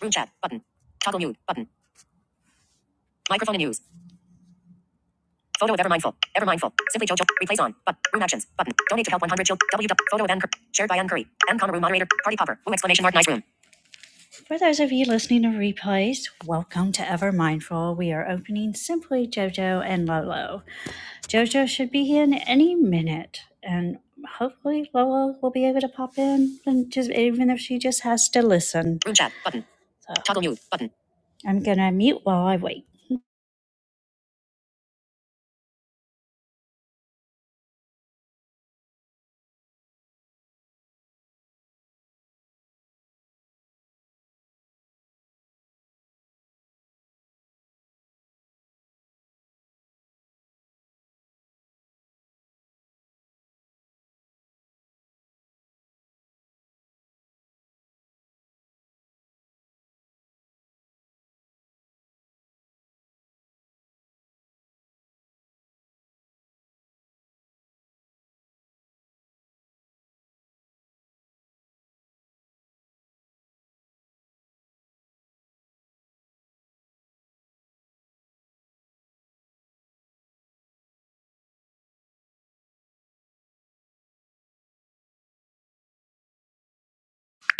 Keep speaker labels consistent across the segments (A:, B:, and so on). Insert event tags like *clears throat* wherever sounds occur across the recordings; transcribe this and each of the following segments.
A: Group chat button. Toggle mute button. Microphone and news. Photo of ever mindful. Ever mindful. Simply Jojo. Replace on. But room actions button. Donate to help 100 children. W. Photo of Ann shared by Ann Curry. M. Comma room moderator. Party popper. Room exclamation mark. Nice room. For those of you listening to replays, welcome to Ever Mindful. We are opening Simply Jojo and Lolo. Jojo should be in any minute, and hopefully Lolo will be able to pop in, and just even if she just has to listen. Room chat button. So. Toggle mute button. I'm gonna mute while I wait.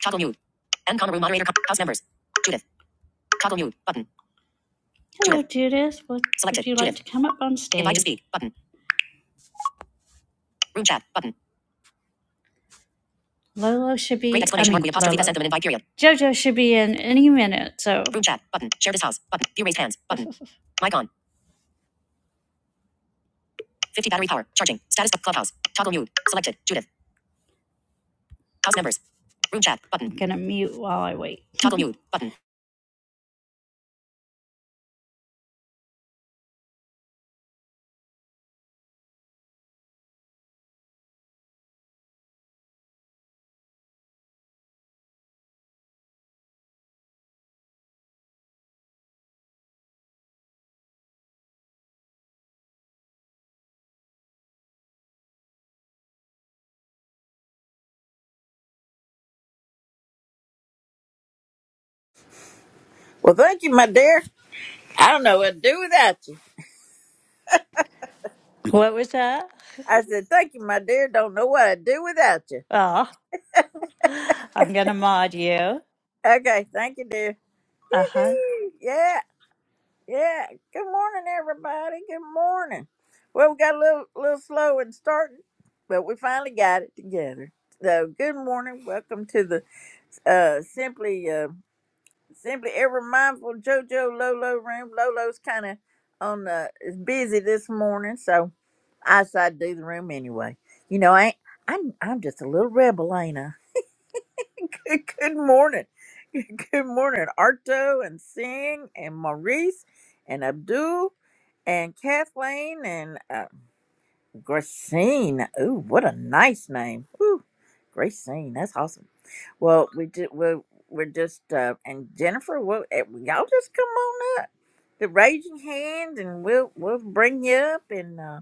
A: Toggle mute. And Conneru moderator house members. Judith. Toggle mute button. Hello, Judith. Judith. Selected. would you Judith. like to come up on stage? Invite to speak button. Room chat button. Lolo should be. Great be, I exclamation mark. mean, We apostrophe that Lolo. sent them an invite period. JoJo should be in any minute, so. Room chat button. Share this house button. View raised hands button. *laughs* Mic on. 50 battery power. Charging. Status of clubhouse. Toggle mute. Selected. Judith. House members. Room chat button. I'm gonna mute while I wait. Toggle mute button.
B: Well, thank you, my dear. I don't know what to do without you.
A: What was that?
B: I said, thank you, my dear. Don't know what I'd do without you.
A: Oh, I'm gonna mod you.
B: Okay, thank you, dear.
A: Uh huh.
B: Woo-hoo. Yeah, yeah. Good morning, everybody. Good morning. Well, we got a little, little slow in starting, but we finally got it together. So, good morning. Welcome to the uh, Simply. uh, Simply ever mindful JoJo Lolo room. Lolo's kind of on the is busy this morning, so I decided to do the room anyway. You know, I ain't, I'm I'm just a little rebel, ain't I? *laughs* good, good morning, *laughs* good morning, Arto and Singh and Maurice and Abdul and Kathleen and uh, Gracine. Ooh, what a nice name. Ooh, Gracine. That's awesome. Well, we did. We're, we're just uh, and Jennifer. Well, eh, y'all just come on up. The raging hand, and we'll we'll bring you up, and uh,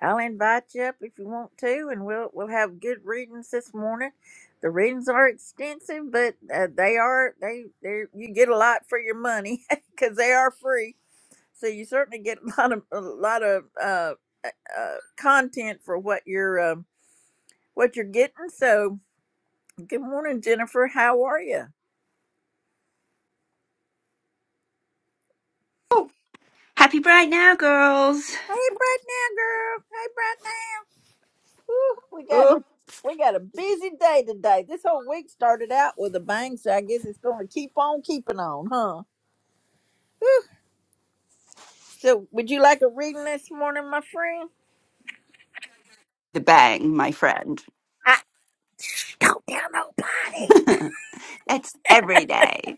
B: I'll invite you up if you want to, and we'll we'll have good readings this morning. The readings are extensive, but uh, they are they they you get a lot for your money *laughs* because they are free so you certainly get *laughs* a lot of a lot of uh, uh, uh, content for what you're um, what you're getting. So good morning, Jennifer. How are you?
C: Happy Pride now, girls.
B: Hey, right now, girl. Hey, right now. Whew, we got
C: Oh,
B: we got a busy day today. This whole week started out with a bang, so I guess it's going to keep on keeping on, huh? So, would you like a reading this morning, my friend?
C: the bang, my friend.
B: I, *sniffs* don't tell nobody.
C: *laughs* That's every day.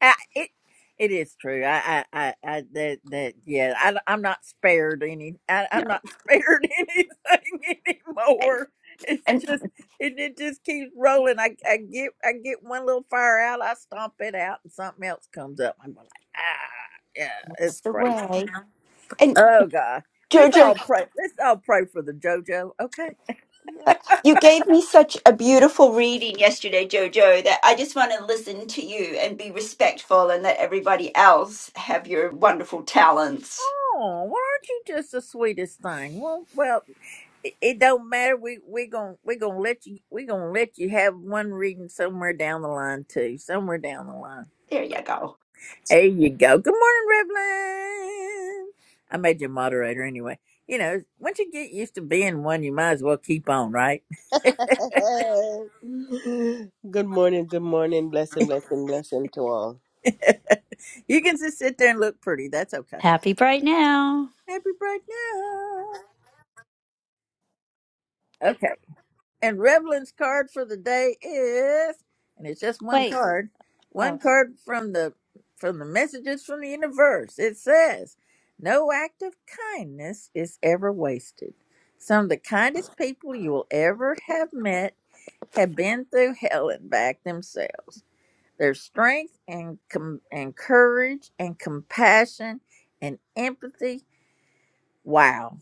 B: I, it it is true. I I I, I that that yeah. I, I'm not spared any. I,
C: No,
B: I'm not *laughs* spared anything
C: okay.
B: anymore. It's
C: and
B: just it, it just keeps rolling. I I get I get one little fire out. I stomp it out, and something else comes up. I'm like ah yeah.
C: that's
B: It's
C: the
B: crazy.
C: way. And
B: Oh God. Let's all
C: Jojo,
B: pray. Let's all pray for the JoJo. Okay.
C: uh, you gave me such a beautiful reading yesterday, Jojo, that I just want to listen to you and be respectful and let everybody else have your wonderful talents.
B: Oh, well, aren't you just the sweetest thing? Well, well, it, it don't matter. We we gonna we gonna let you we gonna let you have one reading somewhere down the line too. Somewhere down the line.
C: There you go.
B: There you go. Good morning, Revlon. I made you a moderator anyway. You know, once you get used to being one, you might as well keep on, right?
D: *laughs* good morning, good morning,
B: *laughs*
D: blessing, blessing, blessing to all.
B: you can just sit there and look pretty. That's okay.
A: Happy bright now.
B: Happy birthday. Okay. And Revlin's card for the day is, and it's just one
A: Wait.
B: card, one
A: Oh,
B: card from the from the messages from the universe. It says, "No act of kindness is ever wasted. Some of the kindest people you will ever have met have been through hell and back themselves. Their strength and com- and courage and compassion and empathy. Wow,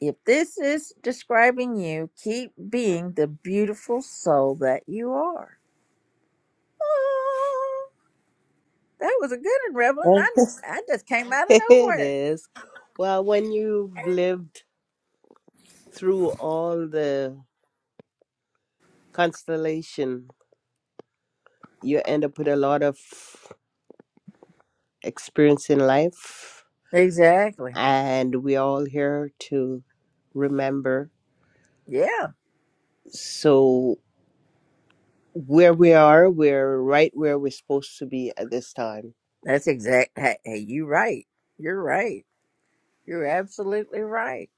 B: if this is describing you, keep being the beautiful soul that you are. Oh, that was a good one,
D: *laughs*
B: Revlon. I I just came out of
D: it
B: nowhere.
D: is. Well, when you've lived through all the constellation, you end up with a lot of experience in life,
B: Exactly.
D: and we're all here to remember.
B: Yeah,
D: So, where we are, we're right where we're supposed to be at this time.
B: that's exact. Hey, hey, you right. You're right. You're absolutely right.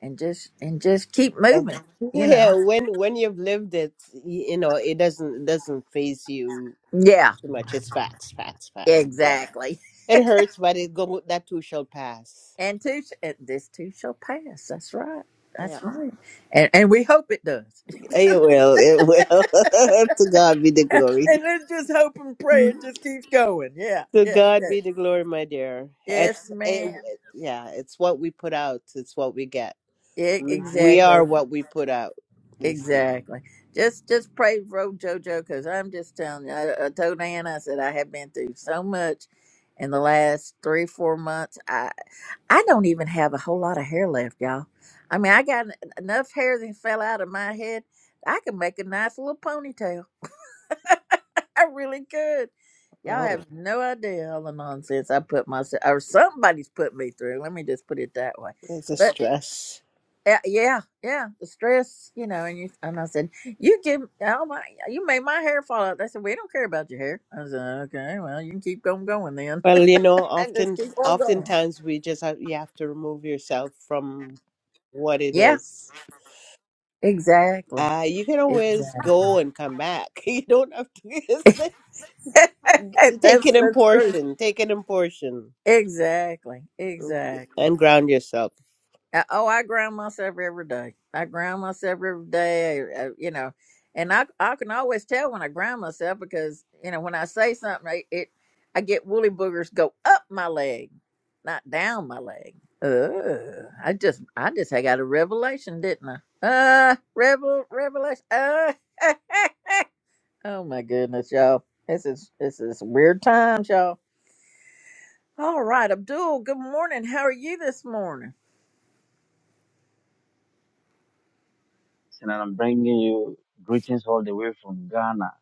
B: And just and just keep
D: And-
B: moving.
D: *laughs*
B: You know.
D: Yeah, when when you've lived it, y- you know, it doesn't it doesn't phase you
B: Yeah.
D: too much. It's facts, facts, facts. Yeah.
B: Exactly. *laughs*
D: It hurts, but it go that too shall pass.
B: And two, sh- and this too shall pass. That's right.
D: Yeah.
B: That's right. And and we hope it does.
D: It will, it will. *laughs* To God be the glory.
B: and let's just hope and pray
D: Mhm.
B: it just keeps going. Yeah,
D: To
B: yeah,
D: God
B: yeah.
D: be the glory, my dear.
B: yes,
D: It's it,
B: ma'am.
D: yeah, it's what we put out, it's what we get.
B: Yeah,
D: We we
B: exactly,
D: are what we put out. We
B: exactly. Just, just pray for old JoJo because I'm just telling you. I, I told Ann, I said I have been through so much in the last three, four months. I, I don't even have a whole lot of hair left, y'all. I mean, I got en- enough hair that fell out of my head. I can make a nice little ponytail *laughs* I really could. Y'all
D: oh,
B: have no idea all the nonsense I put myself or somebody's put me through. Let me just put it that way.
D: there's a
B: But
D: stress.
B: uh, yeah, yeah, the stress, you know. And you and I said, you give oh my, yeah, you made my hair fall out. They said, we don't care about your hair. I said, okay, well, you can keep on going then,
D: Well, you know,
B: *laughs* and just
D: often
B: keep on going.
D: oftentimes we just have, you have to remove yourself from what it
B: Yeah,
D: is.
B: exactly,
D: Uh, you can
B: exactly.
D: always go and come back. *laughs* You don't have to *laughs* it's like-
B: *laughs* that's
D: take it in
B: that's true.
D: portion. Take it in portion
B: Exactly,
D: mm,
B: exactly.
D: and ground yourself.
B: Uh, oh, I ground myself every day. I ground myself every day. I, I- you know, and I I can always tell when I ground myself because you know when I say something, I, it I get woolly boogers go up my leg, not down my leg. Ugh. I just I just had got a revelation, didn't I? Uh, revel revelation. Uh, *laughs* oh my goodness, y'all. This is this is weird times, y'all. All right, Abdul. Good morning. How are you this morning?
E: and I'm bringing you greetings all the way from Ghana.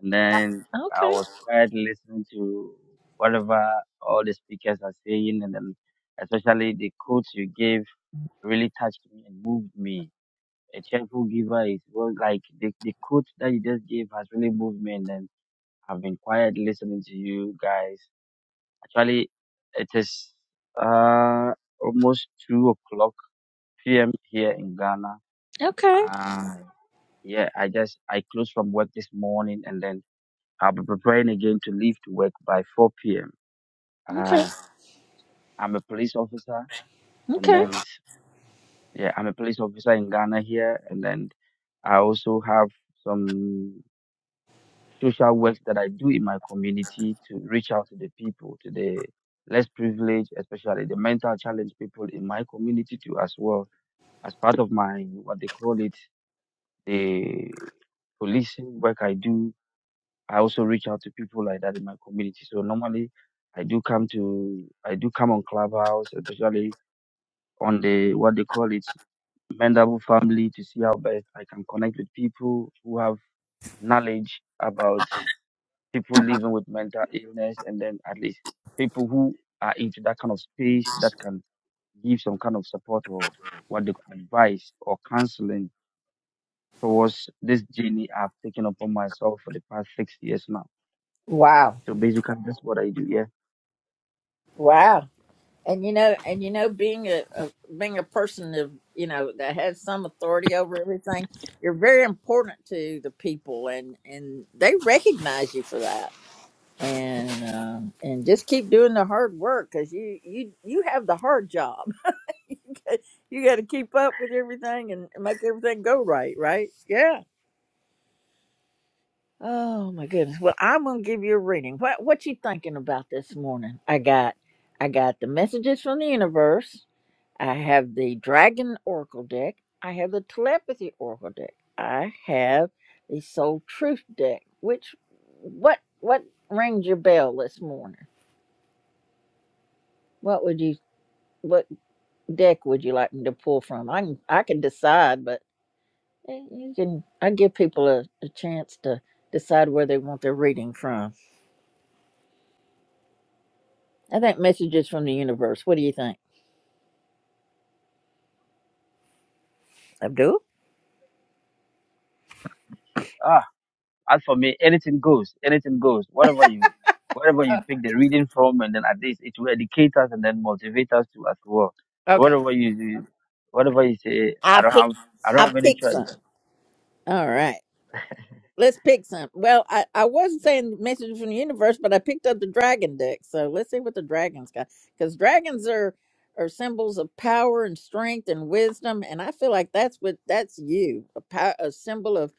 E: And then I
B: Okay.
E: was quietly listening to whatever all the speakers are saying, and then especially the quotes you gave really touched me and moved me. A cheerful giver is well, like the, the quote that you just gave has really moved me, and then I've been quietly listening to you guys. Actually, it is uh, almost two o'clock p.m. here in Ghana.
B: Okay.
E: Yeah, I just I closed from work this morning and then I'll be preparing again to leave to work by 4 p.m.
B: Okay.
E: Uh, I'm a police officer and
B: Okay.
E: then yeah, I'm a police officer in Ghana here and then I also have some social work that I do in my community to reach out to the people, to the less privileged, especially the mental challenged people in my community too as well as part of my what they call it, the policing work I do I also reach out to people like that in my community. So normally I do come to I do come on Clubhouse, especially on the what they call it mendable family to see how best I can connect with people who have knowledge about people living with mental illness and then at least people who are into that kind of space that can give some kind of support or what they call advice or counseling towards this journey I've taken upon myself for the past six years now.
B: Wow.
E: So basically that's what I do, yeah.
B: Wow. And you know, and you know, being a, a being a person of you know that has some authority over everything, you're very important to the people, and and they recognize you for that. And um, and just keep doing the hard work because you you you have the hard job. *laughs* you got to keep up with everything and make everything go right. Right? Yeah. Oh my goodness. Well, I'm gonna give you a reading. What what you thinking about this morning? I got I got the messages from the universe. I have the dragon oracle deck. I have the telepathy oracle deck. I have the soul truth deck. Which what what rings your bell this morning? What would you what deck would you like me to pull from? I can I can decide, but eh, you can I give people a, a chance to decide where they want their reading from. I think messages from the universe. What do you think, Abdul?
E: As for me, anything goes, anything goes. Whatever you, whatever you
B: Uh,
E: pick the reading from, and then at least it will educate us and then motivate us to as well. So
B: okay.
E: whatever you, do, whatever you say, I
B: I
E: don't
B: pick.
E: have, I don't
B: I
E: have any
B: pick
E: choice.
B: some. All right. Let's pick some. Well, I, I wasn't saying messages from the universe, but I picked up the dragon deck. So let's see what the dragons got. Because dragons are are symbols of power and strength and wisdom, and I feel like that's what that's you a, pow- a symbol of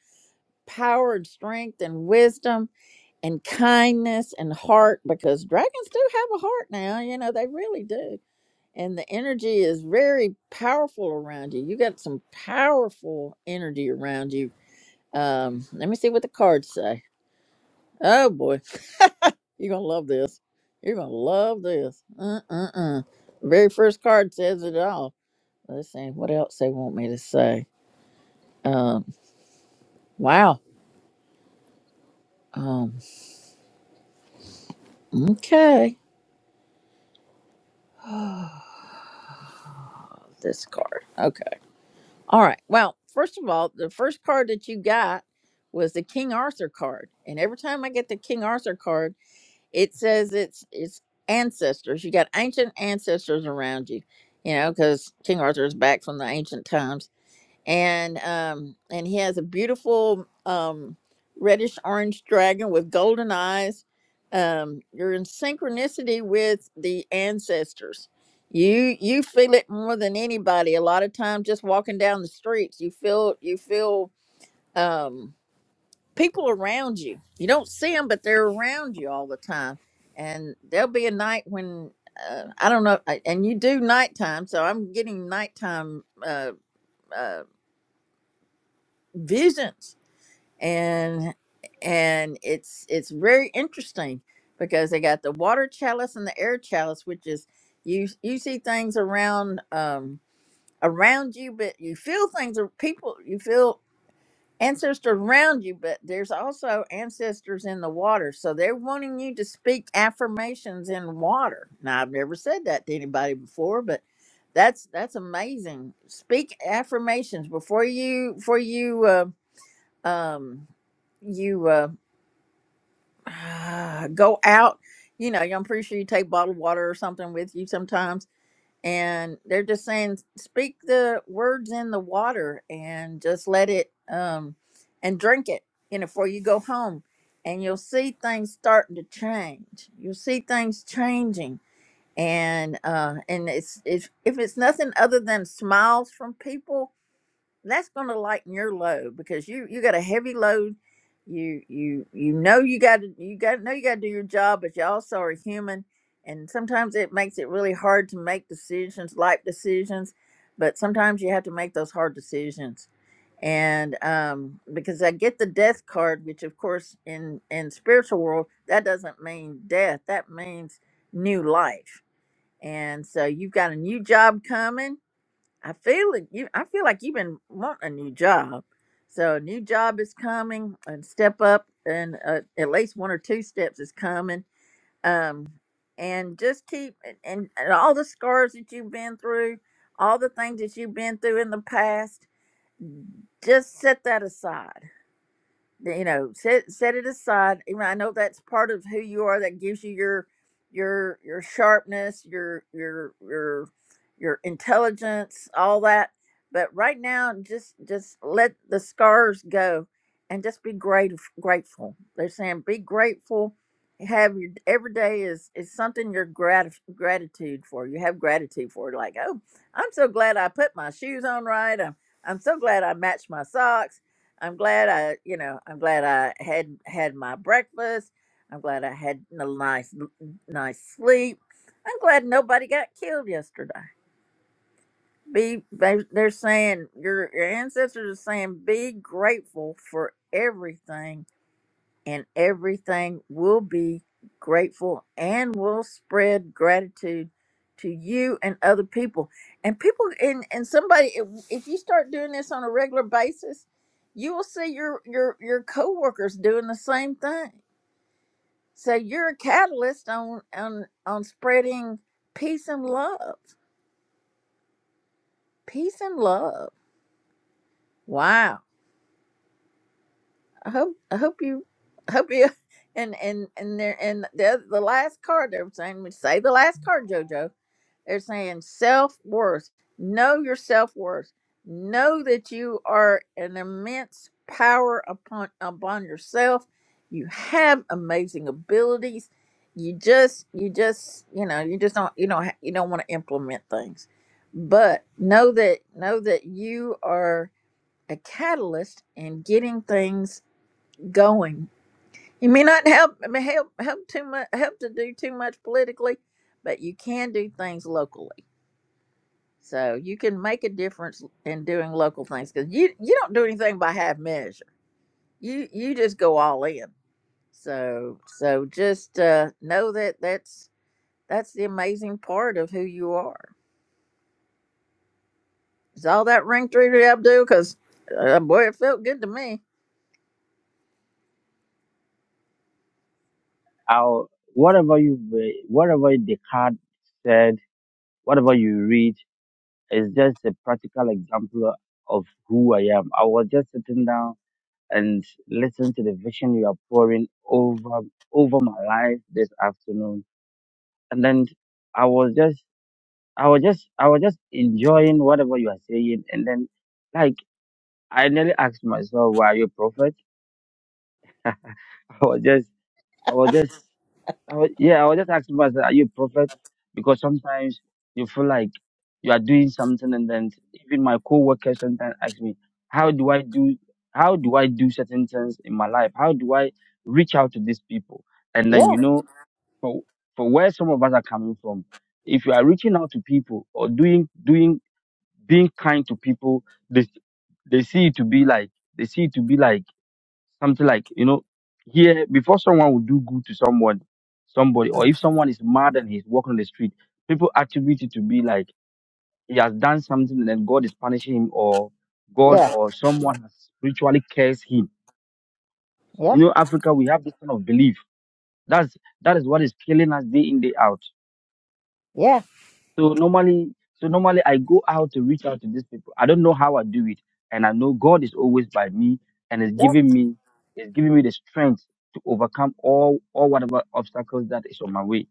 B: power and strength and wisdom and kindness and heart. Because dragons do have a heart now. You know they really do and the energy is very powerful around you. You got some powerful energy around you. Um, let me see what the cards say. Oh boy, you're gonna love this. You're gonna love this. Uh uh uh. The very first card says it all. Let's see what else they want me to say. Um, wow. Um, okay. *gasps* *sighs* this card. Okay. All right. Well, first of all, the first card that you got was the King Arthur card, and every time I get the King Arthur card. it says it's it's ancestors. You got ancient ancestors around you, you know, because King Arthur is back from the ancient times, and um, and he has a beautiful um, reddish orange dragon with golden eyes. Um, you're in synchronicity with the ancestors. You you feel it more than anybody. A lot of times, just walking down the streets, you feel you feel. Um, people around you. You don't see them, but they're around you all the time. And there'll be a night when uh, I don't know, I- and you do nighttime, so I'm getting nighttime uh, uh, visions, and and it's it's very interesting because they got the water chalice and the air chalice, which is you you see things around um around you, but you feel things or people you feel ancestors around you, but there's also ancestors in the water. So they're wanting you to speak affirmations in water. Now I've never said that to anybody before, but that's that's amazing. Speak affirmations before you before you uh, um you uh, *sighs* go out. You know, I'm pretty sure you take bottled water or something with you sometimes and they're just saying speak the words in the water and just let it um and drink it you know before you go home and you'll see things starting to change you'll see things changing and uh and it's if if it's nothing other than smiles from people that's going to lighten your load because you you got a heavy load you you you know you got to you got know you got to do your job but you also are human and sometimes it makes it really hard to make decisions life decisions but sometimes you have to make those hard decisions and um because i get the death card which of course in in spiritual world that doesn't mean death that means new life and so you've got a new job coming I feel like you. I feel like you've been wanting a new job, so a new job is coming, and step up, and uh, at least one or two steps is coming. Um, and just keep and, and and all the scars that you've been through, all the things that you've been through in the past, just set that aside you know set set it aside you know, i know that's part of who you are that gives you your your your sharpness your your your your intelligence all that but right now just just let the scars go and just be great grateful they're saying be grateful have your every day is is something you're grat- gratitude for you have gratitude for like oh i'm so glad i put my shoes on right i'm, I'm so glad i matched my socks I'm glad I, you know, I'm glad I had had my breakfast. I'm glad I had a nice, nice sleep. I'm glad nobody got killed yesterday. Be they, they're saying your your ancestors are saying be grateful for everything and everything will be grateful and will spread gratitude to you and other people and people and, and somebody if, if you start doing this on a regular basis you will see your your your coworkers doing the same thing so you're a catalyst on on on spreading peace and love peace and love wow I hope I hope you I hope you *laughs* and and and there and the oth- the last card they were saying we say the last card, Jojo. They're saying self worth. Know your self worth. Know that you are an immense power upon upon yourself. You have amazing abilities. You just you just you know you just don't you don't ha- you don't want to implement things, but know that know that you are a catalyst in getting things going. You may not help I mean, help help too much help to do too much politically, but you can do things locally. So you can make a difference in doing local things because you you don't do anything by half measure. You you just go all in. So so just uh, know that that's that's the amazing part of who you are. Is all that ring through to Abdul? Because uh, boy, it felt good to me.
E: I'll, whatever you, re- whatever the card said, whatever you read is just a practical example of who I am. I was just sitting down and listening to the vision you are pouring over over my life this afternoon, and then I was just I was just I was just enjoying whatever you are saying, and then like I nearly asked myself, "Why are you a prophet?" *laughs* I was just I was just I was, yeah I was just asking myself, "Are you a prophet?" Because sometimes you feel like you are doing something, and then even my co-workers sometimes ask me, "How do I do? How do I do certain things in my life? How do I reach out to these people?" And then
B: Yeah,
E: you know, for for where some of us are coming from, if you are reaching out to people or doing doing being kind to people they they see it to be like they see it to be like something like you know here before someone would do good to someone somebody or if someone is mad and he's walking on the street people attribute it to be like he has done something and then god is punishing him or god
B: yeah,
E: or someone has spiritually cursed him you
B: yeah,
E: know africa we have this kind of belief that's that is what is killing us day in day out
B: yeah.
E: So normally, so normally I go out to reach out to these people. I don't know how I do it, and I know God is always by me and is giving me is giving me the strength to overcome all all whatever obstacles that is on my way.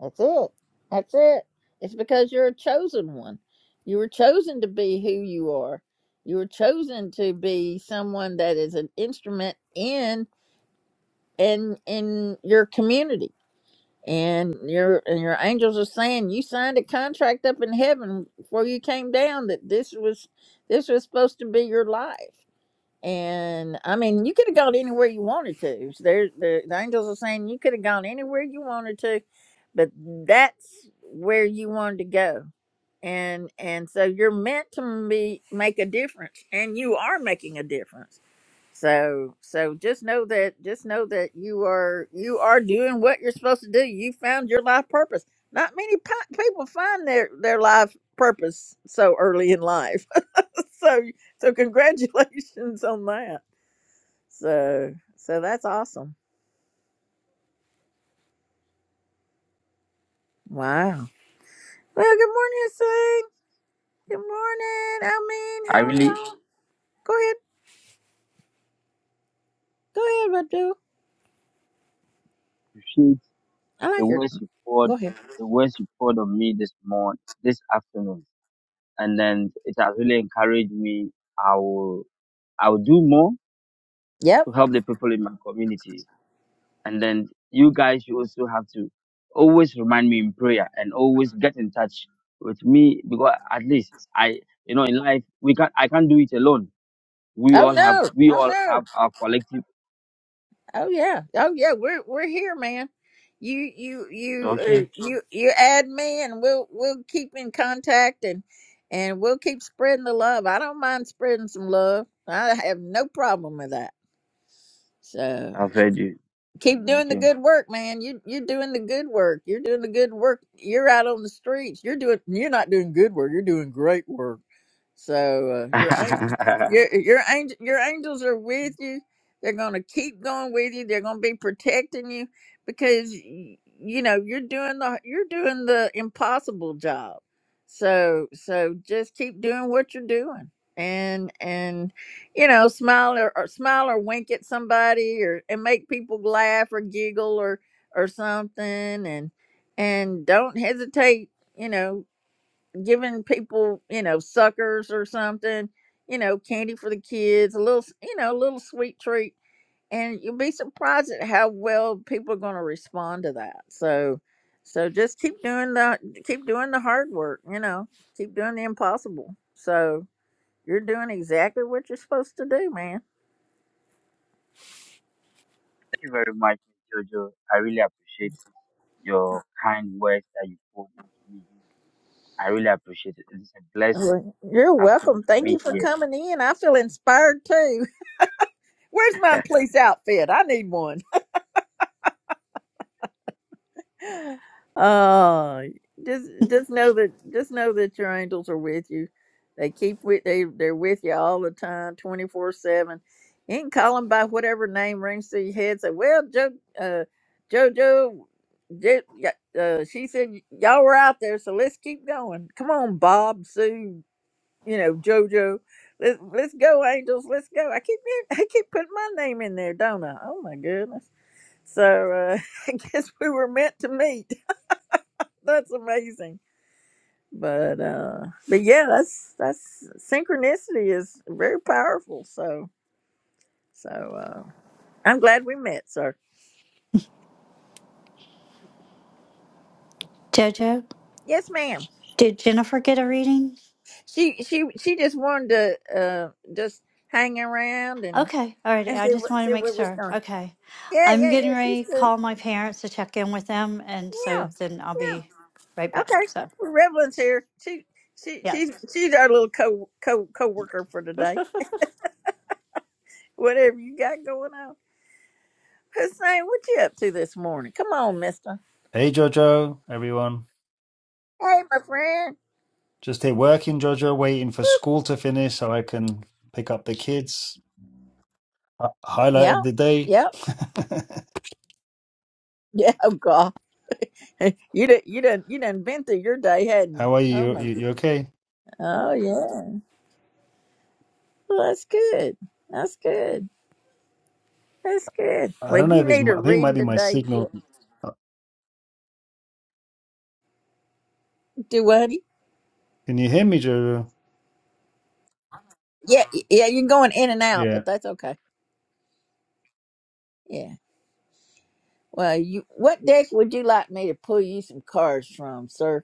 B: That's it. That's it. It's because you're a chosen one. You were chosen to be who you are. You were chosen to be someone that is an instrument in in in your community. And your and your angels are saying you signed a contract up in heaven before you came down that this was this was supposed to be your life. And I mean, you could have gone anywhere you wanted to. There, the, the angels are saying you could have gone anywhere you wanted to, but that's where you wanted to go. And and so you're meant to be make a difference, and you are making a difference. So so just know that just know that you are you are doing what you're supposed to do. You found your life purpose. Not many pi- people find their their life purpose so early in life. *laughs* so so congratulations on that. So so that's awesome. Wow. Well, good morning, Hussein. Good morning, Almin.
E: I
B: How are
E: really
B: y'all? Go ahead. Go ahead, Abdul.
E: appreciate
B: I
E: the
B: like your
E: words you poured,
B: go ahead.
E: the words you poured on me this morning, this afternoon, and then it has really encouraged me. I will I will do more to
B: Yep.
E: help the people in my community And then you guys, you also have to always remind me in prayer and always get in touch with me because at least I, you know, in life we can't, I can't do it alone. We
B: Oh
E: all have,
B: no.
E: we
B: Oh
E: all
B: no.
E: have our collective.
B: Oh yeah. Oh yeah. We're we're here, man. You you you uh,
E: Okay,
B: you you add me and we'll we'll keep in contact and and we'll keep spreading the love. I don't mind spreading some love. I have no problem with that. So.
E: I've heard you.
B: keep doing the
E: Okay.
B: good work, man. You you're doing the good work. You're doing the good work. You're out on the streets. You're doing you're not doing good work. You're doing great work. So
E: *laughs*
B: uh, your
E: Thank
B: an- your your angel your angels are with you. They're gonna keep going with you. They're gonna be protecting you because y- you know you're doing the you're doing the impossible job. So so just keep doing what you're doing and and you know smile or, or smile or wink at somebody or and make people laugh or giggle or or something and and don't hesitate. You know giving people, you know, suckers or something, you know, candy for the kids, a little, s- you know, a little sweet treat. And you'll be surprised at how well people are going to respond to that. So, so just keep doing the, keep doing the hard work, you know, keep doing the impossible. So you're doing exactly what you're supposed to do, man.
E: you very much, Miss Jojo. I really appreciate your kind words that you put into me. I really appreciate it. It's a blessed
B: Well, You're
E: afternoon
B: welcome.
E: for
B: Thank you
E: me
B: for
E: here.
B: coming in. I feel inspired too. *laughs* Where's my police outfit? I need one. Oh, just just know that just know that your angels are with you. They keep with they they're with you all the time, twenty four seven. You can call them by whatever name rings through your head. Say, well, Joe, uh, JoJo, Jo, yeah, uh, she said y- y'all were out there, so let's keep going. Come on, Bob, Sue, you know JoJo. Let's let's go, angels. Let's go. I keep *laughs* I keep putting my name in there, don't I? Oh my goodness. So uh, *laughs* I guess we were meant to meet that's amazing. But uh but yeah, that's that's synchronicity is very powerful. So so uh I'm glad we met, sir.
A: Jojo,
B: Yes, ma'am.
A: did Jennifer get a reading?
B: She she she just wanted to uh just hang around and
A: Okay, alrighty.
B: and
A: I
B: see
A: just
B: what
A: wanted to
B: see
A: make
B: what was
A: sure.
B: going.
A: Okay,
B: Yeah,
A: I'm
B: yeah, yeah.
A: getting
B: She's
A: ready to
B: good.
A: call my parents to check in with them, and
B: Yeah,
A: so then I'll
B: yeah.
A: be right
B: Okay.
A: back. So
B: Well, Revlin's here. She she
A: yeah.
B: she's she's our little co co co worker for
A: *laughs*
B: today. Whatever you got going on. Hussein, what you up to this morning? Come on, mister.
F: Hey Jojo, everyone.
B: Hey, my friend.
F: Just here working, Jojo, waiting for school to finish so I can pick up the kids. Uh, Highlight
B: Yeah,
F: of the day.
B: yeah,
F: *laughs*
B: *laughs* yeah. Oh God, *laughs* you did, you done, you done been through your day, hadn't you?
F: How are
B: Oh
F: you? You,
B: my,
F: you
B: God.
F: okay?
B: oh yeah. Well, that's good. That's good. That's good.
F: I
B: Well,
F: don't know
B: you
F: if it's,
B: need a
F: my- I think it might
B: reading
F: be my
B: today.
F: signal. Uh,
B: Do what? honey?
F: Can you hear me, Jojo?
B: Yeah, yeah. You're going in and out, but
F: Yeah.
B: that's okay. Yeah. Well, you, what deck would you like me to pull you some cards from, sir?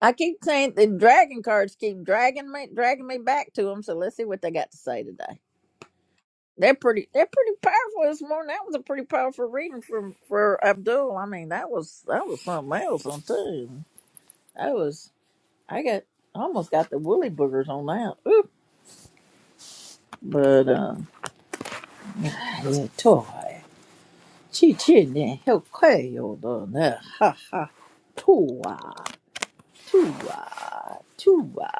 B: I keep saying the dragon cards keep dragging me, dragging me back to them. So let's see what they got to say today. They're pretty. They're pretty powerful this morning. That was a pretty powerful reading from for Abdul. I mean, that was that was something else on too. I was. I got I almost got the woolly boogers on that. Oop. But uh, yeah, toy. Chi chi ne help yo do ne ha ha tua tua tua.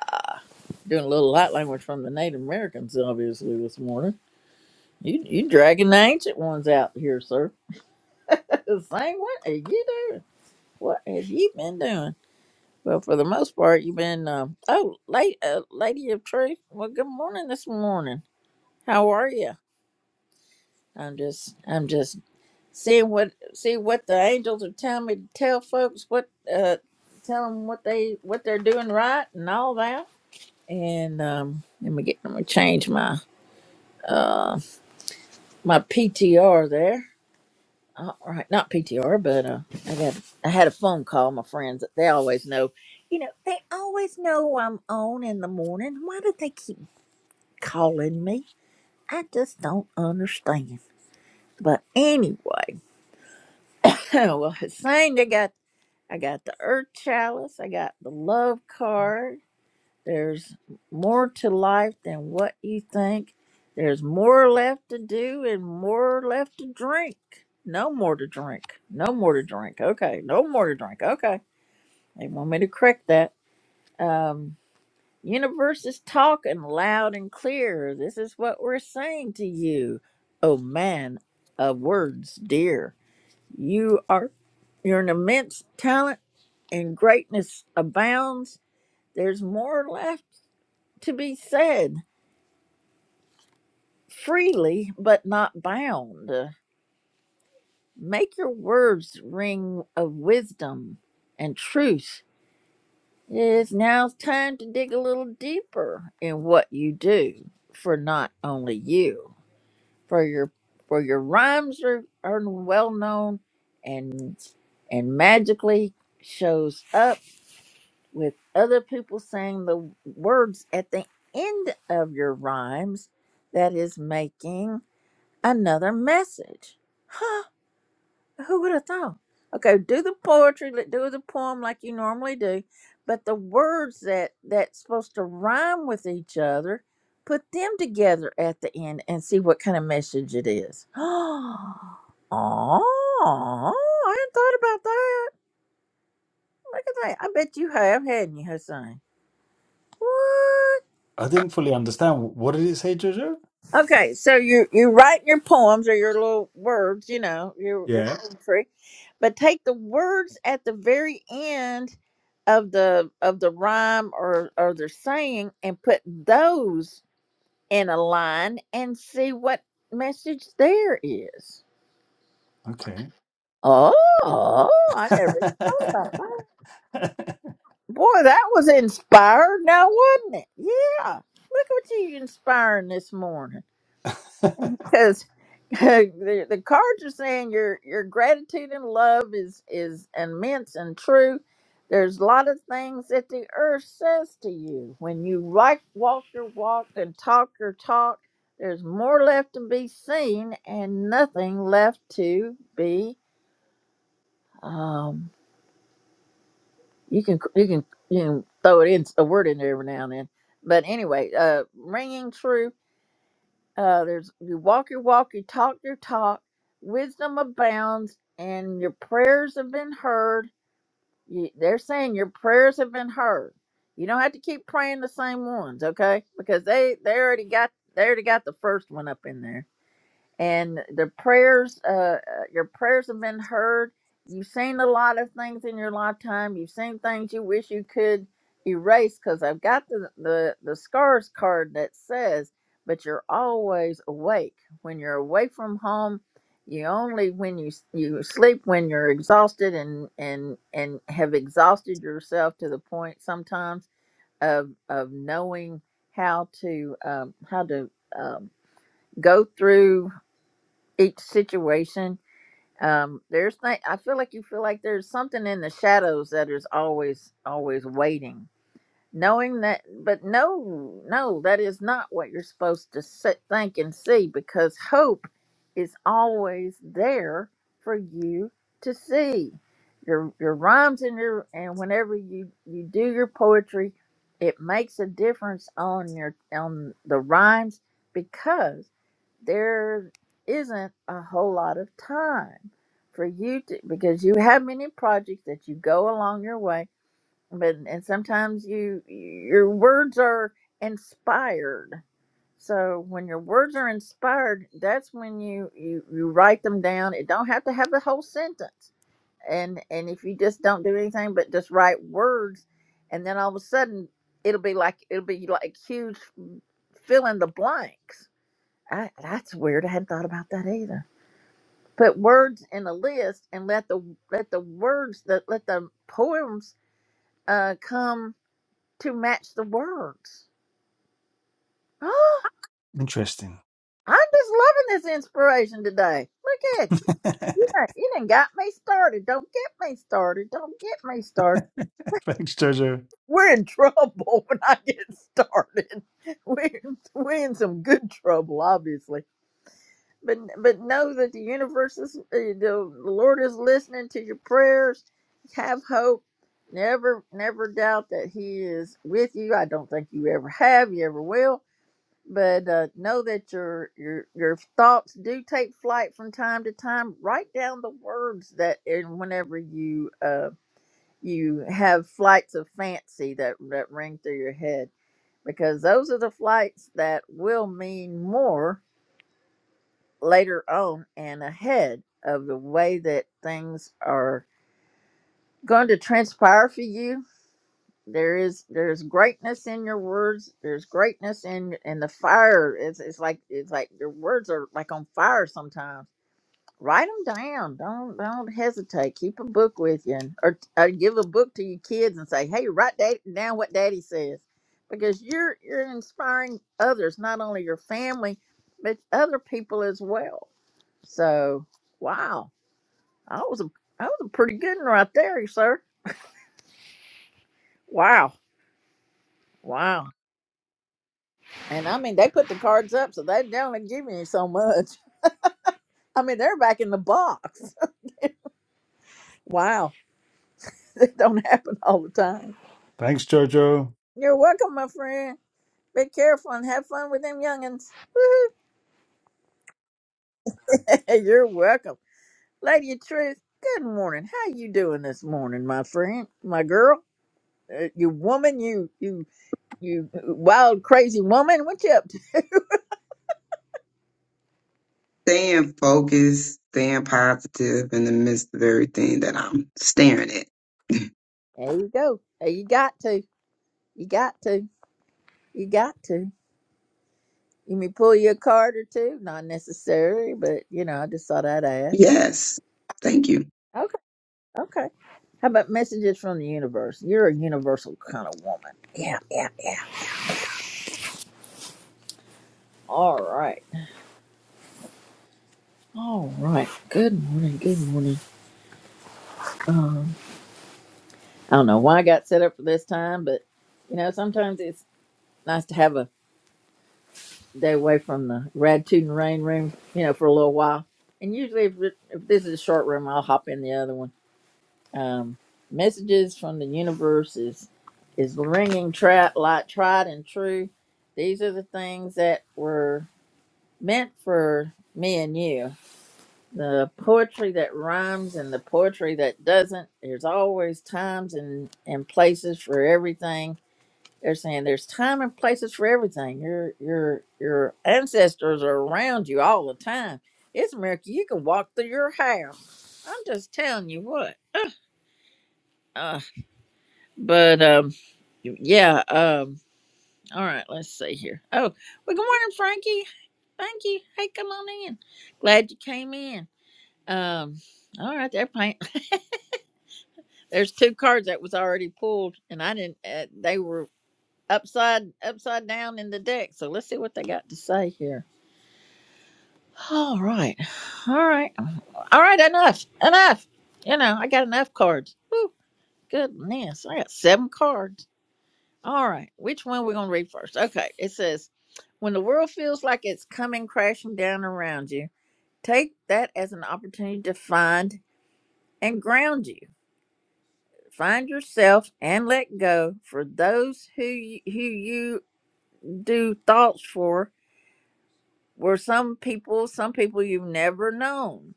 B: Doing a little light language from the Native Americans, obviously, this morning. You you dragging the ancient ones out here, sir. *laughs* Same what are you doing? What have you been doing? Well, for the most part, you've been. Um, oh, late, uh, lady of truth. Well, good morning this morning. How are you? I'm just, I'm just seeing what, see what the angels are telling me to tell folks what, uh, tell them what they, what they're doing right and all that. And um, let me get, let me change my, uh, my PTR there. All right, not PTR, but uh, I got I had a phone call. My friends, they always know, you know, they always know I'm on in the morning. Why do they keep calling me? I just don't understand. But anyway, *laughs* well, Hassan, I got I got the Earth Chalice, I got the Love card, There's more to life than what you think. There's more left to do and more left to drink. No more to drink. No more to drink. Okay. No more to drink. Okay. They want me to correct that. Um, universe is talking loud and clear. This is what we're saying to you. Oh man of words, dear. You are you're an immense talent and greatness abounds. There's more left to be said freely but not bound. Make your words ring of wisdom and truth. It's now time to dig a little deeper in what you do for not only you, for your for your rhymes are, are well known and and magically shows up with other people saying the words at the end of your rhymes that is making another message. *sighs* Who would have thought? Okay, do the poetry, li- do the poem like you normally do, but the words that that's supposed to rhyme with each other, put them together at the end and see what kind of message it is. *gasps* Oh, I hadn't thought about that. Look at that. I bet you have, hadn't you, Hussein? What?
F: I didn't fully understand. What did it say, Jojo?
B: Okay, so you you write your poems or your little words, you know, your your
F: Yeah.
B: poetry, but take the words at the very end of the of the rhyme or or the saying and put those in a line and see what message there is.
F: Okay.
B: Oh, I never thought
F: *laughs*
B: about that. Boy, that was inspired now, wasn't it? Yeah. Look what you inspiring this morning. because *laughs* the, the cards are saying your your gratitude and love is is immense and true there's a lot of things that the earth says to you when you like walk your walk and talk your talk there's more left to be seen and nothing left to be um you can you can you can throw it in a word in there every now and then but anyway uh ringing true Uh, there's you walk your walk, you talk your talk. Wisdom abounds, and your prayers have been heard. You, they're saying your prayers have been heard. You don't have to keep praying the same ones, okay? Because they they already got they already got the first one up in there and the prayers uh uh, your prayers have been heard you've seen a lot of things in your lifetime you've seen things you wish you could erase because i've got the, the the scars card that says but you're always awake when you're away from home you only when you you sleep when you're exhausted and and and have exhausted yourself to the point sometimes of of knowing how to um how to um, go through each situation um there's th- i feel like you feel like there's something in the shadows that is always always waiting knowing that but no no that is not what you're supposed to sit, think and see because hope is always there for you to see your your rhymes and your and whenever you you do your poetry it makes a difference on your on the rhymes because there isn't a whole lot of time for you to because you have many projects that you go along your way but and sometimes you your words are inspired so when your words are inspired that's when you you you write them down it don't have to have the whole sentence and and if you just don't do anything but just write words and then all of a sudden it'll be like it'll be like huge fill in the blanks I, that's weird i hadn't thought about that either put words in a list and let the let the words that let the poems uh come to match the words. *gasps* oh,
F: Interesting.
B: I'm just loving this inspiration today. Look at you.
F: *laughs*
B: You
F: Thanks,
B: done, you done got me started. Don't get me started. Don't get me started.
F: Jojo.
B: We're in trouble *laughs* when I get started. *laughs* We're, we're in some good trouble, obviously. But but know that the universe is, uh, the Lord is listening to your prayers. Have hope. Never, never doubt that He is with you. I don't think you ever have. You ever will but uh, know that your your your thoughts do take flight from time to time. Write down the words that, and whenever you uh, you have flights of fancy that that ring through your head, because those are the flights that will mean more later on and ahead of the way that things are going to transpire for you there is there's greatness in your words there's greatness in in the fire it's it's like it's like your words are like on fire sometimes write them down don't don't hesitate keep a book with you and, or, or give a book to your kids and say hey write that down what daddy says because you're you're inspiring others not only your family but other people as well so wow i was a i was a pretty good one right there sir wow wow And I mean, they put the cards up, so they they only give you so much. *laughs* I mean, they're back in the box. *laughs* Wow, *laughs* it don't happen all the time.
F: Thanks, Jojo.
B: You're welcome, my friend. Be careful and have fun with them youngins. *laughs* You're welcome, Lady of Truth. Good morning. How you doing this morning, my friend, my girl, uh, you woman, you you you uh, wild crazy woman? What you up to?
G: staying focused, staying positive in the midst of everything that I'm staring at.
B: There you go. There you got to. You got to. You got to. You may pull you a card or two, not necessary, but you know, I just thought I'd ask.
G: Yes. Thank you.
B: Okay, okay. How about messages from the universe? You're a universal kind of woman. Yeah, yeah, yeah. All right, all right. Good morning, good morning. Um, I don't know why I got set up for this time, but you know, sometimes it's nice to have a day away from the Radtude and Rain room, you know, for a little while. And usually, if, it- if this is a short room, I'll hop in the other one Um, messages from the universe is is ringing tra- like tried and true. These are the things that were meant for me and you. The poetry that rhymes and the poetry that doesn't. There's always times and, and places for everything. They're saying there's time and places for everything. Your your your ancestors are around you all the time. It's a miracle you can walk through your house. I'm just telling you what. uh, But um, yeah. Um, all right. Let's see here. Oh, well. Good morning, Frankie. Thank you. Hey, come on in. Glad you came in. Um. All right. They're *laughs* There's two cards that was already pulled, and I didn't. Uh, they were upside upside down in the deck. So let's see what they got to say here. All right. All right. All right. Enough. Enough. You know, I got enough cards. Whew, goodness, I got seven cards. All right. Which one we gonna read first? Okay. It says, When the world feels like it's coming crashing down around you, take that as an opportunity to find and ground you. Find yourself and let go. For those who you, who you do thoughts for were some people, some people you've never known.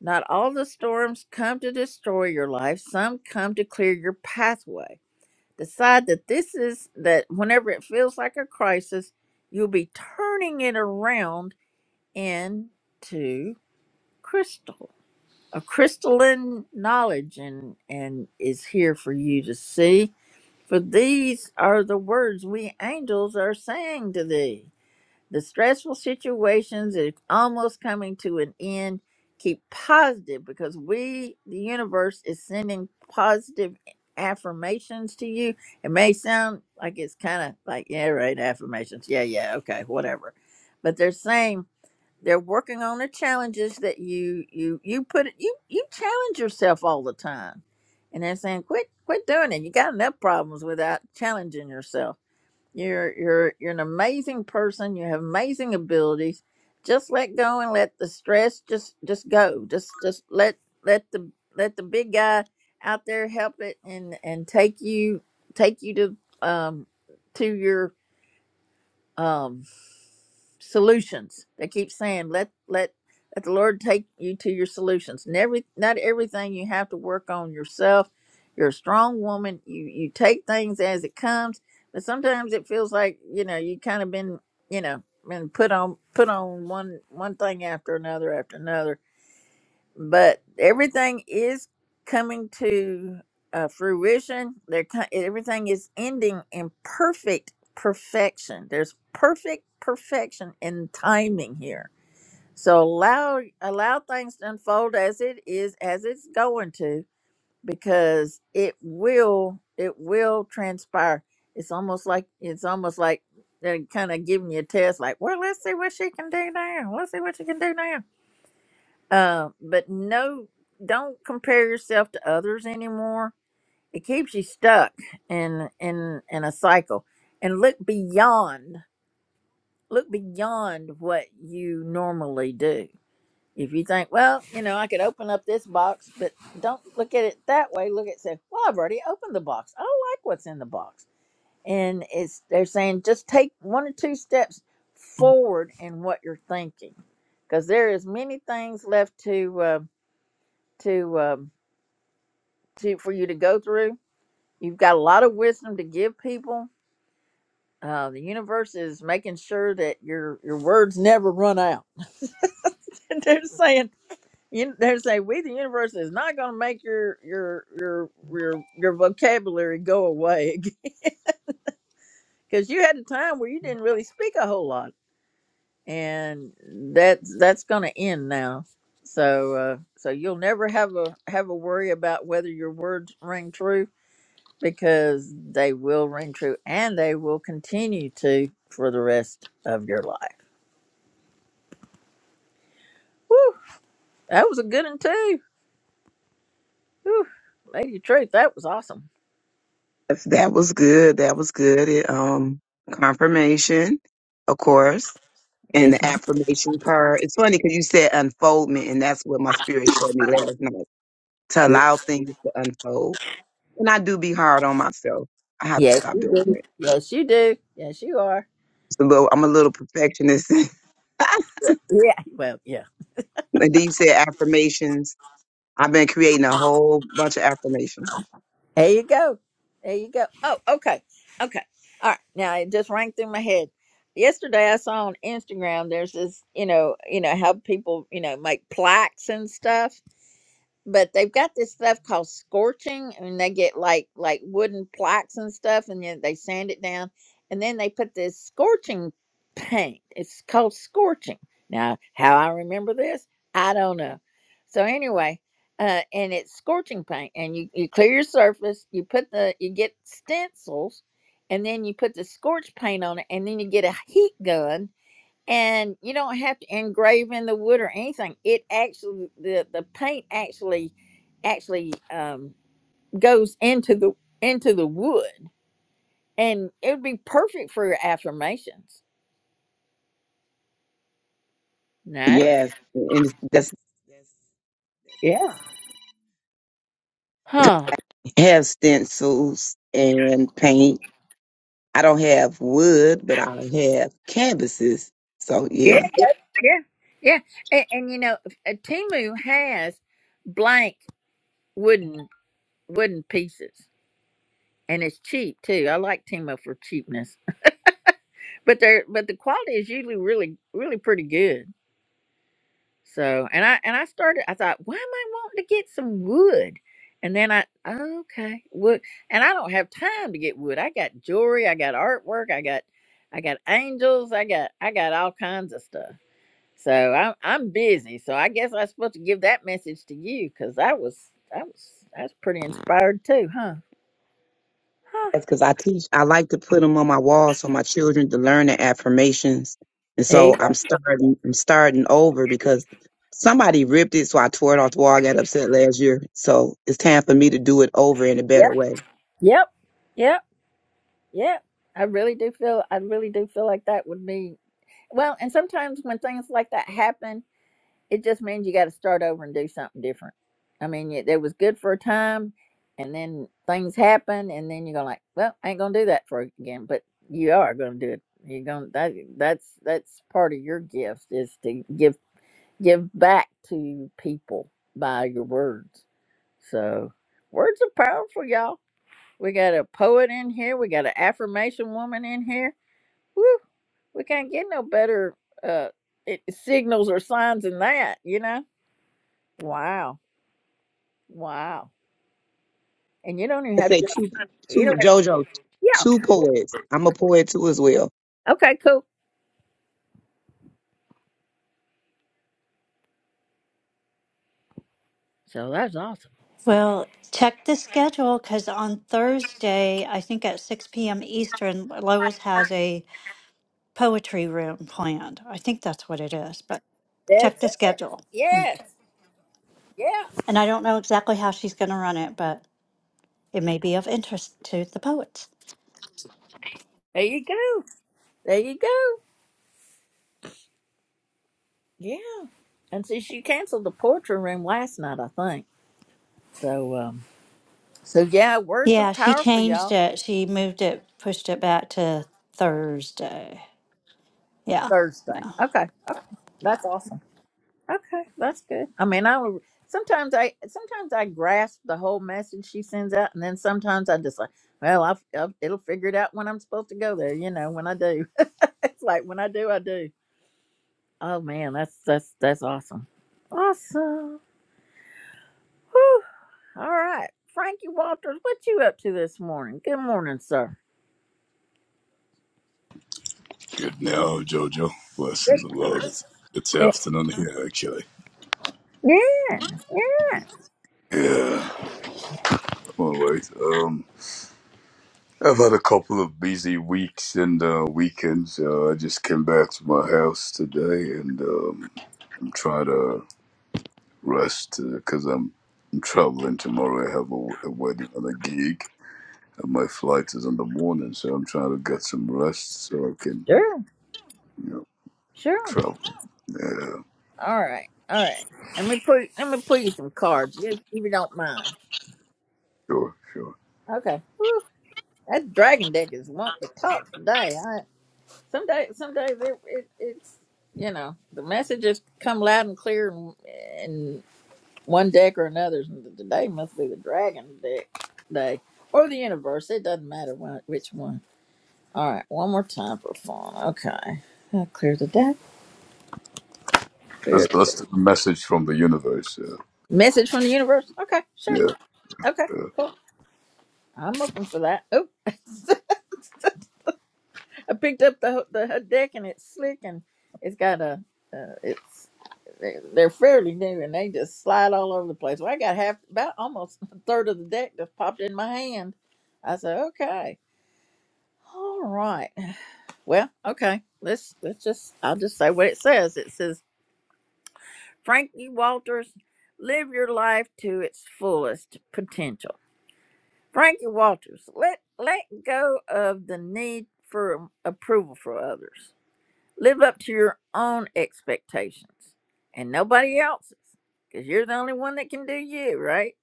B: Not all the storms come to destroy your life. Some come to clear your pathway. decide that this is that whenever it feels like a crisis, you'll be turning it around into crystal. A crystalline knowledge and and is here for you to see. For these are the words we angels are saying to thee. The stressful situations is almost coming to an end. Keep positive because we, the universe, is sending positive affirmations to you. It may sound like it's kind of like, yeah, right, affirmations. Yeah, yeah, okay, whatever. But they're saying they're working on the challenges that you you you put you you challenge yourself all the time. And they're saying, quit quit doing it. You got enough problems without challenging yourself you're you're you're an amazing person. You have amazing abilities. Just let go and let the stress just just go. Just just let let the let the big guy out there help it and and take you take you to um to your um solutions. They keep saying, "Let let let the Lord take you to your solutions." And every not everything you have to work on yourself. You're a strong woman. You you take things as it comes, but sometimes it feels like you know you kind of been you know been put on put on one one thing after another after another but everything is coming to uh, fruition. They're co- everything is ending in perfect perfection. There's perfect perfection in timing here. So allow allow things to unfold as it is as it's going to because it will it will transpire. It's almost like it's almost like they're kind of giving you a test like, well, let's see what she can do now. Let's see what she can do now uh, but no, don't compare yourself to others anymore. It keeps you stuck in in in a cycle. And look beyond. Look beyond what you normally do. If you think, well, you know, I could open up this box, but don't look at it that way. Look at say, well, I've already opened the box. I like what's in the box. And it's they're saying just take one or two steps forward in what you're thinking, because there is many things left to. uh, to um, to for you to go through. You've got a lot of wisdom to give people. Uh, the universe is making sure that your your words never run out. *laughs* they're saying you, they're saying we the universe is not going to make your your your your your vocabulary go away *laughs* because you had a time where you didn't really speak a whole lot, and that's that's going to end now. So uh, so you'll never have a have a worry about whether your words ring true because they will ring true and they will continue to for the rest of your life. Woo! That was a good one too. Woo! Lady of Truth, that was awesome.
G: Yes, That was good. That was good. It, um, confirmation, of course, and
B: Yes,
G: the
B: ma'am.
G: affirmation part. It's funny because you said unfoldment, and that's what my spirit showed me last night to allow things to unfold. And I do be hard on myself. I have to
B: Yes,
G: stop
B: you
G: doing
B: do.
G: that.
B: Yes, you do. Yes, you are.
G: It's a little. I'm a little perfectionist. *laughs* *laughs*
B: Yeah. Well, yeah.
G: And then you said affirmations. I've been creating a whole bunch of affirmations.
B: There you go. There you go. Oh, okay. Okay. All right. Now it just rang through my head. Yesterday I saw on Instagram there's this, you know, you know, how people, you know, make plaques and stuff but they've got this stuff called scorching and they get like like wooden plaques and stuff and then they sand it down and then they put this scorching paint it's called scorching now how i remember this i don't know so anyway uh, and it's scorching paint and you, you clear your surface you put the you get stencils and then you put the scorch paint on it and then you get a heat gun and you don't have to engrave in the wood or anything it actually the the paint actually actually um goes into the into the wood and it would be perfect for your affirmations nice
G: Yes, and it's- that's that's
B: yeah
G: that's
B: huh
G: awesome. Have stencils and paint. I don't have wood, but I have canvases. So yeah.
B: yeah yeah yeah and, and you know a timu has blank wooden wooden pieces and it's cheap too i like timu for cheapness *laughs* but they're but the quality is usually really really pretty good So, and I and I started. I thought, why am I wanting to get some wood? And then I, "Oh, okay, wood. And I don't have time to get wood. I got jewelry. I got artwork. I got, I got angels. I got, I got all kinds of stuff. So I'm I'm busy. So I guess I'm supposed to give that message to you because I was I was I was pretty inspired too, huh? Huh.
G: That's because I teach. I like to put them on my wall so my children to learn the affirmations. And
B: There you
G: so
B: go.
G: I'm starting. I'm starting over because somebody ripped it, so I tore it off the wall. I got upset last year, so it's time for me to do it over in a better
B: Yep.
G: way.
B: Yep. Yep. Yep. I really do feel I really do feel like that would be well. And sometimes when things like that happen it just means you got to start over and do something different. I mean, it, it was good for a time, and then things happen, and then you're gonna like, well, I ain't gonna do that for again. But you are gonna do it. You're gonna that that's that's part of your gift is to give give back to people by your words. So words are powerful, y'all. We got a poet in here. We got an affirmation woman in here. Woo! We can't get no better uh, it, signals or signs than that, you know Wow. Wow. And you don't even
G: I
B: have
G: say
B: to
G: two,
B: you
G: two
B: don't have,
G: JoJo,
B: yeah.
G: two poets. I'm a poet too as well.
B: Okay, cool. So that's awesome.
A: Well, check the schedule because on Thursday, I think at 6 p.m. Eastern, Lois has a poetry room planned. I think that's what it is, but check
B: That's
A: the
B: it.
A: schedule.
B: Yes. Yeah.
A: And I don't know exactly how she's going to run it, but it may be of interest to the poets.
B: There you go. There you go. Yeah. And see she canceled the poetry room last night, I think. So um so yeah, words are
A: Yeah, she
B: powerful,
A: changed
B: y'all.
A: it. She moved it, pushed it back to Thursday. Yeah.
B: Thursday.
A: Yeah.
B: Okay. Okay. That's awesome. Okay, that's good. I mean, I will- sometimes I sometimes I grasp the whole message she sends out, and then sometimes I just like, well, I'll, I'll it'll figure it out when I'm supposed to go there. You know, when I do, *laughs* it's like when I do, I do. Oh man, that's that's that's awesome, awesome. Whew. All right, Frankie Walters, what you up to this morning? Good morning, sir.
H: Good now, Jojo. Blessings and love. It's, it's
B: Yeah,
H: afternoon here, actually.
B: yeah,
H: Yeah, I'm alright. Um, I've had a couple of busy weeks and uh, weekends. Uh, I just came back to my house today, and um, I'm trying to rest because I'm, I'm traveling tomorrow. I have a, a wedding and a gig, and my flight is in the morning, so I'm trying to get some rest so I can,
B: sure,
H: you know,
B: sure.
H: travel. Yeah,
B: All right, all right. Let me put let me put you some cards, if if you don't mind.
H: sure, sure.
B: Okay. That dragon deck is want to talk today. I some day some days it, it it's you know the messages come loud and clear in, in one deck or another. Today must be the dragon deck day or the universe. It doesn't matter one, which one. All right, one more time for fun. Okay, I'll clear the deck.
H: That's
B: Clear the deck.
H: that's the message from the universe.
B: Message from the universe. Okay, sure.
H: Yeah,
B: Okay,
H: yeah. uh,
B: cool. I'm looking for that. Oh. *laughs* I picked up the the her deck and it's slick and it's got a uh, it's they're they're fairly new and they just slide all over the place. Well, I got half about almost a third of the deck just popped in my hand. I said, okay, all right, well, okay, let's let's just I'll just say what it says. It says Frankie Walters, live your life to its fullest potential. Frankie Walters, let let go of the need for approval for others Live up to your own expectations and nobody else's because you're the only one that can do you, right?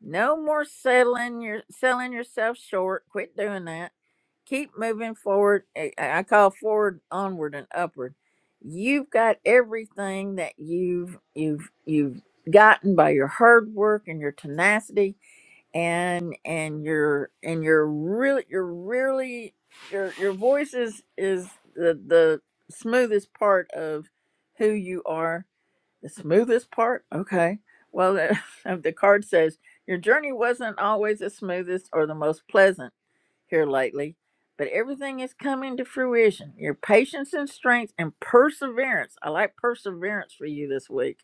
B: No more settling your selling yourself short. Quit doing that. Keep moving forward. I I call forward, onward, and upward. You've got everything that you've you've you've gotten by your hard work and your tenacity and and you're and you're really you're really your your voice is is the the smoothest part of who you are the smoothest part okay well *laughs* the, the card says your journey wasn't always the smoothest or the most pleasant here lately but everything is coming to fruition your patience and strength and perseverance i like perseverance for you this week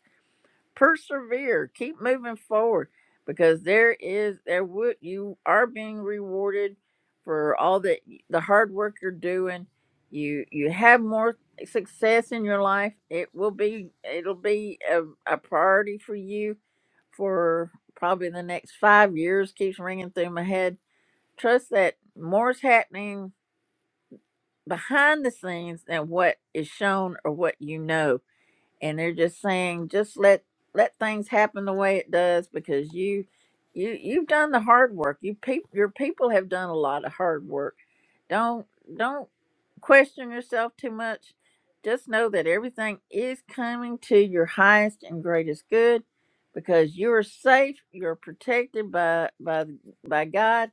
B: persevere keep moving forward because there is there would you are being rewarded for all the the hard work you're doing you you have more success in your life it will be it'll be a, a priority for you for probably the next five years keeps ringing through my head trust that more is happening behind the scenes than what is shown or what you know and they're just saying just let let things happen the way it does because you you you've done the hard work you peop your people have done a lot of hard work don't don't question yourself too much just know that everything is coming to your highest and greatest good because you're safe you're protected by by by god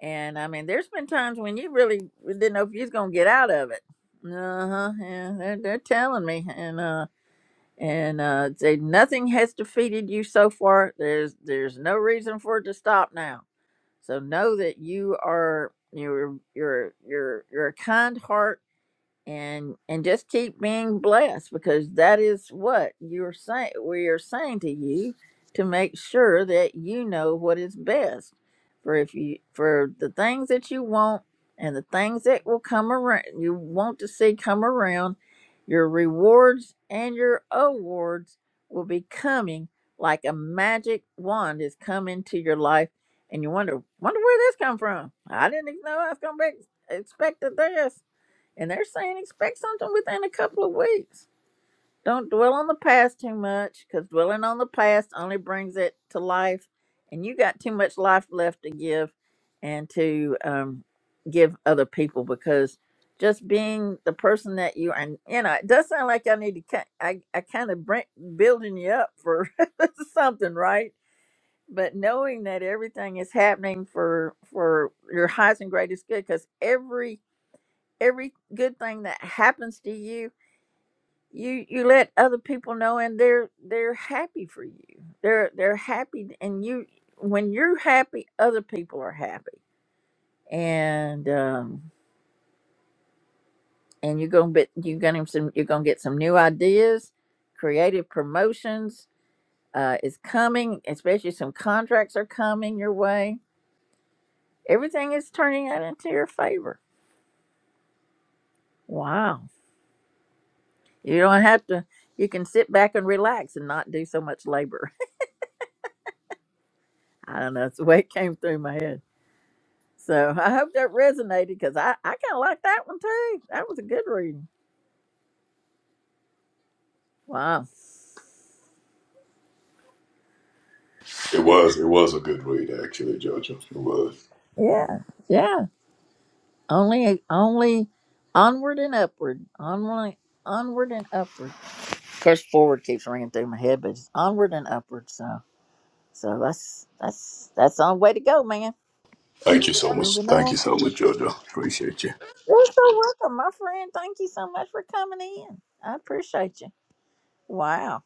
B: and i mean there's been times when you really didn't know if you was gonna get out of it uh-huh yeah they're, they're telling me and uh and uh, say nothing has defeated you so far. There's there's no reason for it to stop now. So know that you are you're you're you're you're a kind heart and and just keep being blessed because that is what you're saying we are saying to you to make sure that you know what is best for if you for the things that you want and the things that will come around you want to see come around your rewards and your awards will be coming like a magic wand is coming to your life and you wonder wonder where this come from i didn't know i was gonna be expected this and they're saying expect something within a couple of weeks. Don't dwell on the past too much because dwelling on the past only brings it to life. And you got too much life left to give and to um, give other people because just being the person that you and you know it does sound like I need to ki- I I kind of bring, building you up for *laughs* something right but knowing that everything is happening for for your highest and greatest good because every every good thing that happens to you you you let other people know and they're they're happy for you they're they're happy and you when you're happy other people are happy and um and you're gonna be you're gonna some you're gonna get some new ideas creative promotions uh is coming especially some contracts are coming your way everything is turning out into your favor wow you don't have to you can sit back and relax and not do so much labor I don't know. It's the way it came through my head. So I hope that resonated because I, I kind of like that one too. That was a good reading. Wow.
H: It was it was a good read actually, Jojo. It was.
B: Yeah. Yeah. Only, only onward and upward. Only, onward and upward. Of course, forward keeps ringing through my head, but it's onward and upward. So, so that's, that's, that's the only way to go, man.
H: Thank you so much.
B: Moving
H: Thank you
B: on.
H: so much, Jojo. Appreciate you.
B: You're so welcome, my friend. Thank you so much for coming in. I appreciate you. Wow.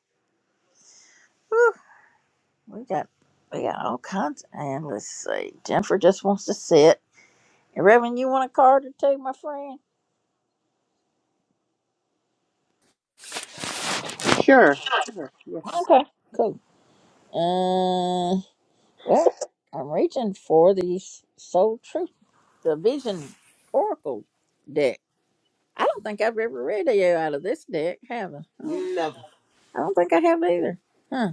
B: We got we got all kinds. And let's see. Jennifer just wants to sit. And Reverend, you want a card or two, my friend?
D: Sure, sure, yes.
B: Okay, cool. Uh, well, I'm reaching for the Soul Truth, the Vision Oracle deck. I don't think I've ever read you out of this deck, have I? I don't,
D: Never.
B: I don't think I have either. Huh.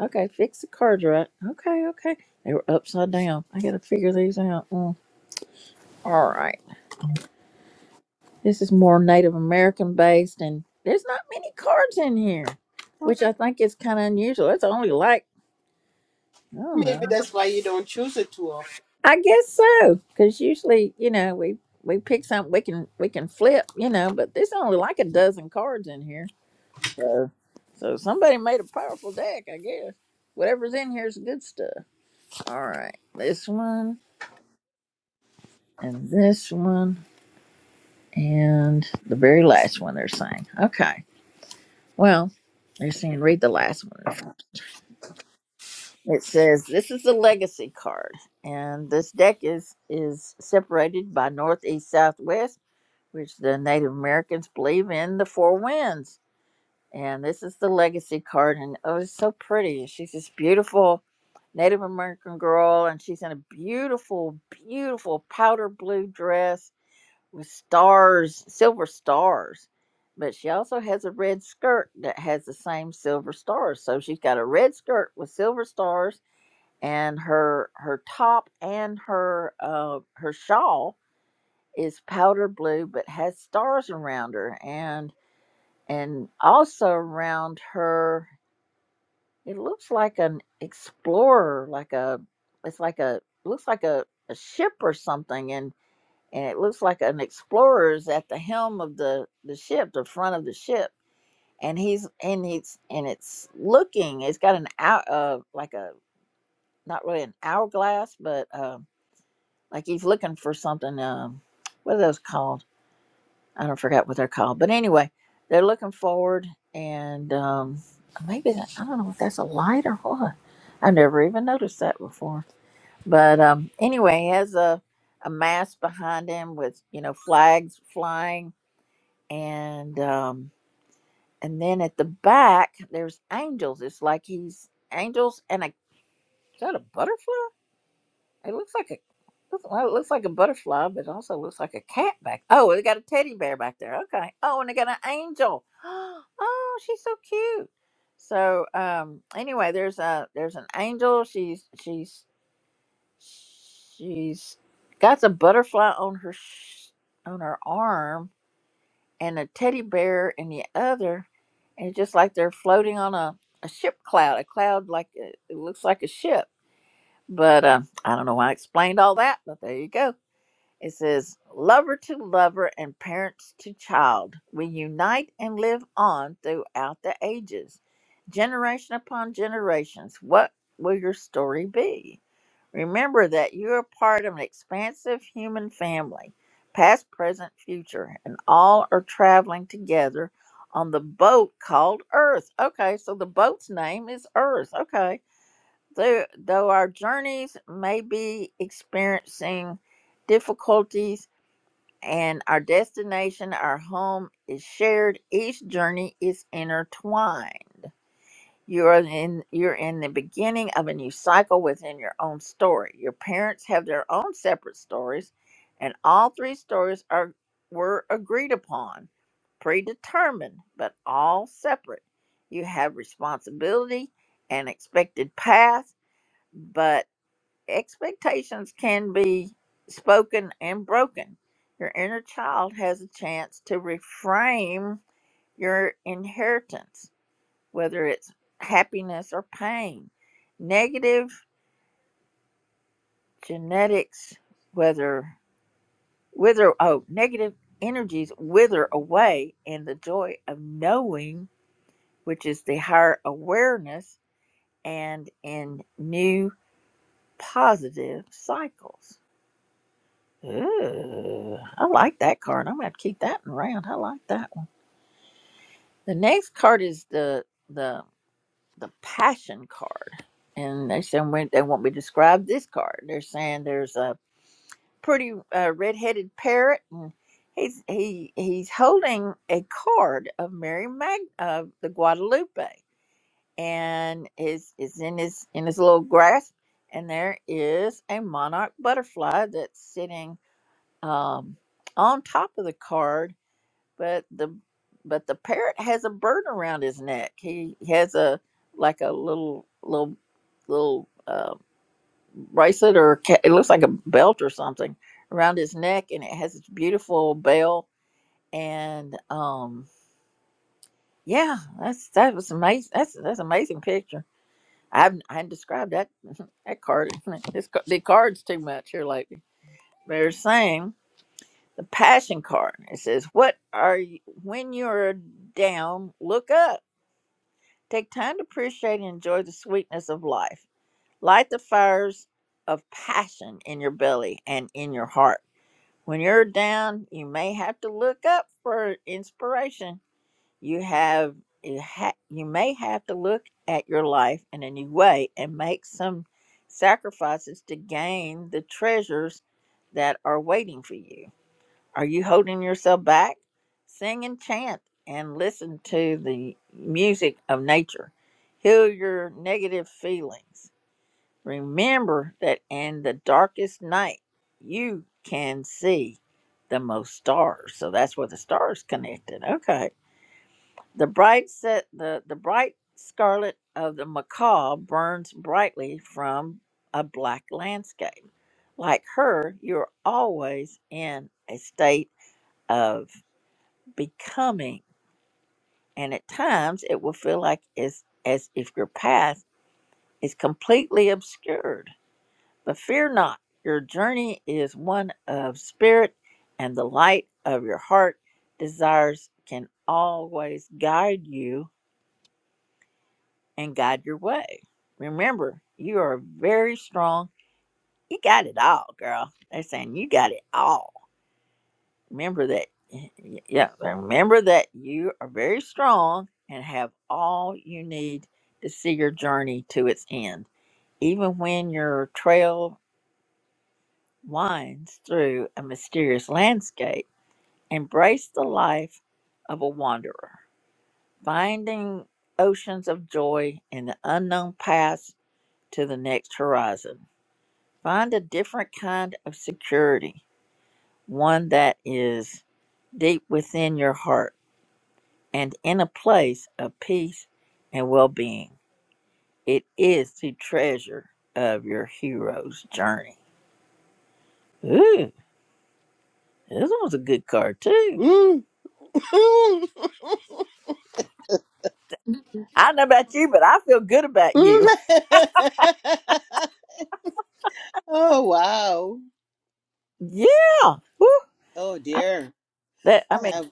B: Okay, fix the cards right. Okay, okay. They were upside down. I gotta figure these out. Mm. All right. This is more Native American based, and there's not many cards in here, which I think is kind of unusual. It's only like I don't
D: Maybe
B: know.
D: that's why you don't choose it too often.
B: I guess so, because usually, you know, we we pick something we can we can flip, you know, but there's only like a dozen cards in here. So, so somebody made a powerful deck, I guess. Whatever's in here is good stuff. All right, this one and this one and the very last one they're saying. Okay, well, they're saying read the last one. It says this is the legacy card, and this deck is is separated by northeast southwest, which the Native Americans believe in the four winds. And this is the legacy card, and oh, it's so pretty. She's this beautiful Native American girl, and she's in a beautiful, beautiful powder blue dress with stars, silver stars. But she also has a red skirt that has the same silver stars. So she's got a red skirt with silver stars and her her top and her uh her shawl is powder blue but has stars around her and and also around her it looks like an explorer like a it's like a looks like a, a ship or something and and it looks like an explorer is at the helm of the the ship the front of the ship and he's and he's and it's looking it's got an hour uh like a not really an hourglass but um like he's looking for something. Um, what are those called? I don't forget what they're called. But anyway, they're looking forward, and um, maybe that, I don't know if that's a light or what. I've never even noticed that before. But um, anyway, he has a a mast behind him with you know flags flying, and um, and then at the back there's angels. It's like he's angels and a is that a butterfly? It looks like a looks- well, it looks like a butterfly, but it also looks like a cat back. Oh, they got a teddy bear back there. Okay. Oh, and they got an angel. *gasps* Oh, she's so cute. So, um, anyway, there's a there's an angel. She's she's she's got a butterfly on her sh- on her arm and a teddy bear in the other, and it's just like they're floating on a a ship cloud, a cloud like uh it looks like a ship but uh, I don't know why I explained all that, but there you go. It says, Lover to lover and parents to child, we unite and live on throughout the ages, generation upon generations. What will your story be? Remember that you are part of an expansive human family, past, present, future, and all are traveling together on the boat called Earth. Okay, so the boat's name is Earth. Okay Though, though our journeys may be experiencing difficulties and our destination, our home is shared, each journey is intertwined. You are in you're in the beginning of a new cycle within your own story. Your parents have their own separate stories, and all three stories are were agreed upon, predetermined, but all separate. You have responsibility and expected path, but expectations can be spoken and broken. Your inner child has a chance to reframe your inheritance, whether it's happiness or pain. Negative genetics, whether wither oh, negative energies wither away in the joy of knowing, which is the higher awareness, and in new positive cycles. Ooh, I like that card. I'm gonna have to keep that one around. I like that one. The next card is the the the passion card, and they said when they want me to describe this card. They're saying there's a pretty uh, red-headed parrot, and he's he he's holding a card of Mary Mag of the Guadalupe, and is is in his in his little grasp, and there is a monarch butterfly that's sitting um on top of the card but the but the parrot has a bird around his neck. He has a like a little little little uh, bracelet or ca- it looks like a belt or something around his neck, and it has this beautiful bell. And um, yeah, that's that was amazing. That's that's an amazing picture. I've I haven't described that *laughs* that card. *laughs* This ca- the card's too much here lately. They're saying the passion card. It says, "What are you when you're down? Look up." Take time to appreciate and enjoy the sweetness of life. Light the fires of passion in your belly and in your heart. When you're down, you may have to look up for inspiration. You have you, ha- you may have to look at your life in a new way and make some sacrifices to gain the treasures that are waiting for you. Are you holding yourself back? Sing and chant and listen to the music of nature. Heal your negative feelings. Remember that in the darkest night, you can see the most stars. So that's where the stars connected. Okay. The bright set the, the bright scarlet of the macaw burns brightly from a black landscape. Like her, you're always in a state of becoming, and at times it will feel like as as if your path is completely obscured. But fear not, your journey is one of spirit, and the light of your heart desires can always guide you and guide your way. Remember, you are very strong. You got it all, girl. They're saying you got it all remember that yeah remember that you are very strong and have all you need to see your journey to its end even when your trail winds through a mysterious landscape embrace the life of a wanderer finding oceans of joy in the unknown paths to the next horizon find a different kind of security one that is deep within your heart and in a place of peace and well being. It is the treasure of your hero's journey. Ooh, this one's a good card too.
D: *laughs*
B: I don't know about you, but I feel good about
D: Mm. Mm. Mm.
B: you. *laughs*
D: *laughs* oh wow.
B: Yeah. Woo.
D: Oh
B: I-
D: dear.
B: That I
D: I
B: mean,
D: have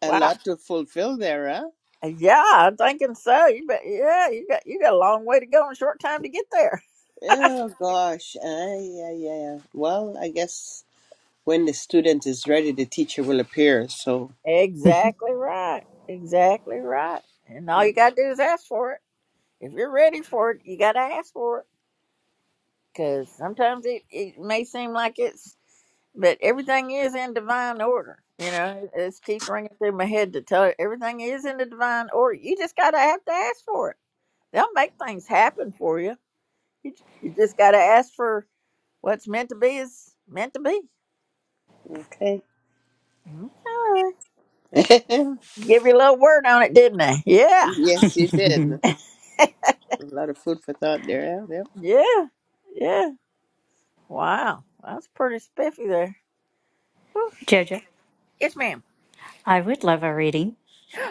D: a
B: wow.
D: lot to fulfill there, huh?
B: Yeah, I'm thinking so. You bet yeah, you got you got a long way to go and a short time to get there.
D: Oh gosh. Uh, yeah, yeah, yeah. Well, I guess when the student is ready, the teacher will appear. So,
B: Exactly right. Exactly right. And all you gotta do is ask for it. If you're ready for it, you gotta ask for it. because sometimes it, it may seem like it's but everything is in divine order you know it it keeps ringing through my head to tell you everything is in the divine order you just gotta have to ask for it they'll make things happen for you you, j- you just gotta ask for what's meant to be is meant to be
D: okay.
B: okay
D: *laughs*
B: give you a little word on it didn't i yeah
D: yes, you did. A lot of food for thought there. Yeah, yeah.
B: yeah yeah wow that's pretty spiffy there Whew.
A: Jojo,
B: yes ma'am
A: I would love a reading.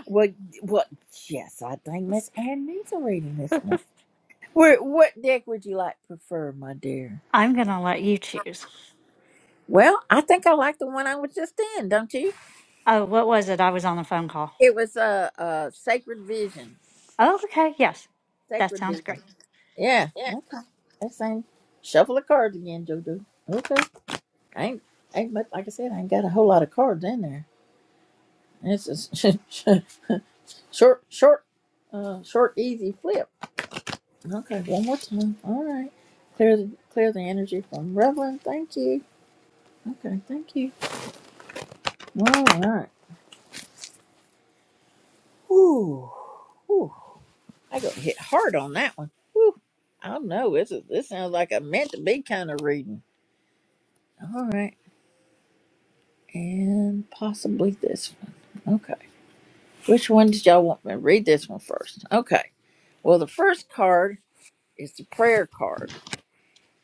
B: well, well yes i think miss ann needs a reading this morning Where, what deck would you like prefer, my dear?
A: I'm going to let you choose.
B: Well, I think I like the one I was just in, don't you?
A: Oh, what was it? I was on a phone call.
B: It was a uh, uh, Sacred Vision.
A: Oh, okay. Yes. That
B: Sacred
A: sounds
B: Vision.
A: great.
B: Yeah. Okay. That's same. Shuffle the cards again, Jojo. Okay. I ain't, ain't much, like I said, I ain't got a whole lot of cards in there. This is *laughs* short, short, uh, short, easy flip. Okay. One more time. All right. Clear the clear the energy from Reverend. Thank you. Okay. Thank you. All right. Ooh, ooh, I got hit hard on that one. Ooh, I don't know. This is this sounds like a meant to be kind of reading. All right, and possibly this one. Okay, which one did y'all want me to read? This one first. Okay. Well, the first card is the prayer card,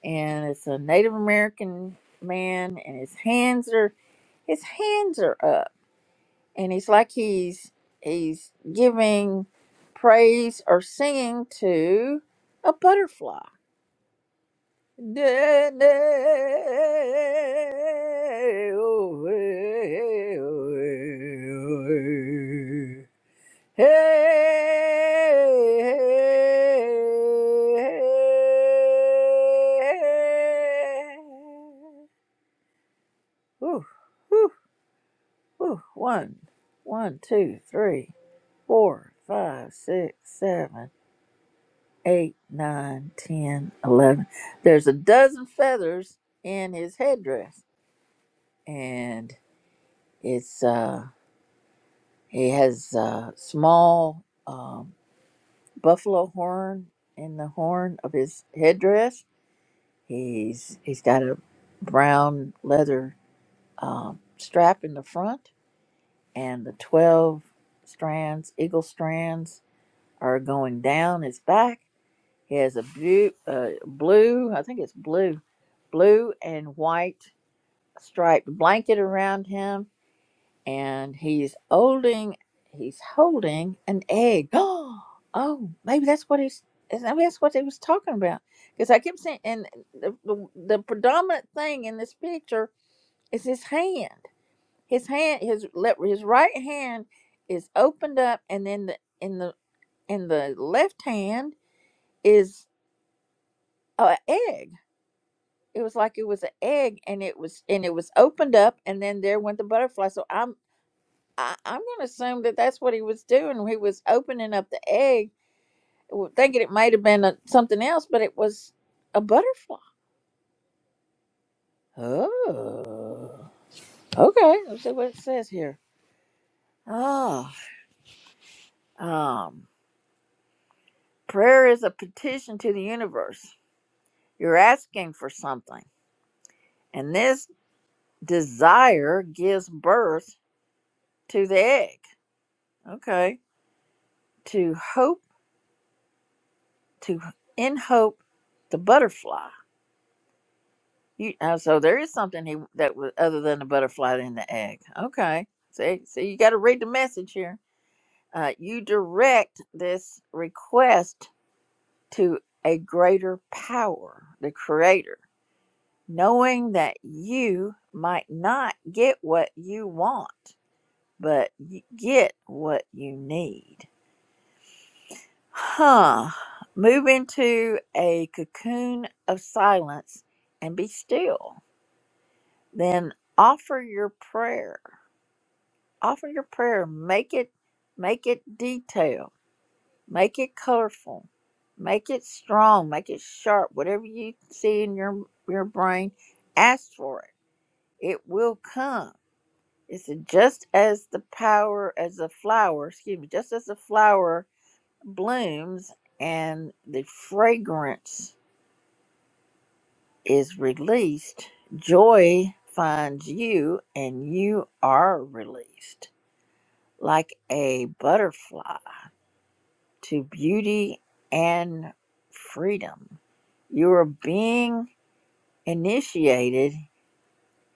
B: and it's a Native American man, and his hands are his hands are up, and he's like he's he's giving praise or singing to a butterfly Ooh, ooh, ooh. One, one, two, three, four, five, six, seven, eight, nine, ten, eleven. There's a dozen feathers in his headdress. and it's uh he has uh small um buffalo horn in the horn of his headdress he's he's got a brown leather um strap in the front and the 12 strands eagle strands are going down his back he has a blue uh, blue i think it's blue blue and white striped blanket around him and he's holding he's holding an egg. *gasps* Oh, maybe that's what he's maybe that's what they was talking about. Because I kept saying, and the, the the predominant thing in this picture is his hand. His hand, his left, his right hand is opened up, and then the in the in the left hand is an egg. It was like it was an egg, and it was and it was opened up, and then there went the butterfly. So I'm I, I'm going to assume that that's what he was doing. He was opening up the egg, w- thinking it might have been a, something else, but it was a butterfly. Oh, okay. Let's see what it says here. Oh, um, prayer is a petition to the universe. You're asking for something, and this desire gives birth to the egg. Okay, to hope, to in hope, the butterfly. You, uh, so there is something he that was other than the butterfly in the egg. Okay. See, so you got to read the message here. Uh, you direct this request to a greater power, the creator, knowing that you might not get what you want, but you get what you need. Huh. Move into a cocoon of silence and be still. Then offer your prayer offer your prayer make it make it detailed make it colorful make it strong make it sharp whatever you see in your your brain ask for it it will come it's just as the power as a flower excuse me just as the flower blooms and the fragrance is released joy finds you and you are released like a butterfly to beauty and freedom. You are being initiated,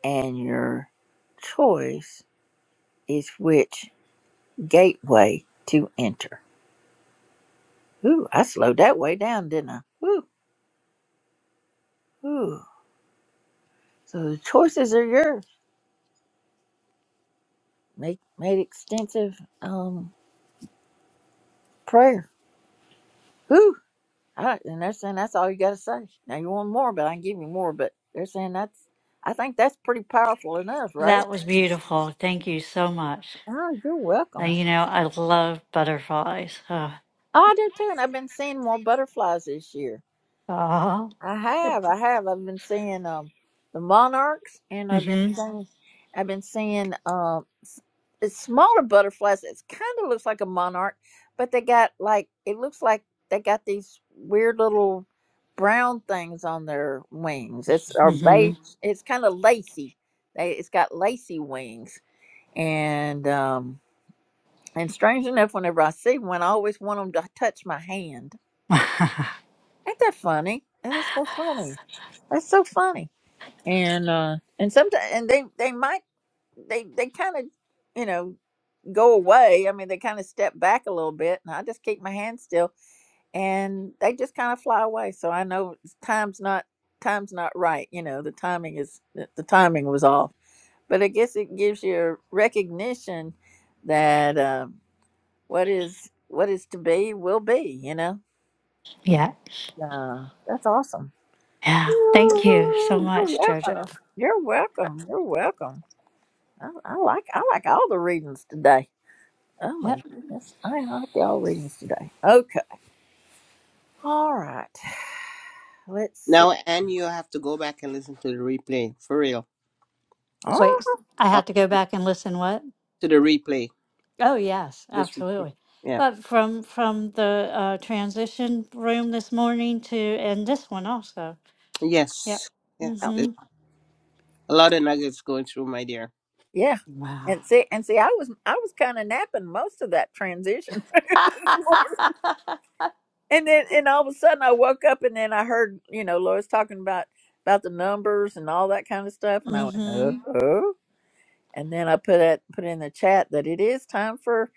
B: and your choice is which gateway to enter. Ooh, I slowed that way down, didn't I? Ooh, ooh. So the choices are yours. Make made extensive um prayer. Ooh. All right, and they're saying that's all you got to say. Now you want more, but I can give you more. But they're saying that's, I think that's pretty powerful enough, right?
A: That was beautiful. Thank you so much.
B: Oh, you're
A: Uh,
B: welcome.
A: you know, I love butterflies. Uh,
B: Oh, I do too, and I've been seeing more butterflies this year.
A: oh,
B: I have, I have. I've been seeing um the monarchs, and I've been
A: mm
B: seeing, I've been seeing um it's smaller butterflies. It's kind of looks like a monarch, but they got like it looks like they got these weird little brown things on their wings. It's
A: hmm.
B: or
A: Mm hmm.
B: beige. It's kind of lacy. They it's got lacy wings, and um and strange enough, whenever I see one, I always want them to touch my hand Ain't that funny? And That's so funny. That's so funny. And uh and sometimes and they they might they they kind of you know go away. I mean they kind of step back a little bit, and I just keep my hand still, and they just kind of fly away. So I know it's- time's not time's not right. You know the timing is the the timing was off. But I guess it gives you a recognition that um, what is what is to be will be. You know.
A: Yeah.
B: Yeah, that's awesome.
A: Yeah. Thank you so
B: Ooh, You're
A: much, Jojo.
B: welcome. You're welcome. You're welcome. I, I like I like all the readings today. Oh my
A: Yep.
B: goodness, I like all readings today. Okay. All right. Let's see.
D: Now, and you have to go back and listen to the replay for real. What's
B: Oh,
A: Wait, I
D: on-
A: have to go back and listen. What?
D: To the replay.
A: Oh yes,
D: This replay.
A: absolutely.
D: Yeah.
A: But from from the uh, transition room this morning to and this one also. Yep.
D: Yes. Yes.
A: Mm-hmm.
D: It- A lot of nuggets going through, my dear.
B: yeah.
A: Wow.
B: And see, and see, I was I was kind of napping most of that transition *laughs* this morning,
A: *laughs*
B: and then and all of a sudden I woke up, and then I heard you know Lois talking about about the numbers and all that kind of stuff, and I went,
A: mm-hmm.
B: oh. and then I put it put in the chat that it is time for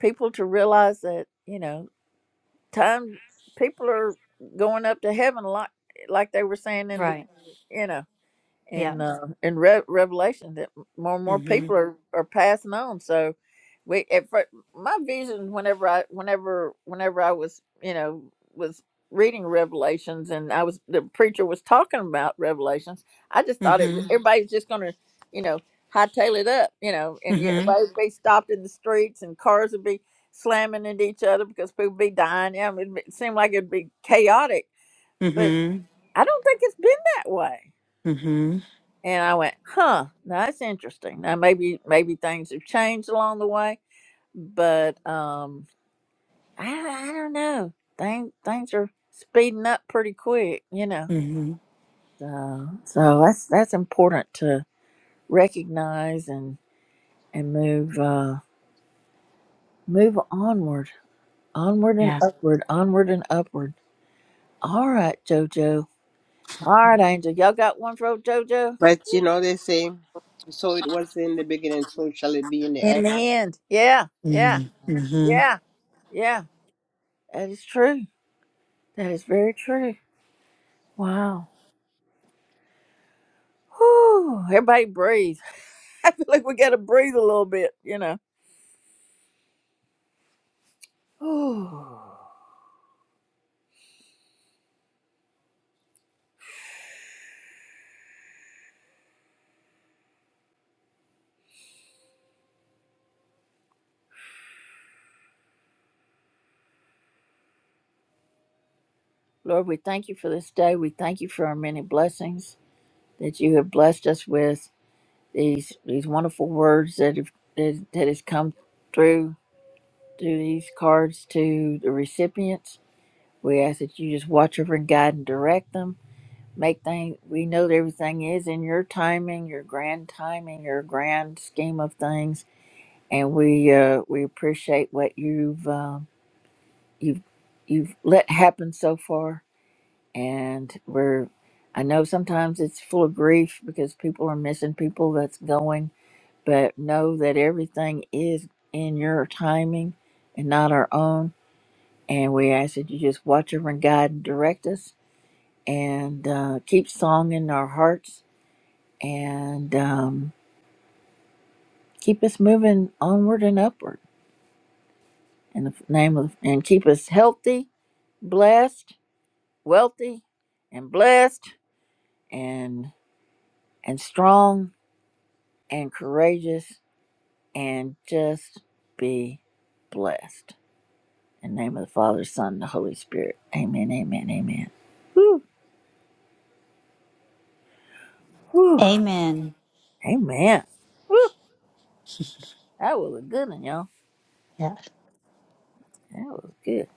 B: people to realize that you know time people are going up to heaven like like they were saying in the
A: Right.
B: you know
A: Yeah.
B: in uh, in Re- Revelation that more and more
A: Mm-hmm.
B: people are, are passing on. So we at fir- my vision whenever I whenever whenever I was you know was reading Revelations and I was the preacher was talking about Revelations. I just thought it Mhm.
A: Mm-hmm.
B: everybody's just gonna you know hightail it up you know and you-
A: Mm-hmm.
B: everybody would be stopped in the streets and cars would be slamming into each other because people be dying. Yeah, I mean, it seemed like it'd be chaotic, but
A: Mm-hmm.
B: I don't think it's been that way
A: Mm-hmm.
B: and I went, huh, that's interesting. Now maybe maybe things have changed along the way, but um, I, I don't know. Things things are speeding up pretty quick, you know.
A: Mm-hmm.
B: So so that's that's important to recognize and and move uh move onward, onward and
A: Yeah.
B: upward, onward and upward. All right, Jojo. All right, Angel. Y'all got one for old Jojo
D: But you know, they say, so it was in the beginning, so shall it be in the end.
B: in the end. Yeah, yeah,
A: Mm-hmm.
B: yeah, yeah. That is true. That is very true. Wow. Whew, everybody breathe. *laughs* I feel like we got to breathe a little bit, you know. Whew. Lord, we thank you for this day. We thank you for our many blessings that you have blessed us with. These these wonderful words that have that, that has come through through these cards to the recipients. We ask that you just watch over and guide and direct them. Make things we know that everything is in your timing, your grand timing, your grand scheme of things and we uh, we appreciate what you've um, you've you've let happen so far. And we're I know sometimes it's full of grief because people are missing people that's going, but know that everything is in your timing and not our own. And we ask that you just watch over and guide and direct us, and uh, keep song in our hearts, and um, keep us moving onward and upward in the name of, and keep us healthy blessed, wealthy, and blessed, and and strong, and courageous, and just be blessed. In the name of the Father, Son, and the Holy Spirit. Amen. Amen. Amen. Whew, whew.
A: Amen.
B: Amen. Whew. That was a good one, y'all.
A: Yes.
B: That was good.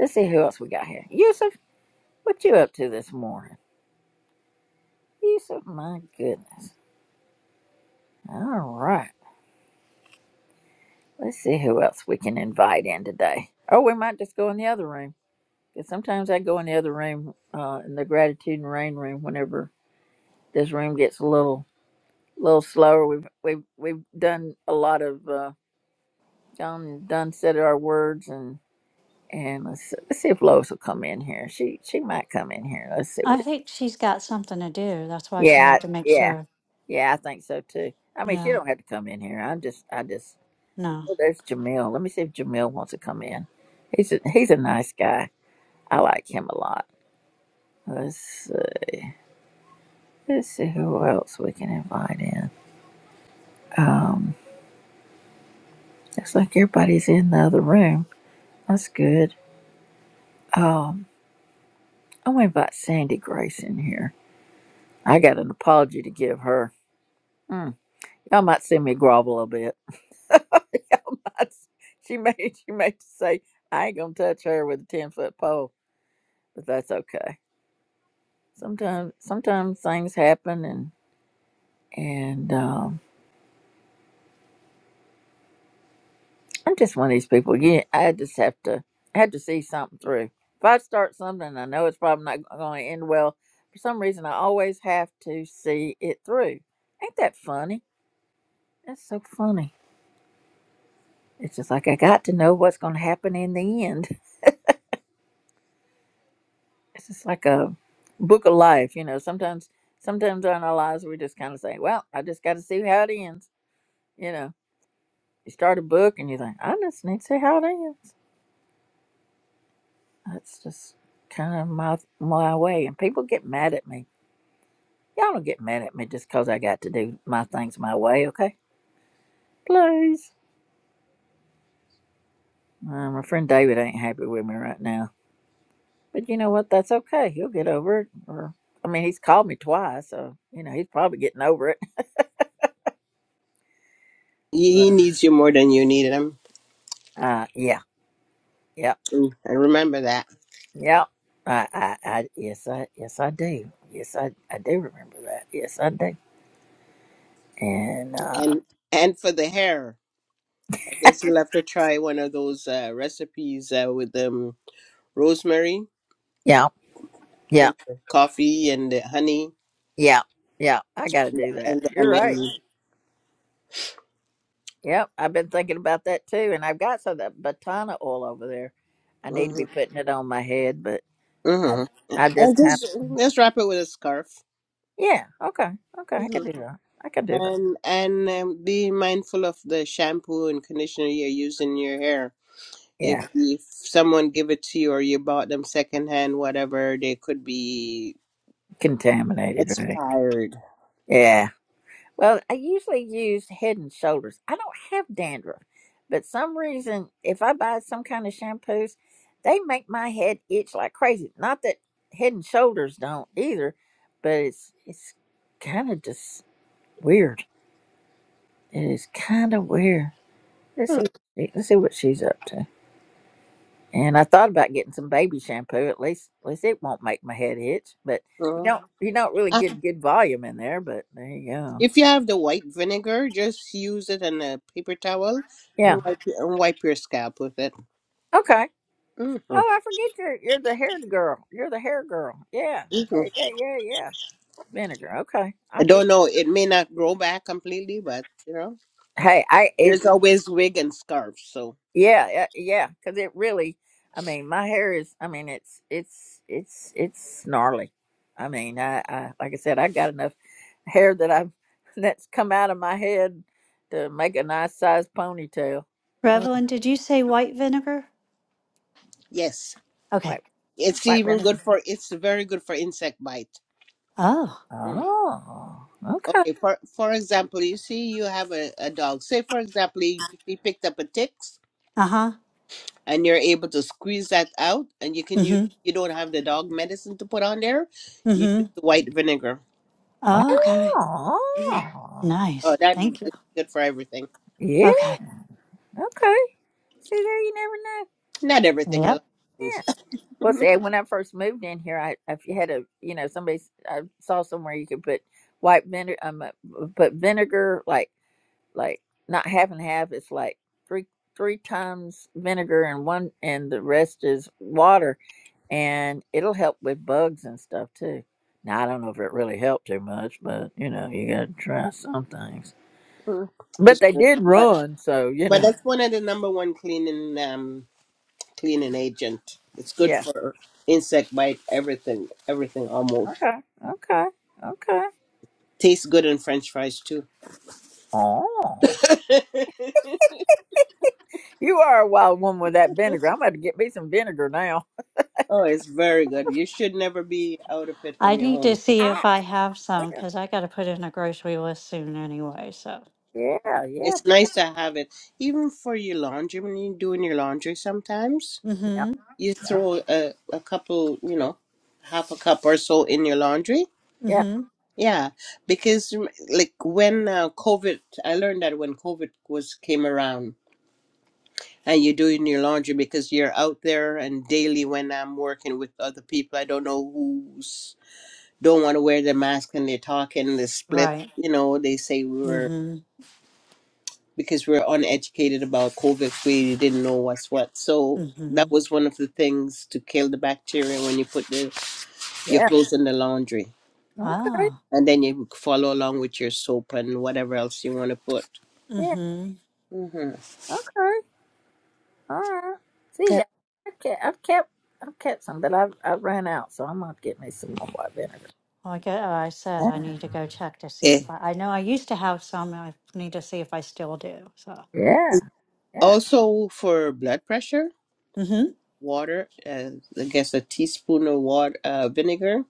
B: Let's see who else we got here. Yusuf, what you up to this morning? Yusuf, my goodness. All right. Let's see who else we can invite in today. Oh, we might just go in the other room. 'Cause sometimes I go in the other room, uh, in the gratitude and rain room, whenever this room gets a little, little slower. We've we've we've done a lot of uh, gone and done said our words and and let's let's see if Lois will come in here. She she might come in here. Let's see what.
A: I think she's got something to do. That's why she
B: Yeah
A: had
B: I-
A: to make
B: yeah
A: sure.
B: yeah I think so too. I mean she
A: Yeah.
B: don't have to come in here. I'm just I just
A: No.
B: oh, there's Jamil. Let me see if Jamil wants to come in. He's a he's a nice guy. I like him a lot. Let's uh, let's see who else we can invite in. Um, it's like everybody's in the other room. That's good. Um, I'm going to invite Sandy Grace in here. I got an apology to give her. Mm, y'all might see me grovel a bit. *laughs* y'all might, she may *laughs* she may say I ain't gonna touch her with a ten foot pole, but that's okay. Sometimes sometimes things happen and and um, I'm just one of these people. Yeah, I just have to I had to see something through. If I start something, I know it's probably not going to end well. For some reason, I always have to see it through. Ain't that funny? That's so funny. It's just like I got to know what's going to happen in the end. *laughs* It's just like a book of life, you know. Sometimes, sometimes in our lives, we just kind of say, "Well, I just got to see how it ends." You know, you start a book and you think, "I just need to see how it ends." That's just kind of my my way, and people get mad at me Y'all don't get mad at me just cause I got to do my things my way, okay? Please. Uh, my friend David ain't happy with me right now. But you know what? That's okay. He'll get over it. Or, I mean, he's called me twice, so, you know, he's probably getting over it.
D: He
B: Right.
D: he
B: *laughs*
D: needs you more than you need him
B: Uh, yeah, yeah,
D: Mm, I remember that.
B: yeah. I, I, I, yes, I, yes, I do. Yes, I, I do remember that. Yes, I do. And, uh,
D: And and for the hair, I guess you'll have to try one of those uh, recipes uh, with um, rosemary
B: yeah, yeah,
D: and the coffee and the honey
B: yeah, yeah, I gotta do that.
D: and the
B: You're right.
D: onion.
B: Yep, I've been thinking about that too, and I've got some of that batana oil over there. I need to
D: hmm
B: be putting it on my head, but I,
D: hmm
B: I just
D: And
B: kind of
D: just just wrap it with a scarf.
B: yeah, okay, okay, I can
D: hmm
B: do that. I can do that.
D: And and um, be mindful of the shampoo and conditioner you're using in your hair. If,
B: Yeah,
D: if someone give it to you or you bought them secondhand, whatever, they could be
B: contaminated, right?
D: expired.
B: Yeah. Well, I usually use Head and Shoulders. I don't have dandruff, but some reason if I buy some kind of shampoos, they make my head itch like crazy. Not that Head and Shoulders don't either, but it's it's kind of just weird. It is kind of weird. Let's see. Let's see what she's up to. And I thought about getting some baby shampoo. At least, at least it won't make my head itch. But you
D: Mhm.
B: don't, you don't really get good volume in there. But there you go.
D: If you have the white vinegar, just use it in a paper towel and
B: Yeah.
D: wipe and wipe your scalp with it.
B: Okay.
D: hmm
B: Oh, I forget you're you're the hair girl. You're the hair girl. Yeah. Yeah. Yeah. Yeah. yeah. Vinegar. Okay.
D: I
B: I get.
D: don't know; it may not grow back completely, but you know,
B: Hey, I it,
D: there's always wig and scarves. So
B: Yeah, yeah, yeah, because it really, I mean, my hair is, I mean, it's, it's, it's, it's gnarly. I mean, I, I, like I said, I got enough hair that I've, *laughs* that's come out of my head to make a nice sized ponytail. Oh,
A: Revelyn, did you say white vinegar?
D: yes,
A: Okay.
B: white,
D: it's
B: white
D: even good
B: vinegar.
D: for. It's very good for insect bite.
A: Oh.
D: Mm.
B: Oh, okay.
D: Okay, for for example, you see, you have a, a dog. Say, for example, he, he picked up a ticks,
A: Uh huh.
D: and you're able to squeeze that out, and you can
A: Mm
D: use.
A: hmm.
D: You don't have the dog medicine to put on there. You use
A: Mm
D: the white vinegar
A: hmm. Okay.
B: Oh,
D: Oh,
A: Nice.
D: that is
A: Thank you.
D: good for everything.
B: yeah,
A: Okay.
B: okay. See, there you never know.
D: Not everything, a lot
A: Yep.
D: of
B: Yeah.
D: things. *laughs*
B: Well,
D: Mhm.
B: see, when I first moved in here, I if you had a you know somebody s- I saw somewhere you could put white vinegar, um, uh, put vinegar like like not half and half. It's like three three times vinegar and one and the rest is water, and it'll help with bugs and stuff too. Now I don't know if it really helped too much, but you know you got to try some things.
D: Mm,
B: But
D: Just
B: they did
D: but
B: run, so you
D: but
B: know.
D: that's one of the number one cleaning um cleaning agent. It's good
B: Yeah.
D: for insect bite, everything, everything almost.
B: Okay. Okay. Okay.
D: Tastes good in French fries too.
B: Oh.
D: *laughs*
B: You are a wild woman with that vinegar. I'm about to get me some vinegar now.
D: oh, it's very good. You should never be out of it
A: I
D: from your
A: need to
D: home.
A: see
B: Ah,
A: if I have some
B: yeah,
A: because I got to put in a grocery list soon anyway. So.
B: yeah, yeah,
D: It's nice to have it, even for your laundry. When you're doing your laundry, sometimes
A: Mm
B: yeah,
A: hmm.
D: you throw a a couple, you know, half a cup or so in your laundry
A: Mm
B: yeah.
A: hmm.
D: Yeah, because rem- like when uh, COVID, I learned that when COVID was came around and you're doing your laundry because you're out there and daily when I'm working with other people, I don't know who's don't want to wear the mask and they're talking, they split,
A: Right.
D: you know, they say we
A: Mm
D: were
A: hmm.
D: because we're uneducated about COVID, we didn't know what's what. So
A: Mm hmm.
D: that was one of the things to kill the bacteria when you put the your
B: yeah.
D: clothes in the laundry.
B: Okay,
A: Ah.
D: And then you follow along with your soap and whatever else you want to put.
A: Mm
B: yeah,
A: hmm.
D: hmm
B: okay, all right. See,
D: Yeah.
B: I kept, I've kept, I've kept some, but I've, I ran out, so I'm gonna get me some more white vinegar.
A: Like I I said, I
B: Yeah,
A: need to go check to see
D: Eh.
A: if I. I know I used to have some. I need to see if I still do. So.
B: yeah, yeah.
D: Also for blood pressure,
A: Mm hmm.
D: water, uh, I guess a teaspoon of water, uh, vinegar,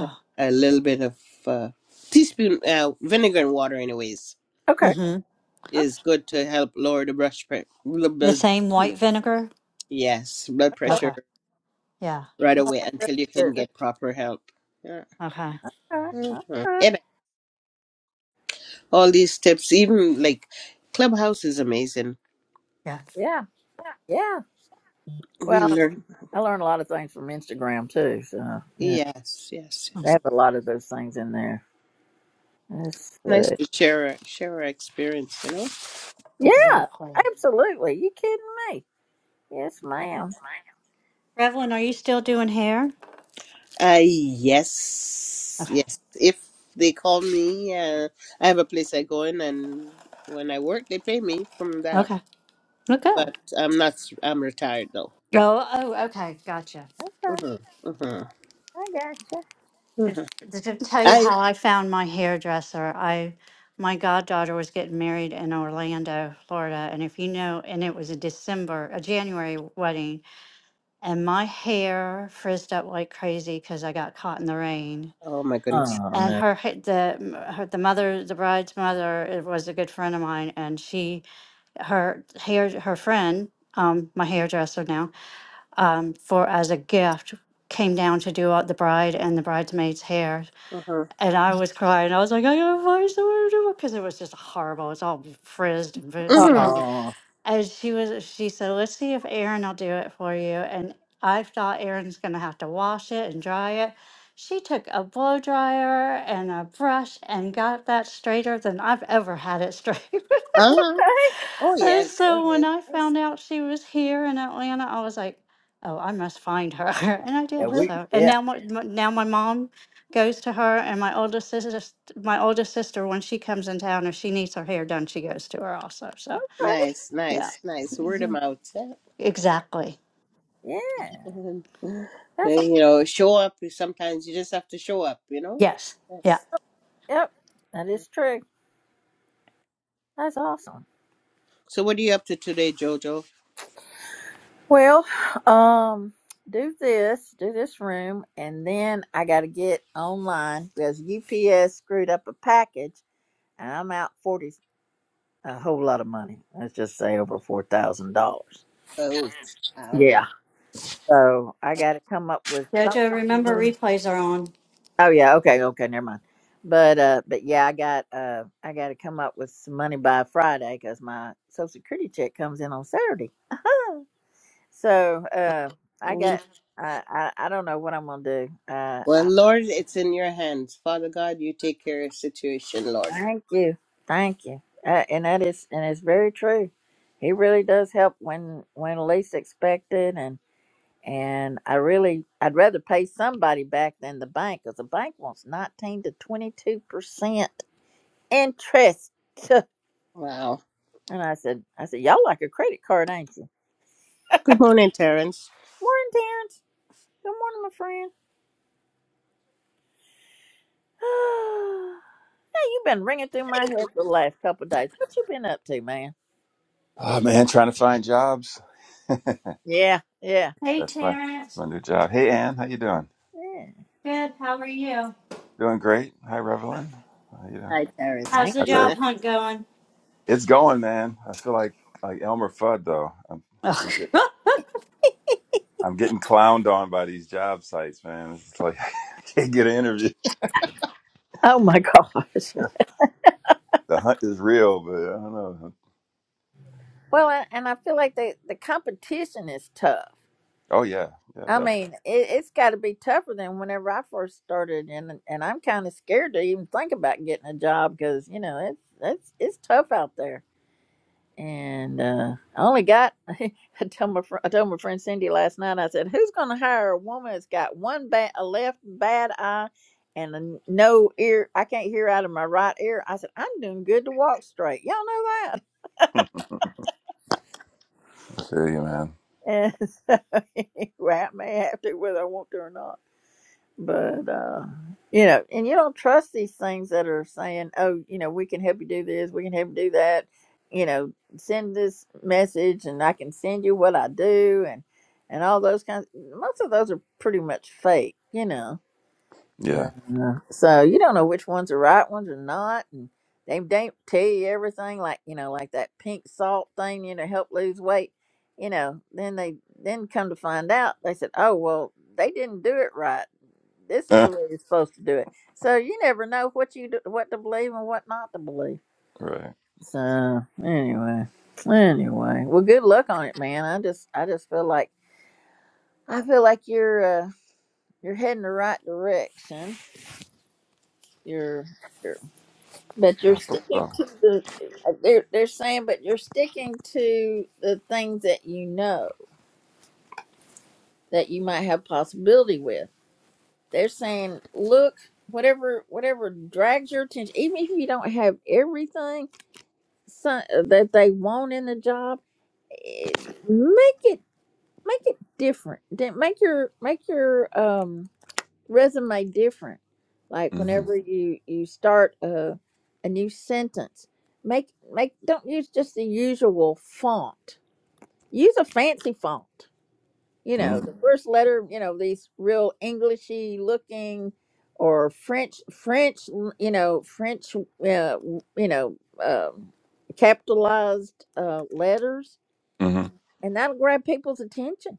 D: uh, a little bit of uh, teaspoon uh, vinegar and water, anyways,
A: Mm
B: Okay,
A: hmm.
B: okay,
D: is good to help lower the blood pressure.
A: The
D: Blood,
A: same white vinegar.
D: yes, blood
A: Okay.
D: pressure
A: Yeah.
D: right away until you
B: good.
D: can get proper help. Yeah.
A: Okay.
B: okay,
D: Mhm.
B: okay.
D: And all these tips, even like Clubhouse is amazing.
A: Yeah.
B: Yeah, yeah.
D: We
B: Well,
D: learn.
B: I learned a lot of things from Instagram too. So yeah,
D: Yes, yes,
B: they
D: yes.
B: have a lot of those things in there. Let's see.
D: Nice to share our- share our experience. You know.
B: Yeah,
A: Exactly.
B: absolutely. You kidding me? Yes, ma'am.
A: Revlon, are you still doing hair?
D: Uh, yes,
A: Okay.
D: yes. If they call me, uh, I have a place I go in, and when I work, they pay me from that.
A: Okay. Well,
D: But
A: good.
D: I'm not. I'm retired though.
A: Oh, oh, okay. Gotcha.
B: Okay,
D: hmm hmm
B: I gotcha.
D: hmm
A: To to tell you
D: I.
A: how I found my hairdresser, I my goddaughter was getting married in Orlando, Florida, and if you know, and it was a December, a January wedding, and my hair frizzed up like crazy because I got caught in the rain.
D: Oh my goodness.
B: Oh
A: And
B: no.
A: her, ha- the m- her, the mother, the bride's mother, it was a good friend of mine, and she, her hair, her friend, um, my hairdresser now, um, for as a gift came down to do all the bride and the bridesmaids' hair,
D: hmm
A: and I was crying. I was like, I got to to find do it because it was just horrible. It's all frizzed and frizz- you know.
D: hmm
B: Oh.
A: And she was, she said, let's see if Aaron will do it for you. And I thought Aaron's gonna have to wash it and dry it. She took a blow dryer and a brush and got that straighter than I've ever had it *laughs* straight.
D: Uh-huh.
B: Okay. *laughs*
D: Oh
A: Uh,
D: yes. Oh
A: So when
D: yes.
A: I
D: yes.
A: found out she was here in Atlanta, I was like, "Oh, I must find her," *laughs* and I
B: Yeah,
A: did.
D: Uh-huh.
B: we.
A: So, and
B: Yeah.
A: now my my- now my mom goes to her, and my older sister, my older sister, when she comes in town, if she needs her hair done, she goes to her also. So,
B: Okay.
D: Nice,
A: yeah,
D: nice, nice. Word of
A: Mhm.
D: mouth. Yeah.
A: exactly.
B: Yeah.
D: *laughs*
B: That's all.
D: you know, show up. Sometimes you just have to show up. You know.
A: Yes, yeah.
D: Yes.
B: Yep. That is true. That's awesome.
D: So what are you up to today, Jojo?
B: Well, um, do this, do this room, and then I got to get online because UPS screwed up a package, and I'm out forty a whole lot of money. Let's just say over four thousand dollars.
D: Oh, ouch.
B: Yeah. So I got to come up with
A: Jojo, remember
B: something.
A: replays are on.
B: Oh yeah, okay, okay, never mind. But uh, but yeah, I got uh, I got to come up with some money by Friday because my Social Security check comes in on Saturday. *laughs* so uh, I
D: Well,
B: got I, I I don't know what I'm gonna do. Uh, I,
D: Lord, it's in your hands. Father God, you take care of the situation, Lord.
B: thank you, thank you, uh, and that is and it's very true. He really does help when when least expected, And I really, I'd rather pay somebody back than the bank because the bank wants 19 to 22% interest. *laughs*
D: Wow.
B: And I said, I said, y'all like a credit card, ain't you?
D: Good morning, Terrence.
B: Morning, Terrence. Good morning, my friend. *sighs* hey, you've been ringing through my head for the last couple of days. What you been up to, man?
I: Oh man, trying to find jobs.
B: Yeah, yeah.
A: Hey,
I: That's my
A: Terrence.
I: my new job. Hey Ann, how you doing?
B: Yeah.
A: Good. How are you?
I: Doing great. Hi Revelyn. How you doing?
D: Hi, Terrence.
A: How's
B: Hanging
A: the
I: How's
B: with-
D: *laughs*
I: there?
A: job hunt going?
I: It's going, man. I feel like like Elmer Fudd though. I'm I'm getting
A: *laughs*
I: I'm getting clowned on by these job sites, man. It's like *laughs* I can't get an interview.
B: Oh my *laughs* gosh.
I: *laughs* The hunt is real, but I don't know.
B: Well, and and I feel like the, the competition is tough.
I: Oh yeah, yeah,
B: I mean, it, it's got to be tougher than whenever I first started, and and I'm kind of scared to even think about getting a job because you know it's it's it's tough out there. And uh, I only got *laughs* I told my fr- I told my friend Cindy last night. I said, "Who's going to hire a woman that's got one bad a left bad eye and a n- no ear? I can't hear out of my right ear." I said, "I'm doing good to walk straight. Y'all know that." *laughs*
I: definitely. *laughs* I feel you, man.
B: And so *laughs* anyway, I may have to whether I want to or not. but uh you know and you don't trust these things that are saying oh you know we can help you do this we can help you do that you know send this message and i can send you what i do and and all those kinds most of those are pretty much fake you know
I: Yeah.
B: uh, so you don't know which ones are right ones or not, and they don't tell you everything. Like you know, like that pink salt thing, you know, help lose weight. You know, then they then come to find out they said, oh well, they didn't do it right. This
I: *laughs*
B: is
I: Eh,
B: the way you're supposed to do it. So you never know what you do, what to believe and what not to believe.
I: right.
B: So anyway, anyway, well, good luck on it, man. I just I just feel like I feel like you're uh, you're heading the right direction. You're But you're
I: I hope
B: sticking
I: so.
B: to the uh, they're they're saying, but you're sticking to the things that you know that you might have possibility with. They're saying, look, whatever whatever drags your attention, even if you don't have everything so- uh, that they want in the job, eh, make it make it different. Then Make your make your um resume different. Like
I: Mm-hmm.
B: whenever Mhm. you you start a a new sentence, make make don't use just the usual font. Use a fancy font. You know, the
I: Mm-hmm.
B: Mhm. first letter. You know, these real Englishy looking or French French. You know, French. Uh, you know, um capitalized uh, letters,
I: Mm-hmm.
B: and that'll grab people's attention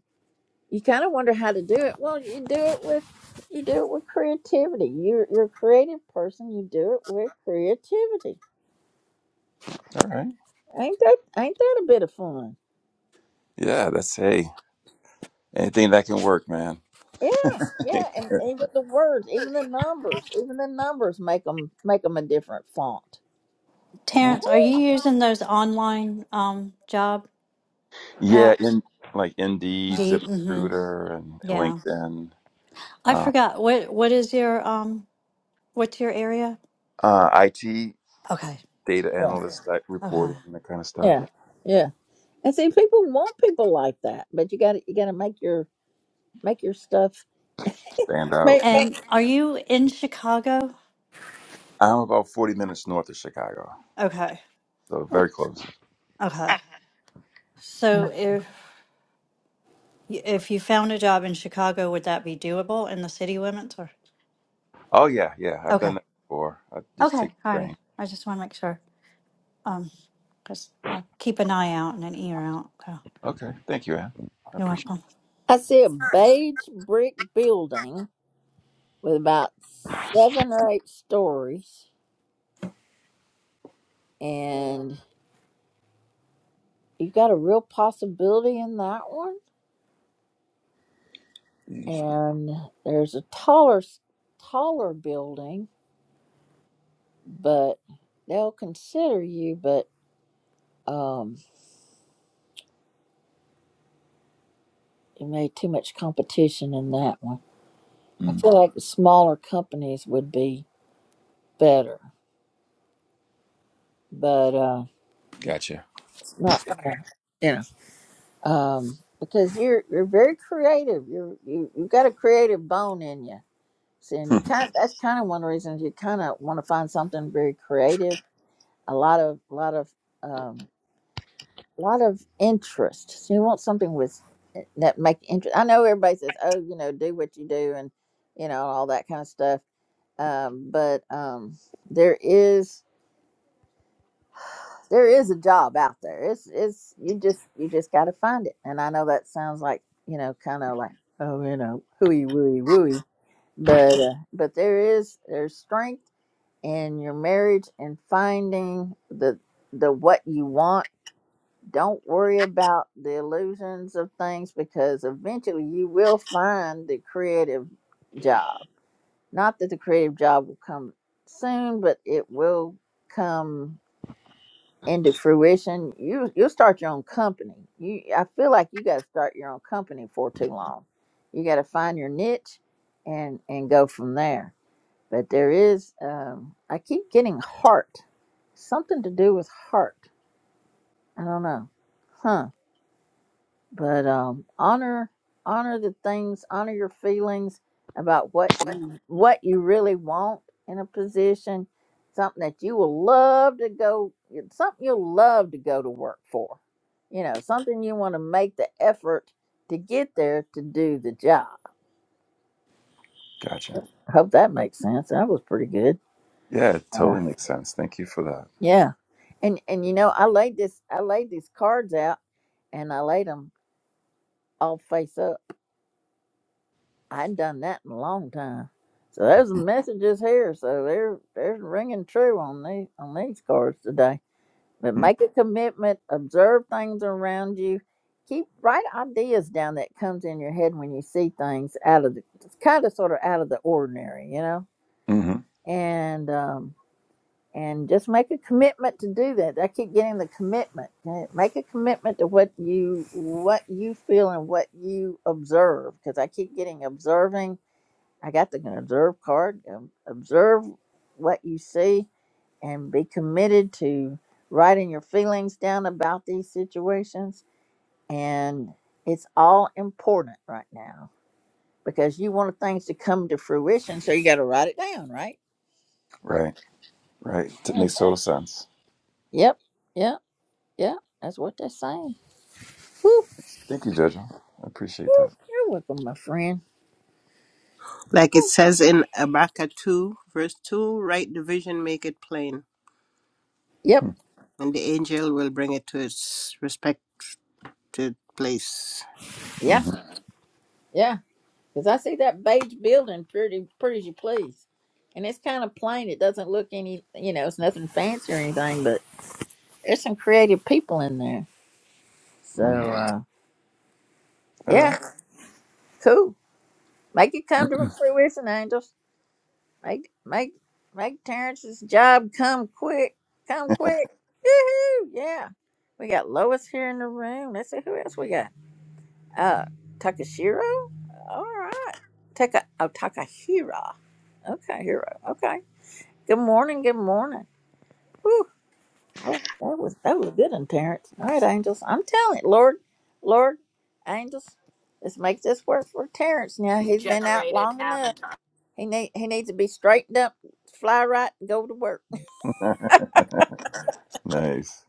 B: you kind of wonder how to do it. Well, you do it with you do it with creativity. You're you're a creative person. You do it with creativity.
I: All right.
B: Ain't that ain't that a bit of fun?
I: Yeah, that's hey. Anything that can work, man.
B: Yeah,
I: *laughs*
B: yeah. And even the words, even the numbers, even the numbers make them make them a different font. Oh,
A: Terrence, are you using those online um job?
I: Yeah,
A: Apps.
I: in like Indeed,
A: Indeed. hmm
I: ZipRecruiter, and
A: Yeah.
I: LinkedIn,
A: I
I: uh,
A: forgot. What what is your um what's your area?
I: uh, IT
A: Okay.
I: data
B: Yeah,
I: analyst like
A: Okay.
I: reporting that kind of stuff
B: yeah, yeah. And see, people want people like that, but you got to you got to make your make your stuff.
I: stand out.
B: Make, make.
A: And are you in Chicago?
I: I'm about 40 minutes north of Chicago,
A: Okay.
I: so very close.
A: Okay. So if y- if you found a job in Chicago, would that be doable in the city limits or?
I: Oh yeah, yeah, I've done
A: Okay.
I: that before. I just
A: Okay.
I: take the
A: Alrighty.
I: train.
A: I just want to make sure. Um, because I'll keep an eye out and an ear out. Okay.
I: Okay, thank you, Ann. I
A: You're
I: appreciate
A: welcome.
B: I see a beige brick building with about seven or eight stories, and you've got a real possibility in that one.
I: it.
B: And there's a taller, s- taller building, but they'll consider you, but um, it made too much competition in that one. I
I: Mm,
B: feel like the smaller companies would be better, but uh,
I: gotcha,
B: it's not. You know, um, because you're you're very creative. You're you you have got a creative bone in you See, and you
I: *laughs*
B: kind of, that's kind of one reason you kind of want to find something very creative, a lot of lot of um lot of interest. So you want something with eh, that make interest. I know everybody says, "Oh, you know, do what you do and you know, all that kind of stuff." Um but um there is there is a job out there. It's it's you just you just got to find it. And I know that sounds like, you know, kind of like, "Oh, you know, hooey wooey wooey." But uh, but there is there's strength in your marriage and finding the the what you want don't worry about the illusions of things because eventually you will find the creative job not that the creative job will come soon but it will come into fruition you you'll start your own company you i feel like you got to start your own company for too long you got to find your niche and and go from there but there is, um, I keep getting heart, something to do with heart. I don't know, huh? But um, honor, honor the things, honor your feelings about what you what you really want in a position, something that you will love to go, something you'll love to go to work for. You know, something you want to make the effort to get there to do the job.
I: gotcha.
B: Hope that makes sense. That was pretty good.
I: Yeah, it totally makes sense. Thank you for that.
B: Yeah. And and you know, I laid this I laid these cards out and I laid them all face up. I had done that in a long time. So there's messages here. So they're they're ringing true on these on these cards today. But
I: Mm,
B: make a commitment, observe things around you. Keep write ideas down that comes in your head when you see things out of the kind of sort of out of the ordinary, you know?
I: hmm mm-hmm.
B: And um and just make a commitment to do that. I keep getting the commitment. Uh, Make a commitment to what you what you feel and what you observe, because I keep getting observing. I got the observe card. Um, Observe what you see and be committed to writing your feelings down about these situations. And it's all important right now because you want things to come to fruition. So you got to write it down, right?
I: Right, right. It
B: Yeah.
I: makes total sense.
B: Yep. Yep. Yep. That's what they're saying. Woo,
I: Thank you, Jojo. I appreciate
B: woo.
I: that.
B: You're welcome, my friend.
D: like it says in Habakkuk 2, verse 2, write the vision, make it plain,
B: Yep.
I: Hmm.
D: and the angel will bring it to its respected place.
B: Yeah.
I: Mhm.
B: Yeah. Because I see that beige building pretty, pretty as you please. And it's kind of plain. It doesn't look any, you know, it's nothing fancy or anything, but there's some creative people in there. So,
I: Mm.
B: uh,
I: All
B: yeah,
I: right.
B: cool. Make it come to
I: *clears throat*
B: fruition, angels. Make, make, make Terrence's job come quick. Come quick. Woohoo. Yeah. We got Lois here in the room. Let's see who else we got. Uh, Takashiro? All right. Taka, oh, Takahira. Okay, hero. Okay. Good morning. Good morning. Whew. I like- that was that was a good one, Terrence. All right, angels. I'm telling you, Lord, Lord, angels, let's make this work for Terrence. Now he's been out
J: generated
B: long enough.
J: avatar.
B: He need he needs to be straightened up, fly right, and go to work.
I: *laughs* nice.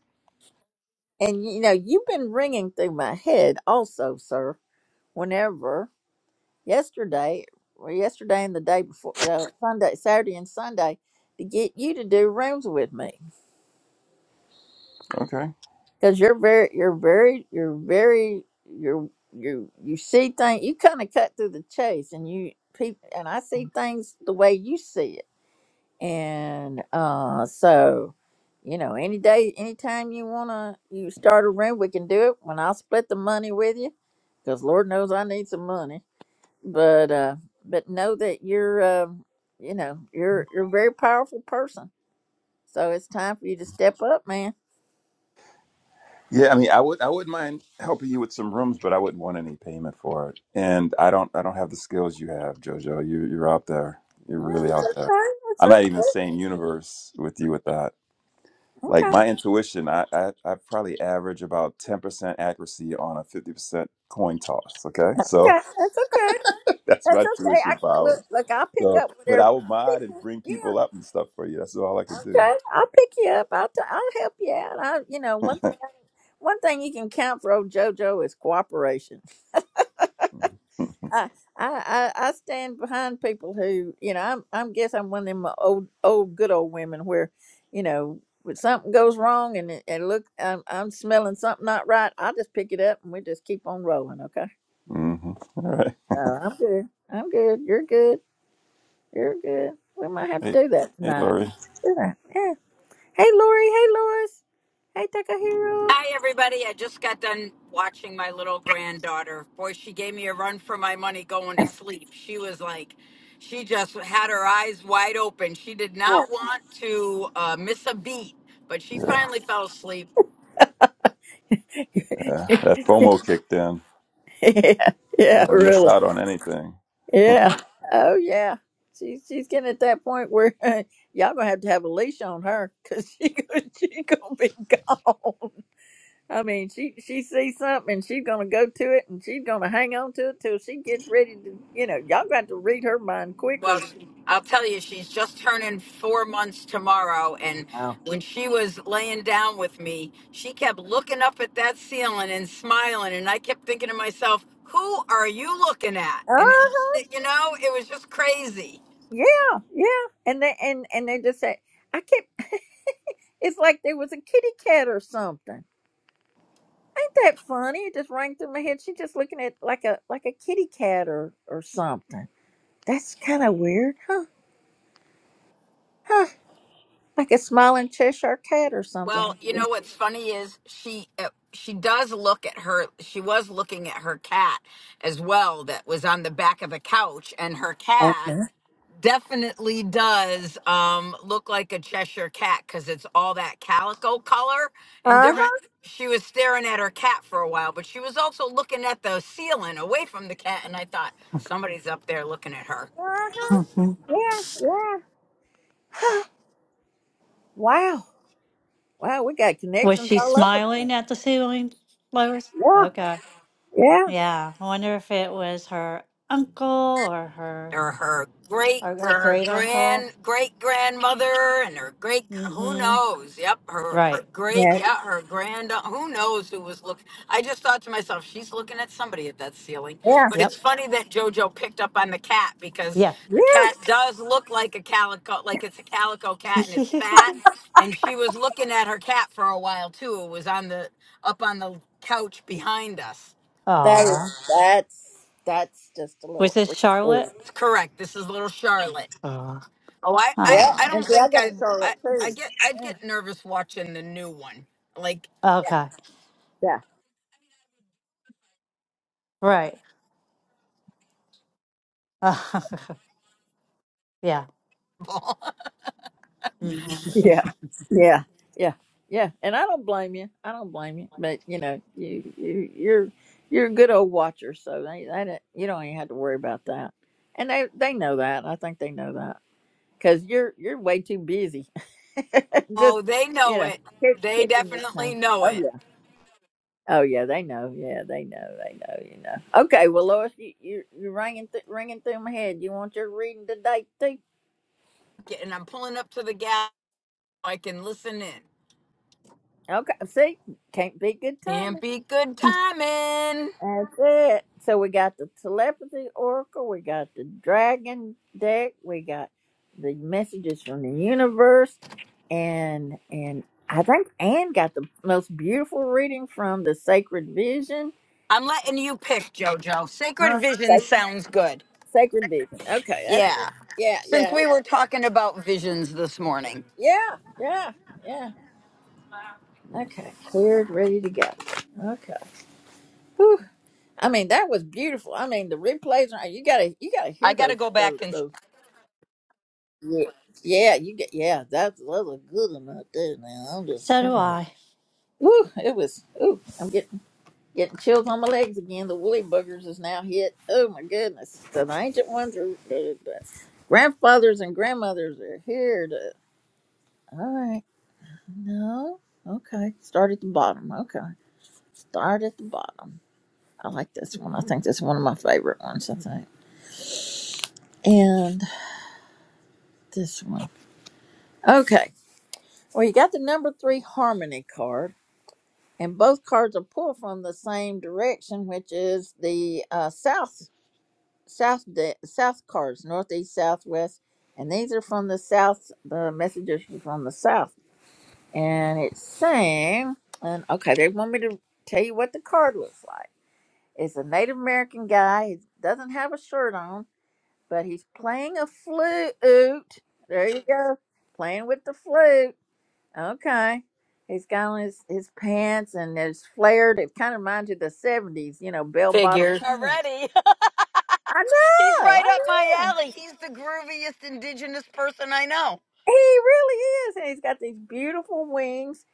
B: And you know you've been ringing through my head also, sir. Whenever yesterday or yesterday and the day before the Sunday, Saturday and Sunday to get you to do rooms with me
I: Okay.
B: because you're very, you're very, you're very, you're you you see things. You kind of cut through the chase, and you people and I see things the way you see it, and uh, so. You know, any day, anytime you wanna, you start a room, we can do it. When I'll split the money with you, because Lord knows I need some money but uh but know that you're um you know you're you're a very powerful person so it's time for you to step up man
I: Yeah, I mean, I would I wouldn't mind helping you with some rooms, but I wouldn't want any payment for it. And I don't I don't have the skills you have, Jojo. You you're out there. You're
B: no,
I: really
B: it's
I: out there.
B: okay. It's
I: I'm not even the same universe with you with that.
B: okay.
I: Like
B: Okay.
I: my intuition, I I, I probably average about ten percent accuracy on a fifty percent coin toss. Okay, so
B: Okay. That's okay.
I: *laughs* that's
B: That's
I: my
B: okay. I
I: tuition
B: look.
I: powers.
B: Look. I'll pick
I: So,
B: up
I: but
B: whatever.
I: I will
B: I'll pick
I: mod and
B: you.
I: bring people
B: Yeah.
I: up and stuff for you. That's all I could
B: Okay. I'll pick you up. I'll. T- I'll help you out. I. You know. One thing. One thing you can count for old JoJo is cooperation.
I: do. *laughs*
B: I, I, I I stand behind people who, you know, I'm, I'm guess I'm one of them old, old, good old women where, you know, when something goes wrong and it- and look, I'm, I'm smelling something not right. I just pick it up and we just keep on rolling. Okay,
I: Mm-hmm. All right.
B: so I'm good. I'm good. You're good. You're good. We might have
I: Hey,
B: to do that
I: hey,
B: tonight.
I: Lori.
B: Yeah. Yeah. Hey, Lori. Hey, Lois. Hey, Takahiro.
J: Hi, everybody. I just got done watching my little granddaughter. Boy, she gave me a run for my money going to sleep. She was like, she just had her eyes wide open. She did
B: *laughs*
J: not want to uh, miss a beat, but she
I: Yeah,
J: finally fell asleep.
I: yeah. That FOMO kicked in.
B: Yeah, yeah,
I: Don't want to miss
B: really.
I: out on anything.
B: Yeah. Oh yeah. She's she's getting at that point where *laughs* y'all gonna have to have a leash on her because she gonna, *laughs* she gonna be gone. I mean, she she sees something she's gonna go to it and she's gonna hang on to it till she gets ready to. You know, y'all got to read her mind quicker.
J: Well,
B: than-
J: she- I'll tell you, she's just turning four months tomorrow. And when she was laying down with me, she kept looking up at that ceiling and smiling. And I kept thinking to myself, who are you looking at?
B: uh
J: And, it, you know, it was just crazy.
B: Yeah, yeah. And they and and they just say, I kept. *laughs* It's like there was a kitty cat or something. Ain't that funny? It just rang through my head. She just looking at like a like a kitty cat or or something That's kind of weird, huh? Huh? Like a smiling Cheshire cat or something.
J: Well, you know what's funny is she uh, she does look at her. She was looking at her cat as well that was on the back of the couch, and her
B: Uh-huh.
J: cat definitely does um look like a Cheshire cat because it's all that calico color and
B: Uh-huh.
J: different. Mhm. She was staring at her cat for a while, but she was also looking at the ceiling away from the cat, and I thought somebody's up there looking at her.
B: uh-huh.
A: hmm
B: Yeah, yeah. Huh. Wow. Wow, we got
A: Was
B: connections
A: she
B: all over the place.
A: smiling at the ceiling, Lois?
B: Yeah.
A: Okay.
B: Yeah.
A: Yeah, I wonder if it was her uncle or her
J: or her great
A: or
J: or
A: her
J: her
A: great uncle.
J: grand great grandmother and her great who
A: Mm-hmm.
J: knows yep her, her
A: Right.
J: great
B: Yeah.
J: yeah her grand who knows who was looking i just thought to myself she's looking at somebody at that ceiling
B: Yeah.
J: but it's
A: Yep.
J: funny that jojo picked up on the cat because
A: Yeah.
B: Yeah.
J: the cat does look like a calico like it's a calico cat and it's
A: *laughs*
J: fat and she was looking at her cat for a while too it was on the up on the couch behind us
B: That is
A: Aw.
B: that's that's just a
A: Was
B: little
A: this
B: freaky.
A: Charlotte?
J: it's correct this is little charlotte
A: Aw.
J: Oh, I, I,
B: Yeah.
J: I
A: Oh.
B: And
J: don't
B: see I
J: think
B: got a
J: I'd, I,
B: Charlotte
J: I
B: too.
J: get, I'd
B: Yeah.
J: get nervous watching the new one. Like,
B: Yeah.
A: Okay.
B: yeah.
A: Right. *laughs* yeah.
J: *laughs*
A: Mhm.
B: Yeah, yeah, yeah, yeah. And I don't blame you. I don't blame you. But you know, you you you're you're a good old watcher, so they they don't- you don't even have to worry about that. And they they know that. I think they know that because you're you're way too busy. *laughs*
J: oh,
B: Just
J: they
B: you
J: know
B: know,
J: it.
B: kick-
J: They
B: kicking this
J: definitely
B: time.
J: know
B: Oh
J: it.
B: yeah. Oh yeah, they know. Yeah, they know. They know. You know. Okay. Well, Lois, you you you're ringing th- ringing through my head. You want your reading today too?
J: Get- And I'm pulling up to the gas so I can listen in.
B: Okay. See, can't be good timing.
J: Can't be good timing.
B: That's it. So we got the telepathy oracle, we got the dragon deck, we got the messages from the universe, and and I think Anne got the most beautiful reading from the sacred vision.
J: I'm letting you pick, Jojo. Sacred
B: Huh? Sacred,
J: Vision sounds good.
B: sacred vision. Okay, that's
J: Yeah.
B: yeah,
J: Since
B: yeah,
J: we were talking about visions this morning,
B: yeah, yeah, yeah. Okay, cleared, ready to go. Okay. Whew. I mean, that was beautiful. I mean, the replays. are- You gotta, you gotta
J: I
B: hear
J: got to
B: those,
J: go back
B: those,
J: and
B: those. Yeah, yeah, you get yeah. That's was a good one right there. Now I'm just,
A: So do
B: trying.
A: I.
B: woo, it was. Ooh, I'm getting getting chills on my legs again. The woolly buggers is now hit. Oh my goodness, so the ancient ones are. The, the grandfathers and grandmothers are here. To, all right, no, okay. Start at the bottom. Okay, start at the bottom. I like this one. I think that's one of my favorite ones. I think, and this one. Okay. Well, you got the number three harmony card and both cards are pulled from the same direction, which is the uh, south south de- south cards, northeast, southwest, and these are from the south. The messages are from the south, and it's saying, and okay, they want me to tell you what the card looks like. It's a Native American guy. He doesn't have a shirt on, but he's playing a flute. There you go, playing with the flute Okay. He's got on his, his pants and it's flared. It kind of reminds you of the 70s, you know, bell bottom
J: figures
B: pants.
J: already.
B: I
J: *laughs* He's
B: know. I
J: right up my
B: know.
J: alley. He's the grooviest indigenous person I know.
B: He really is. And he's got these beautiful wings.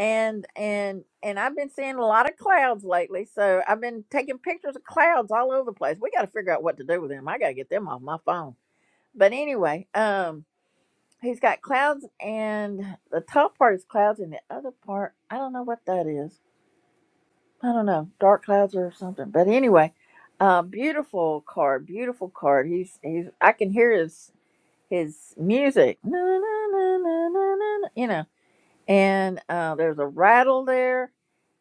B: And and and I've been seeing a lot of clouds lately, so I've been taking pictures of clouds all over the place. We got to figure out what to do with them. I got to get them off my phone. But anyway, um, he's got clouds, and the top part is clouds, and the other part I don't know what that is I don't know, dark clouds or something. But anyway, uh, beautiful card, beautiful card. He's he's. I can hear his his music. Na, na, na, na, na, na, na, you know, and uh, there's a rattle there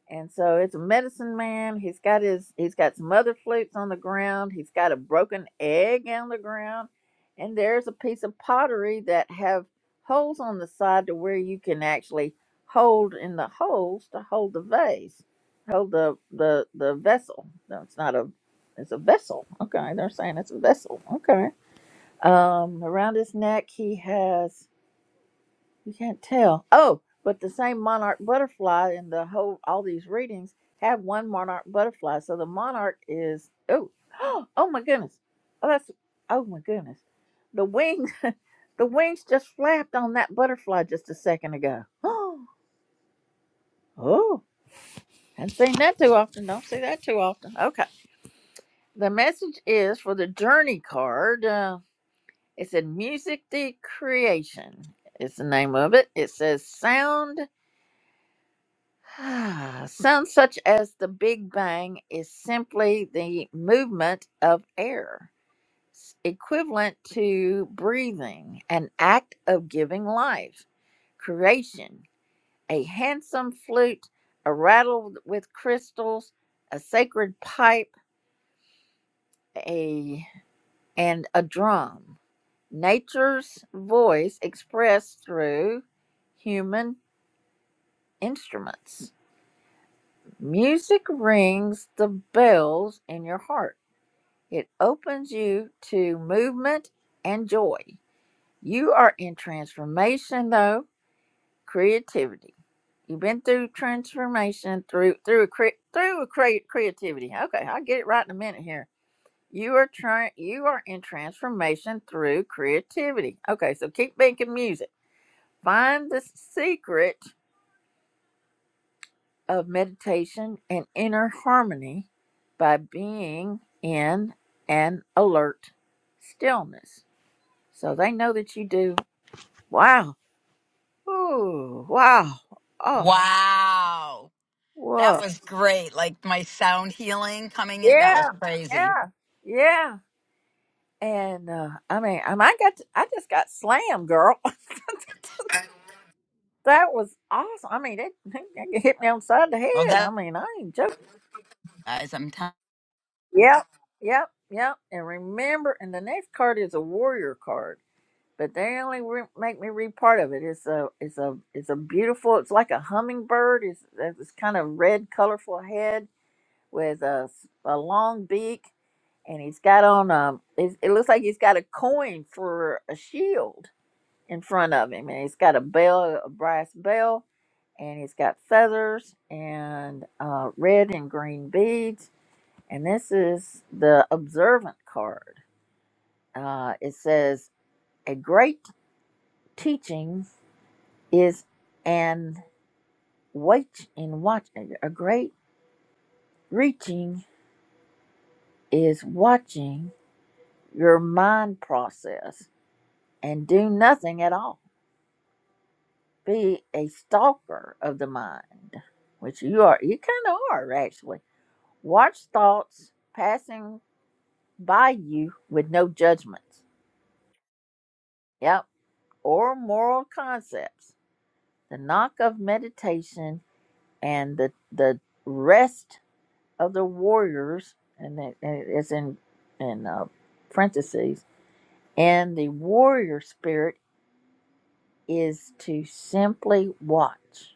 B: and so it's a medicine man he's got his he's got some other flutes on the ground he's got a broken egg on the ground and there's a piece of pottery that have holes on the side to where you can actually hold in the holes to hold the vase hold the the the vessel no it's not a it's a vessel okay they're saying it's a vessel okay um around his neck he has you can't tell. Oh, but the same monarch butterfly in the whole all these readings have one monarch butterfly. So the monarch is oh *gasps* oh my goodness. Oh that's oh my goodness. The wings *laughs* the wings just flapped on that butterfly just a second ago. *gasps* Oh haven't seen that too often. Don't see that too often. Okay. The message is for the journey card. Uh, it said music the creation. It's the name of it. It says sound *sighs* Some, such as the Big Bang, is simply the movement of air, s- equivalent to breathing, an act of giving life. Creation, a handsome flute, a rattle with crystals, a sacred pipe, a and a drum. Nature's voice expressed through human instruments. Music rings the bells in your heart. It opens you to movement and joy. You are in transformation though, creativity. You've been through transformation through through a cre- through a cre- creativity. Okay, I'll get it right in a minute here. You are trying you are in transformation through creativity. Okay, so keep making music. Find the secret of meditation and inner harmony by being in an alert stillness. So they know that you do. Wow. Ooh, wow. Oh,
J: Wow. That
B: whoa.
J: was great. Like my sound healing coming in. That was
B: Yeah,
J: crazy.
B: yeah, yeah. And uh, I mean, I mean, I got, to, I just got slammed, girl. *laughs* That was awesome. I mean, it, it hit me on the side of the
J: Well,
B: head. I
J: that
B: mean, I ain't joking.
J: guys, I'm telling
B: Yep, yep, yep. And remember, and the next card is a warrior card, but they only re- make me read part of it. It's a, it's a, it's a beautiful. It's like a hummingbird. It's, it's kind of red, colorful head with a a long beak and he's got on a it, it looks like he's got a coin for a shield in front of him and he's got a bell a brass bell and he's got feathers and uh, red and green beads and this is the observant card uh, it says a great teaching is an wait in watch a great reaching is watching your mind process and do nothing at all. Be a stalker of the mind, which you are. You kind of are, actually. Watch thoughts passing by you with no judgments. Yep. Or moral concepts. The knock of meditation and the the rest of the warriors, and it- and it's in in uh, parentheses. And the warrior spirit is to simply watch.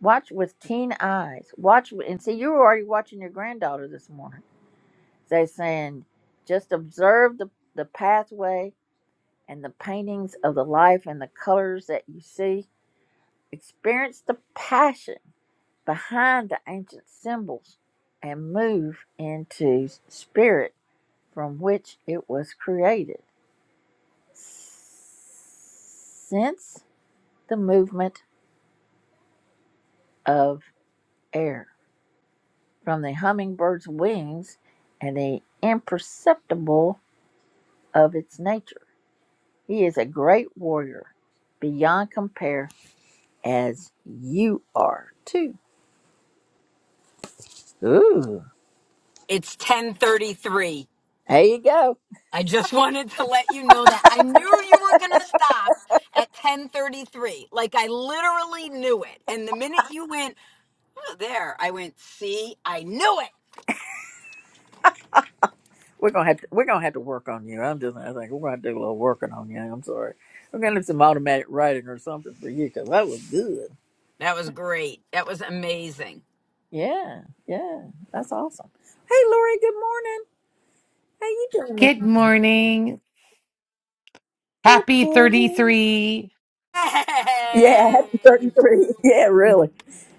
B: Watch with keen eyes. Watch wi- and see. You were already watching your granddaughter this morning. They saying, just observe the the pathway and the paintings of the life and the colors that you see. Experience the passion behind the ancient symbols, and move into spirit from which it was created. Sense the movement of air. from the hummingbird's wings and the imperceptible of its nature. He is a great warrior beyond compare, as you are too. Ooh,
J: It's 1033.
B: there you go.
J: I just *laughs* wanted to let you know that I knew you were going to stop at 1033. Like I literally knew it. And the minute you went, oh, there, I went, see, I knew it.
B: We're gonna have to we're gonna have to work on you. I'm just I think we're gonna do a little working on you. I'm sorry. We're gonna do some automatic writing or something for you because that was good.
J: That was great. That was amazing. *laughs*
B: Yeah, yeah, that's awesome. Hey, Lori. Good morning. How you doing this
K: Good
B: morning?
K: morning.
B: Good
K: Happy
B: morning.
K: 33.
B: Yeah, happy
J: Hey.
B: 33. *laughs* Yeah, really.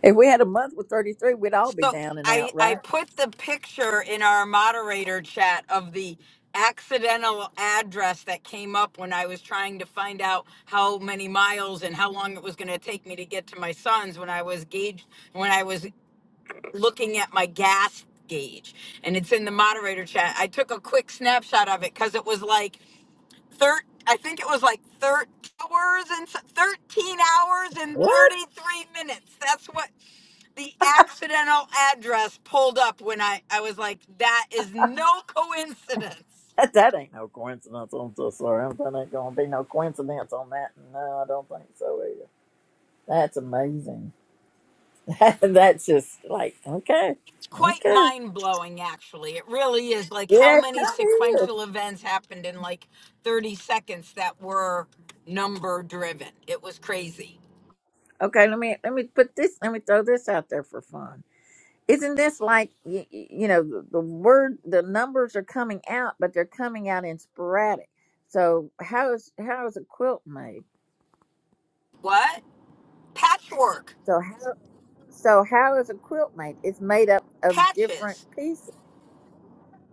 B: If we had a month with 33, we'd all be
J: So
B: down and
J: I
B: out,
J: I
B: right?
J: put the picture in our moderator chat of the accidental address that came up when I was trying to find out how many miles and how long it was going to take me to get to my son's when I was gauged when I was looking at my gas gauge and it's in the moderator chat. I took a quick snapshot of it cuz it was like thir- I think it was like thir- hours and s- 13 hours and
B: What? *laughs*
J: 33 minutes. That's what the accidental address pulled up when I, I was like, that is no coincidence.
B: That, that ain't no coincidence. I'm so sorry. I'm, that ain't going to be no coincidence on that. No, I don't think so either. That's amazing. *laughs* That's just like, okay,
J: It's quite
B: okay.
J: mind blowing, actually. It really is like how
B: Yeah, it
J: many
B: kind of is.
J: sequential events happened in like 30 seconds that were number driven. It was crazy.
B: Okay, let me, let me put this, let me throw this out there for fun. Isn't this like you, you know the, the word the numbers are coming out, but they're coming out in sporadic. So how is how is a quilt made?
J: What? Patchwork,
B: So how so how is a quilt made? It's made up of different
J: patches.
B: pieces.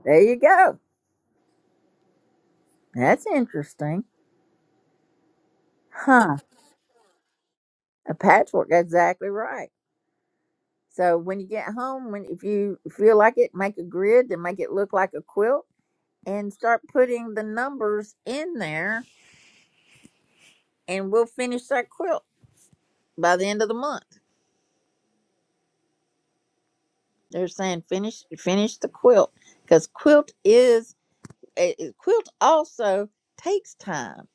B: There you go. That's interesting, huh? A patchwork. Exactly right. So when you get home, when if you feel like it, make a grid and make it look like a quilt, and start putting the numbers in there, and we'll finish that quilt by the end of the month. They're saying finish finish the quilt because quilt is a a quilt also takes time.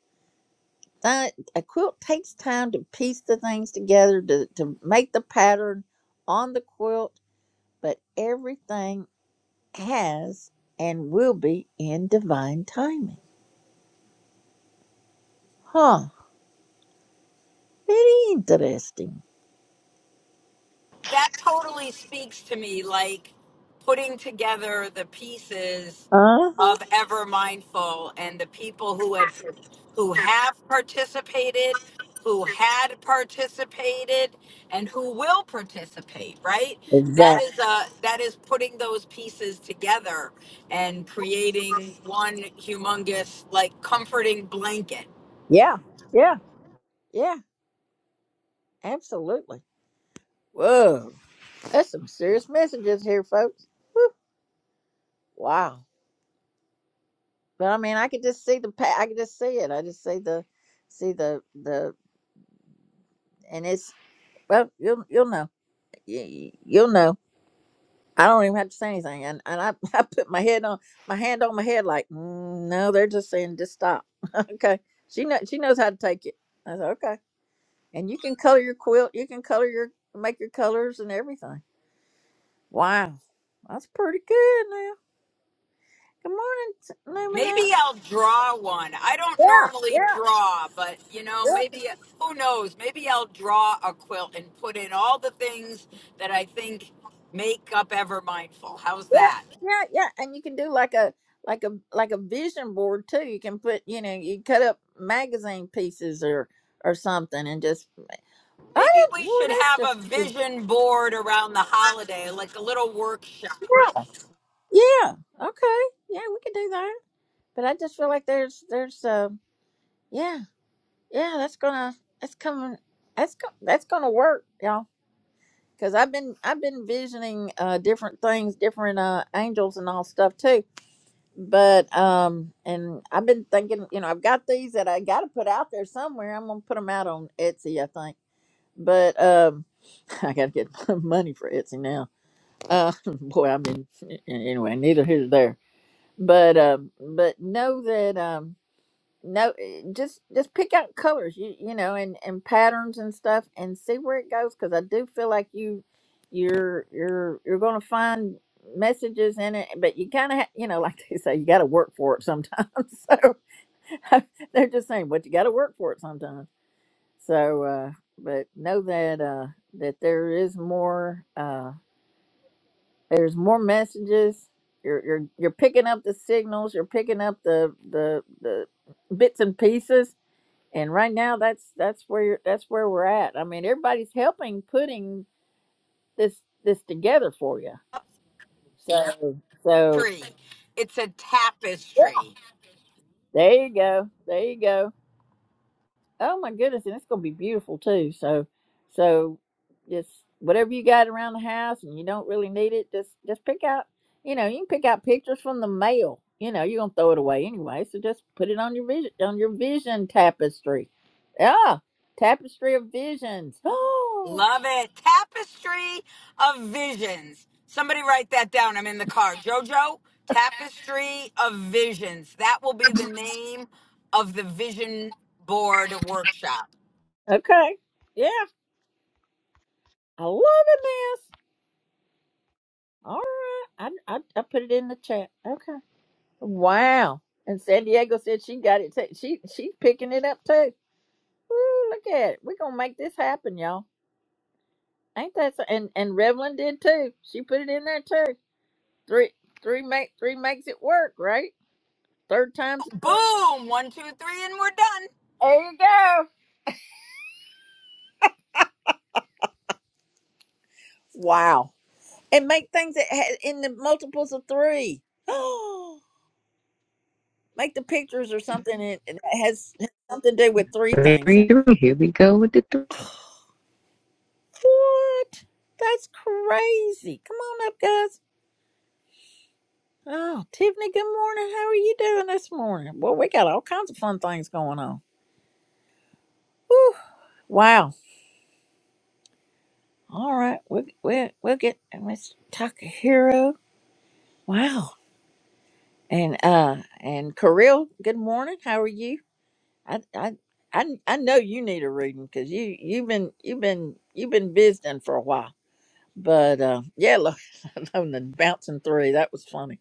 B: That a quilt takes time to piece the things together to to make the pattern on the quilt, but everything has and will be in divine timing. Huh? Very interesting.
J: that totally speaks to me like putting together the pieces
B: Uh huh.
J: of ever mindful and the people who had par- who have participated who had participated and who will participate right that
B: Exactly.
J: is a that is putting those pieces together and creating one humongous like comforting blanket
B: Yeah. Yeah. Yeah. Absolutely. Whoa. That's some serious messages here, folks. Whew. Wow. But I mean, I could just see the pa- I could just see it. I just see the, see the the, and it's well, you'll you'll know, Y- y- you'll know. I don't even have to say anything, and and I, *laughs* I put my head on my hand on my head like, mm, no, they're just saying just stop. *laughs* okay, she knows she knows how to take it. I said okay, and you can color your quilt, you can color your make your colors and everything. Wow, that's pretty good now. Good morning, Luminette.
J: Maybe I'll draw one. I don't
B: Yeah,
J: normally draw, but you know,
B: yeah,
J: maybe who knows? Maybe I'll draw a quilt and put in all the things that I think make up Ever Mindful. How's
B: Yeah,
J: that?
B: yeah, yeah. And you can do like a like a like a vision board too. You can put, you know, you cut up magazine pieces or or something and just I
J: Maybe we
B: did boy,
J: should
B: that's
J: have a
B: just good.
J: vision board around the holiday, like a little workshop
B: Yeah. Okay. Yeah, we can do that. But I just feel like there's there's uh yeah, yeah, that's gonna that's coming that's go, that's gonna work, y'all. Cause I've been I've been visioning uh different things, different uh angels and all stuff too but um and i've been thinking you know i've got these that i got to put out there somewhere i'm gonna put them out on etsy i think but um *laughs* i gotta get *laughs* money for etsy now uh *laughs* boy i have been anyway neither here nor there but um but know that um no eh, just just pick out colors you you know and and patterns and stuff and see where it goes because i do feel like you you're you're you're gonna find messages in it but you kind of ha- you know like they say you got to work for it sometimes *laughs* so *laughs* they're just saying but you got to work for it sometimes so uh but know that uh that there is more uh there's more messages you're you're you're picking up the signals you're picking up the the the bits and pieces and right now that's that's where that's where we're at i mean everybody's helping putting this this together for you Yeah. so so
J: tree. It's a
B: yeah,
J: tapestry.
B: there you go there you go oh my goodness and it's gonna be beautiful too so so just whatever you got around the house and you don't really need it just just pick out you know you can pick out pictures from the mail you know you're gonna throw it away anyway so just put it on your vision on your vision tapestry yeah tapestry of visions *gasps* Oh.
J: Love it. Tapestry of visions. Somebody write that down. I'm in the car. Jojo, Tapestry of Visions. That will be the name of the vision board workshop.
B: Okay. Yeah. I am loving this. All right. I, I I put it in the chat. Okay. Wow. And San Diego said she got it. T- she she's picking it up too. Ooh, look at it. We're gonna make this happen, y'all. Ain't that so? And and Revlon did too. She put it in there too. Three three make three makes it work, right? Third time's the charm.
J: Boom! One, two, three, and we're done.
B: There you go. Wow. And make things that ha- in the multiples of three. *gasps* make the pictures or something and and it has something to do with three
L: Three,
B: things and
L: three, three. Here we go with the three.
B: *gasps* what that's crazy come on up guys oh tiffany good morning how are you doing this morning well we got all kinds of fun things going on Whew. wow all right we'll, we'll, we'll get miss takahiro wow and uh and Kirill, good morning how are you i i i, I know you need a reading because you you've been you've been you've been visiting for a while but uh, yeah, Oh, and then bouncing three. That was funny.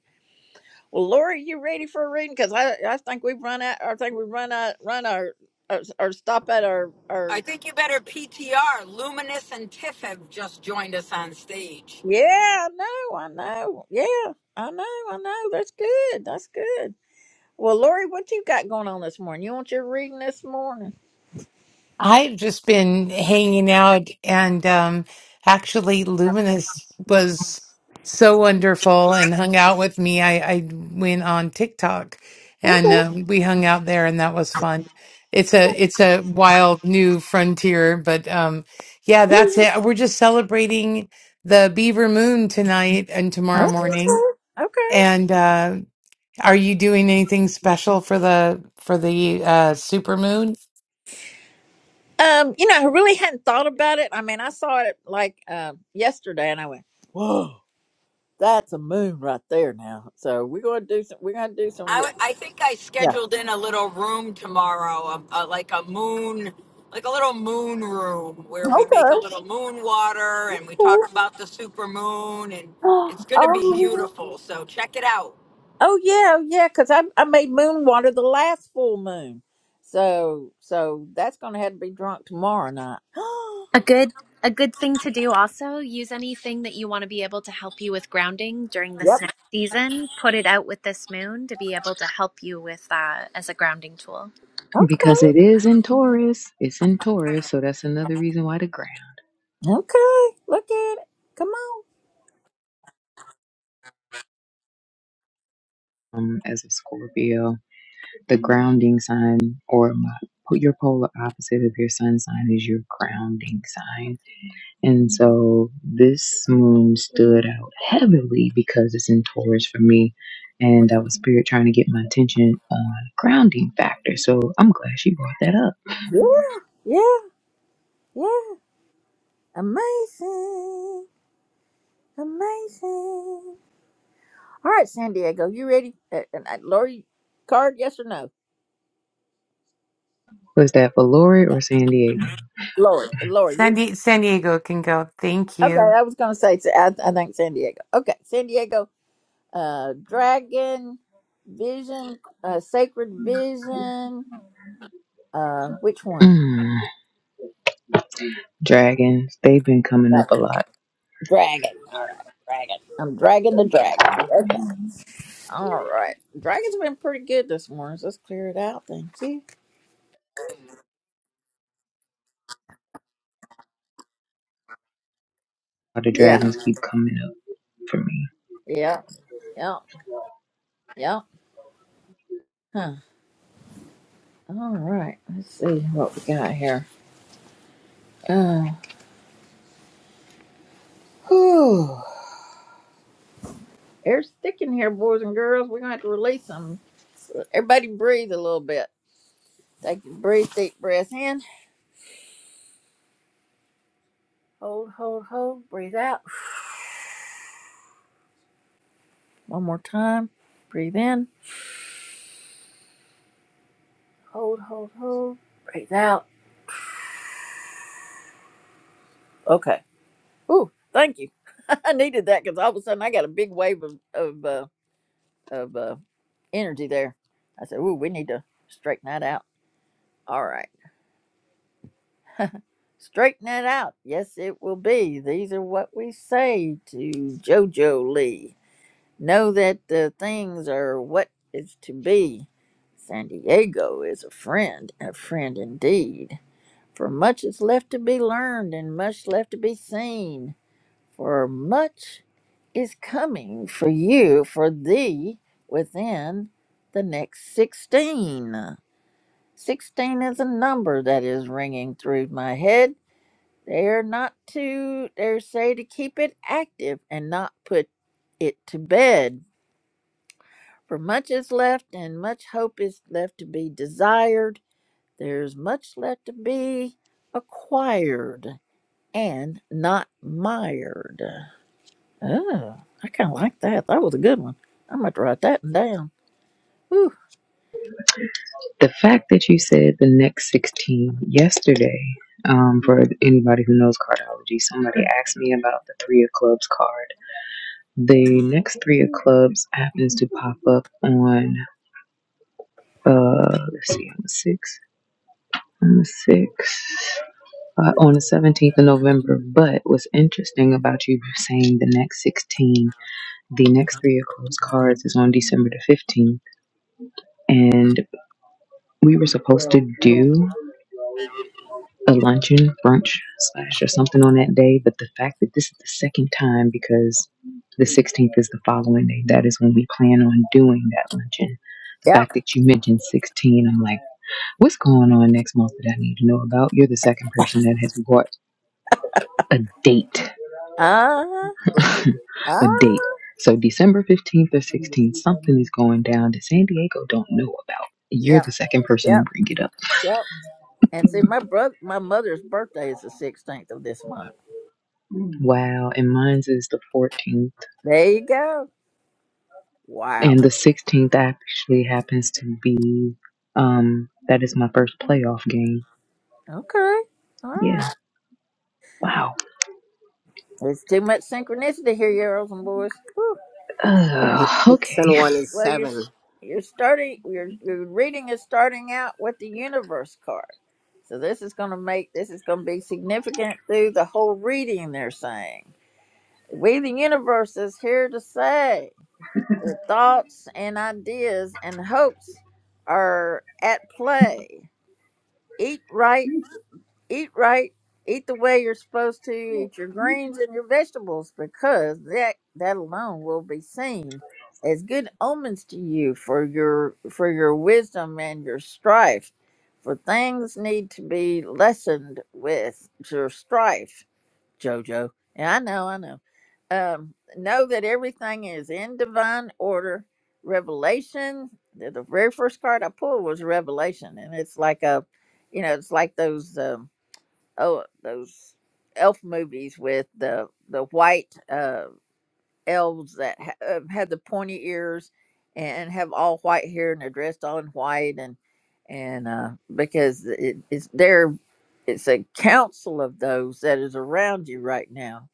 B: Well, Lori, you ready for a reading? Because I, I think we've run out. I think we've run out. Run our, our, our stop at our, our.
J: I think you better PTR. Luminous and Tiff have just joined us on stage.
B: Yeah, I know. I know. Yeah, I know. I know. That's good. That's good. Well, Lori, what you got going on this morning? You want your reading this morning?
K: I've just been hanging out and um actually Luminous was so wonderful and hung out with me. I, I went on TikTok and
B: Okay.
K: uh, we hung out there and that was fun. It's a it's a wild new frontier, but um yeah,
B: *laughs*
K: that's it. We're just celebrating the Beaver Moon tonight and tomorrow
B: Huh?
K: morning.
B: Okay.
K: And uh Are you doing anything special for the for the uh supermoon?
B: Um, you know, I really hadn't thought about it. I mean, I saw it like um yesterday, and I went, "Whoa, that's a moon right there!" Now, so we're gonna do some. We're gonna do
J: I,
B: some.
J: w- I think I scheduled in a little room tomorrow, a, a, like a moon, like a little moon room where we make
B: Okay.
J: a little moon water and we talk about the super moon, and
B: Oh,
J: it's going to be
B: oh
J: beautiful. So check it out.
B: yeah, oh, yeah. Because I I made moon water the last full moon, so so that's gonna have to be drunk tomorrow night.
M: A good a good thing to do also, use anything that you want to be able to help you with grounding during
B: *gasps*
M: this
B: yep.
M: next season. Put it out with this moon to be able to help you with that as a grounding tool.
B: Okay.
L: Because it is in Taurus. It's in Taurus. So that's another reason why the ground,
B: Okay. Look at it. Come on.
L: um, as a Scorpio, the grounding sign or my, your polar opposite of your sun sign is your grounding sign. And so this moon stood out heavily because it's in Taurus for me. And I was spirit trying to get my attention on grounding factor. So I'm glad she brought that up.
B: Yeah. Yeah. Yeah. Amazing. Amazing. All right, San Diego, you ready? Uh, and uh, Lori, card? Yes or no?
L: Was that for Lori
B: No.
L: or San Diego?
B: Lori. Lori. you-
K: San, Die- San Diego can go. Thank
B: Okay,
K: you.
B: I was gonna say. I, I think San Diego. Okay, San Diego. uh, Dragon Vision, uh, Sacred Vision. Uh, which one?
L: Mm. Dragons, they've been coming up
B: Dra-
L: a lot.
B: Dragon. All right, Dragon. I'm dragging the dragon. Okay. All right. Dragon's been pretty good this morning. So let's clear it out. Thank you.
L: The
B: Yeah.
L: dragons keep coming up for me.
B: Yeah. Yeah. Yeah. Huh. All right. Let's see what we got here. Uh, whew. Air's thick in here, boys and girls. We're gonna have to release them. Everybody breathe a little bit. Take a breathe, deep breath in. Hold, hold, hold. Breathe out. *sighs* One more time. Breathe in. Hold, hold, hold. Breathe out. Okay. Ooh, thank you. *laughs* I needed that because all of a sudden I got a big wave of of uh, of uh, energy there. I said, "Ooh, we need to straighten that out." All right, straighten that out. Yes, it will be. These are what we say to JoJo Lee. Know that the things are what is to be. San Diego is a friend, a friend indeed. For much is left to be learned and much left to be seen. For much is coming for you, for thee, within the next 16. 16 is a number that is ringing through my head. They are not to, they say to keep it active and not put it to bed. For much is left and much hope is left to be desired. There's much left to be acquired. and not mired. Oh, I kind of like that. That was a good one. I'm going to write that one down. Whew.
L: The fact that you said the next 16 yesterday, um, for anybody who knows cardology, somebody asked me about the Three of Clubs card. The next Three of Clubs happens to pop up on, uh, let's see, on the 6th, on the 6th, uh, on the 17th of November. But what's interesting about you saying the next 16 The next three of closed cards is on December the 15th, and we were supposed to do a luncheon, brunch, slash, or something on that day. But the fact that this is the second time, because the 16th is the following day, that is when we plan on doing that luncheon. The fact
B: Yep.
L: that you mentioned 16, I'm like, what's going on next month that I need to know about? You're the second person that has brought a date
B: Ah,
L: *laughs* a
B: ah,
L: date. So December 15th or 16th, something is going down that San Diego don't know about. You're
B: yep,
L: the second person to
B: yep,
L: bring it up.
B: yep. And see, my brother, my mother's birthday is the 16th of this month.
L: Wow, and mine's is the 14th.
B: There you go. Wow.
L: And the 16th actually happens to be, um, that is my first playoff game.
B: Okay. All
L: Yeah.
B: right.
L: Wow.
B: It's too much synchronicity here, girls and boys. Whew.
D: And
L: Uh,
D: six
L: okay.
D: and one is
B: Well, you're
D: seven.
B: you're starting. Your your reading is starting out with the universe card, so this is going to make this is going to be significant through the whole reading. They're saying we, the universe, is here to say the thoughts and ideas and hopes are at play. Eat right eat right, eat the way you're supposed to, eat your greens and your vegetables, because that that alone will be seen as good omens to you for your for your wisdom and your strife. For things need to be lessened with your strife, Jojo. And I know, I know. Um, know that everything is in divine order. Revelation, the the very first card I pulled was Revelation, and it's like a, you know, it's like those. Um, oh those elf movies with the the white uh, elves that ha- uh, have the pointy ears and have all white hair and they're dressed all in white and and uh, because it, it's there it's a council of those that is around you right now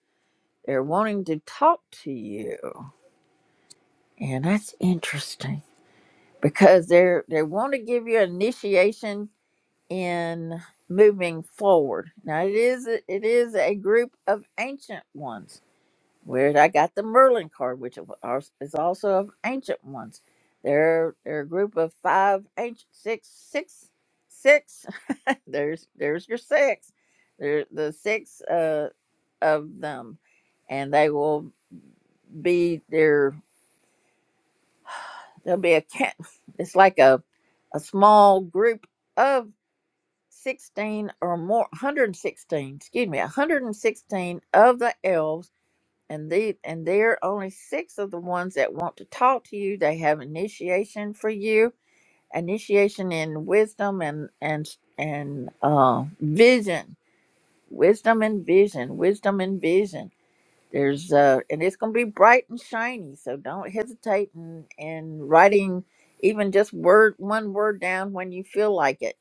B: they're wanting to talk to you and that's interesting because they're they want to give you initiation in moving forward. Now it is it is a group of ancient ones. Where I got the Merlin card, which of is also of ancient ones. They're they're a group of five ancient six six six. *laughs* there's there's your six. There the six uh of them, and they will be there. There'll be a ca- *laughs* it's like a a small group of. 16 or more 116 excuse me 116 of the elves and the and there are only six of the ones that want to talk to you they have initiation for you initiation in wisdom and and and uh vision wisdom and vision wisdom and vision there's uh and it's gonna be bright and shiny so don't hesitate in in writing even just word one word down when you feel like it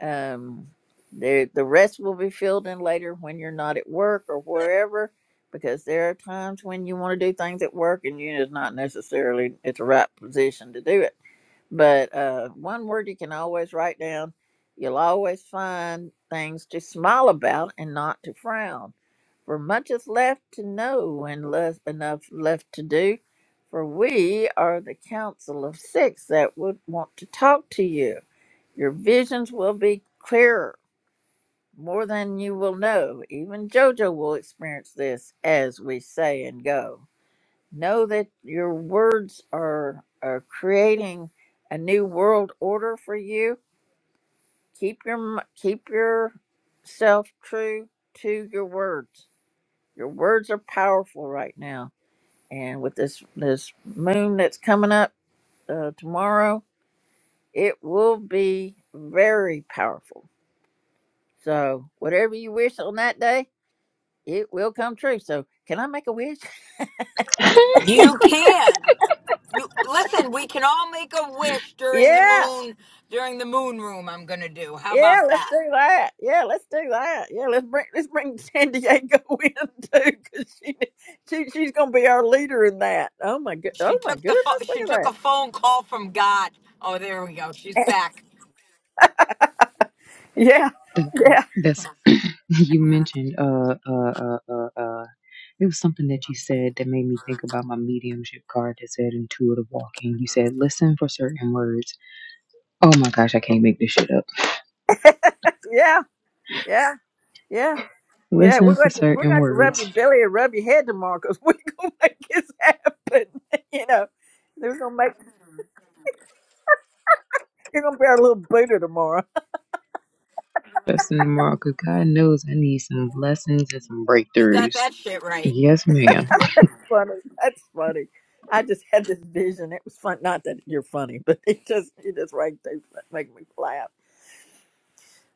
B: um, the the rest will be filled in later when you're not at work or wherever, because there are times when you want to do things at work and you is not necessarily at the right position to do it. But uh, one word you can always write down. You'll always find things to smile about and not to frown. For much is left to know and less enough left to do. For we are the council of six that would want to talk to you. Your visions will be clearer, more than you will know. Even JoJo will experience this as we say and go. Know that your words are, are creating a new world order for you. Keep your m- keep yourself true to your words. Your words are powerful right now, and with this this moon that's coming up uh, tomorrow, it will be very powerful So whatever you wish on that day, it will come true. So can I make a wish? *laughs*
L: *laughs*
J: You can. You, listen, we can all make a wish during the
B: Yeah.
J: moon during the moon room. I'm gonna do. How
B: Yeah,
J: about
B: let's
J: that?
B: do that. Yeah, let's do that. Yeah, let's bring let's bring San Diego *laughs* in too, because she, she she's gonna be our leader in that. Oh my good,
J: She
B: oh my
J: took the pho-
B: goodness,
J: she
B: look
J: took
B: at
J: a phone call from God. Oh, there we go. She's
B: that.
J: back.
B: *laughs* Yeah,
L: That-
B: yeah,
L: That's, *coughs* *clears throat* you mentioned, uh, uh, uh, uh, uh, It was something that you said that made me think about my mediumship card that said intuitive walking. You said listen for certain words. Oh my gosh, I can't make this shit up.
B: yeah, yeah, yeah, yeah. We're
L: Listen for
B: going to we're
L: certain
B: going to rub
L: words.
B: your belly and rub your head tomorrow because we're *laughs* gonna make this happen. *laughs* You know, we're gonna make you're gonna be our little Buddha tomorrow.
L: That's in tomorrow because God knows I need some lessons and some
J: You got
L: breakthroughs.
J: that shit right.
L: Yes, ma'am.
B: funny. That's funny. I just had this vision. It was fun. Not that you're funny, but *laughs* it just it just right they make me laugh.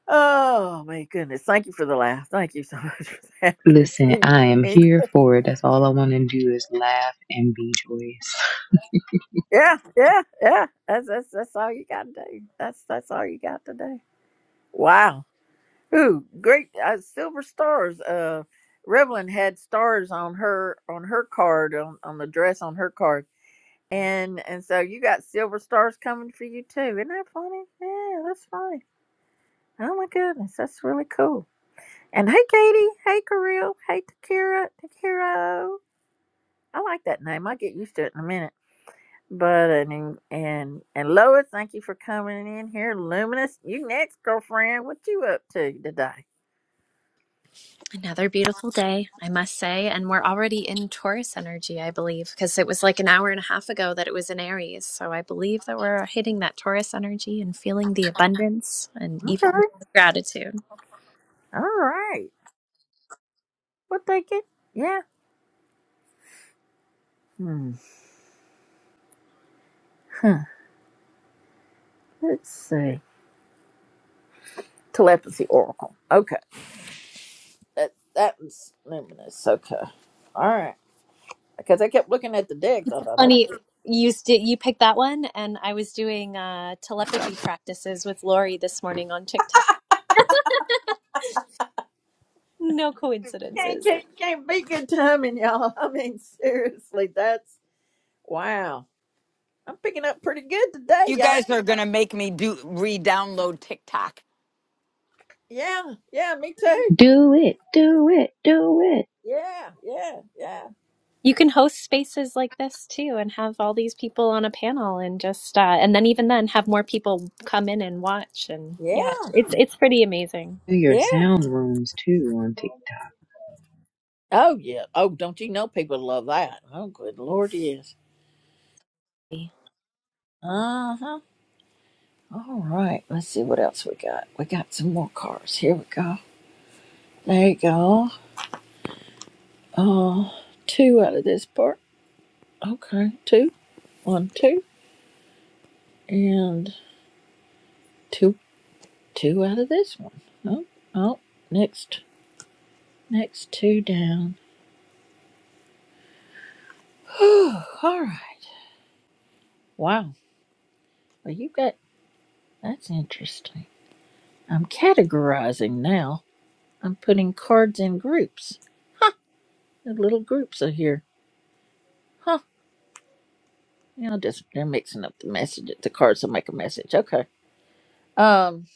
B: Oh my goodness! Thank you for the laugh. Thank you so *laughs* much for that. *laughs* But
L: Listen,
B: you-
L: I am
B: and-
L: here for it. That's all I want to do is laugh and be joyous.
B: yeah, yeah, yeah. That's that's that's all you got to do. That's that's all you got to do. Wow. Ooh, great uh, silver stars. Uh, Revlon had stars on her on her card on on the dress on her card And and so you got silver stars coming for you too. Isn't that funny? Yeah, that's funny. Oh my goodness, that's really cool. And hey Katie, hey Kareel, hey Takira, Takiro. I like that name. I'll get used to it in a minute. But uh, and and and Lois, thank you for coming in here. Luminous, you next girlfriend. What you up to today?
M: Another beautiful day, I must say, and we're already in Taurus energy, I believe, because it was like an hour and a half ago that it was in Aries. So I believe that we're hitting that Taurus energy and feeling the abundance and
B: Okay.
M: even gratitude.
B: All right. What they get? Yeah. Hmm. Let's see. Telepathy Oracle. Okay. That that was luminous. Okay. All right. because I kept looking at the decks. I thought, okay,
M: Funny, you st- you picked that one, and I was doing uh, telepathy practices with Lori this morning on TikTok. No
B: can't,
M: coincidences.
B: can't, can't be good timing, y'all. *laughs* I mean, seriously, that's wow. I'm picking up pretty good today,
J: You
B: y'all.
J: guys are gonna make me do re-download TikTok.
B: Yeah, yeah, me too.
L: Do it, do it, do it.
B: Yeah, yeah, yeah,
M: You can host spaces like this too, and have all these people on a panel, and just uh, and then even then have more people come in and watch, and yeah,
B: yeah,
M: it's it's pretty amazing.
L: Do your
B: yeah.
L: sound rooms too on TikTok.
B: Oh, yeah. Oh, don't you know people love that? Oh, good Lord, yes. Uh huh. All right, let's see what else we got. We got some more cars. Here we go. There you go. Uh, two out of this part. Okay, two, one, two, and two. Two out of this one. Oh, oh, next, next two down. *sighs* Whew, All right. Wow. Well, you got that's interesting. I'm categorizing now. I'm putting cards in groups. The little groups are here. Huh. You know, just they're mixing up the message. The cards will make a message. Okay. Um,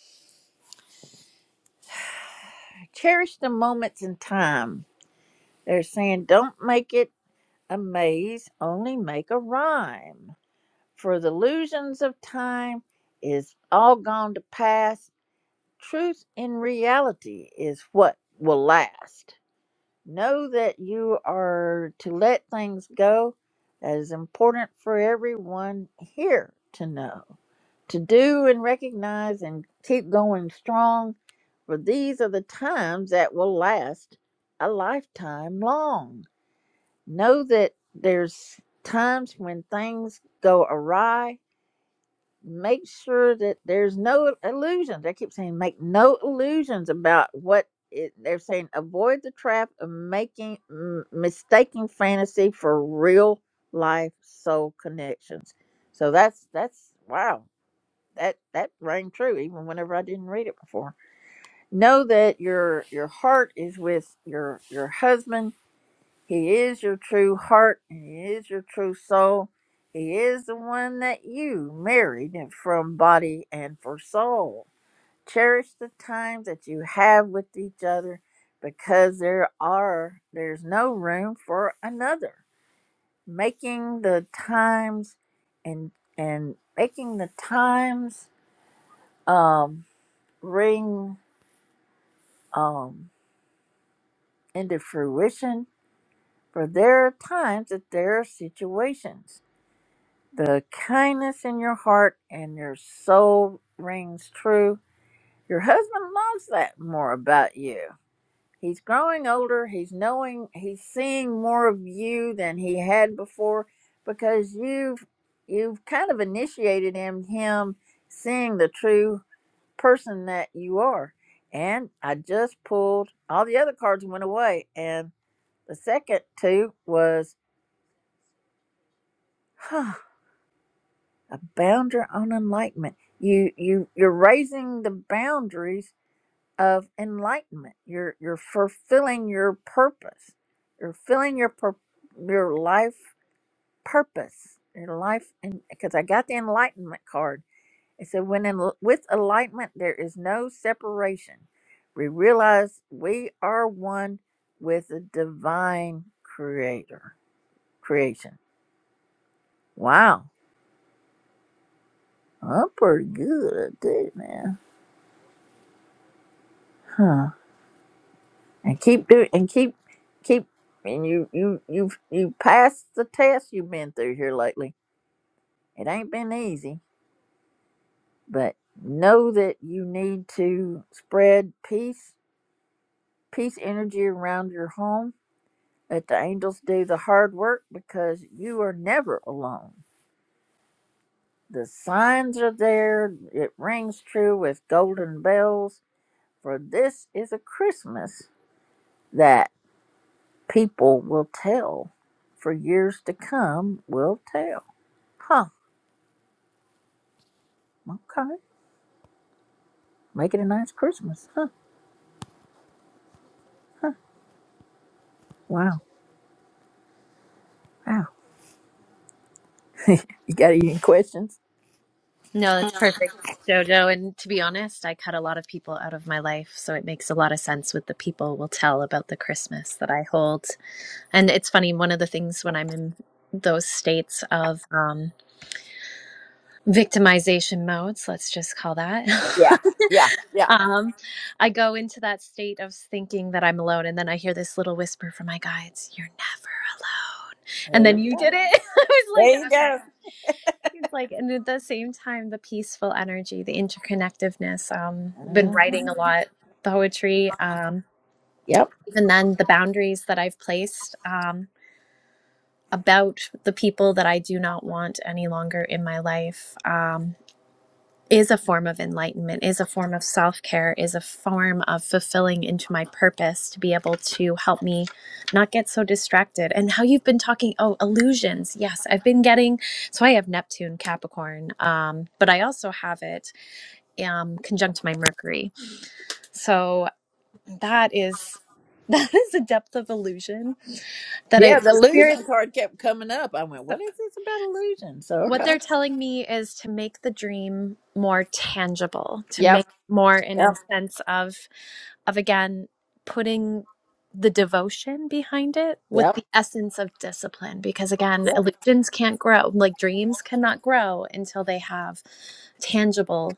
B: cherish the moments in time. They're saying don't make it a maze, only make a rhyme. for the illusions of time is all gone to pass. Truth in reality is what will last. Know that you are to let things go. That is important for everyone here to know, to do and recognize and keep going strong, for these are the times that will last a lifetime long. Know that there's times when things go awry make sure that there's no illusions. I keep saying make no illusions about what it, they're saying. Avoid the trap of making m- mistaking fantasy for real life soul connections. So that's that's wow. That that rang true even whenever I didn't read it before. Know that your your heart is with your your husband he is your true heart and He is your true soul. He is the one that you married and from body and for soul. Cherish the time that you have with each other because there are there's no room for another. Making the times and and making the times um ring um into fruition for there are times that there are situations The kindness in your heart and your soul rings true. Your husband loves that more about you. He's growing older. He's knowing, he's seeing more of you than he had before because you've you've kind of initiated him him seeing the true person that you are. And I just pulled all the other cards went away and the second two was *sighs* a boundary on enlightenment you you you're raising the boundaries of enlightenment you're you're fulfilling your purpose you're filling your pur- your life purpose your life and because i got the enlightenment card it said when in, with enlightenment there is no separation we realize we are one with the divine creator creation wow i'm pretty good at that man Huh. and keep doing, and keep keep and you you you you pass the test you've been through here lately. It ain't been easy, but know that you need to spread peace peace energy around your home. Let the angels do the hard work because you are never alone. The signs are there. It rings true with golden bells. For this is a Christmas that people will tell for years to come will tell. Huh. Okay. Making a nice Christmas. Huh. Wow. Wow. You got any questions?
M: No, that's perfect, Jojo. And to be honest, I cut a lot of people out of my life, so it makes a lot of sense what the people will tell about the Christmas that I hold. And it's funny, one of the things when I'm in those states of um, victimization modes, let's just call that,
B: Yeah. Yeah. Yeah.
M: *laughs* um, I go into that state of thinking that I'm alone. And then I hear this little whisper from my guides, You're never alone. And
B: There
M: then
B: you
M: you
B: go.
M: did it. *laughs* I was
B: There
M: like,
B: you
M: Okay.
B: go.
M: It's like, and at the same time, the peaceful energy, the interconnectedness. Um, I've been
B: Mhm.
M: writing a lot, poetry. Um,
B: Yep.
M: even then, the boundaries that I've placed. Um, about the people that I do not want any longer in my life um, is a form of enlightenment, is a form of self care, is a form of fulfilling into my purpose to be able to help me not get so distracted. And how you've been talking, oh, illusions. Yes, I've been getting, so I have Neptune, Capricorn, um, but I also have it um, conjunct my Mercury. So that is. *laughs* That is a depth of illusion that I,
B: Yeah, the
M: the
B: illusion
M: spirits.
B: card kept coming up. I went, what is this about illusion? So
M: what
B: okay.
M: they're telling me is to make the dream more tangible to
B: Yep.
M: make more in a
B: Yep.
M: sense of of again putting the devotion behind it with
B: Yep.
M: the essence of discipline because again
B: Yep.
M: illusions can't grow like dreams cannot grow until they have tangible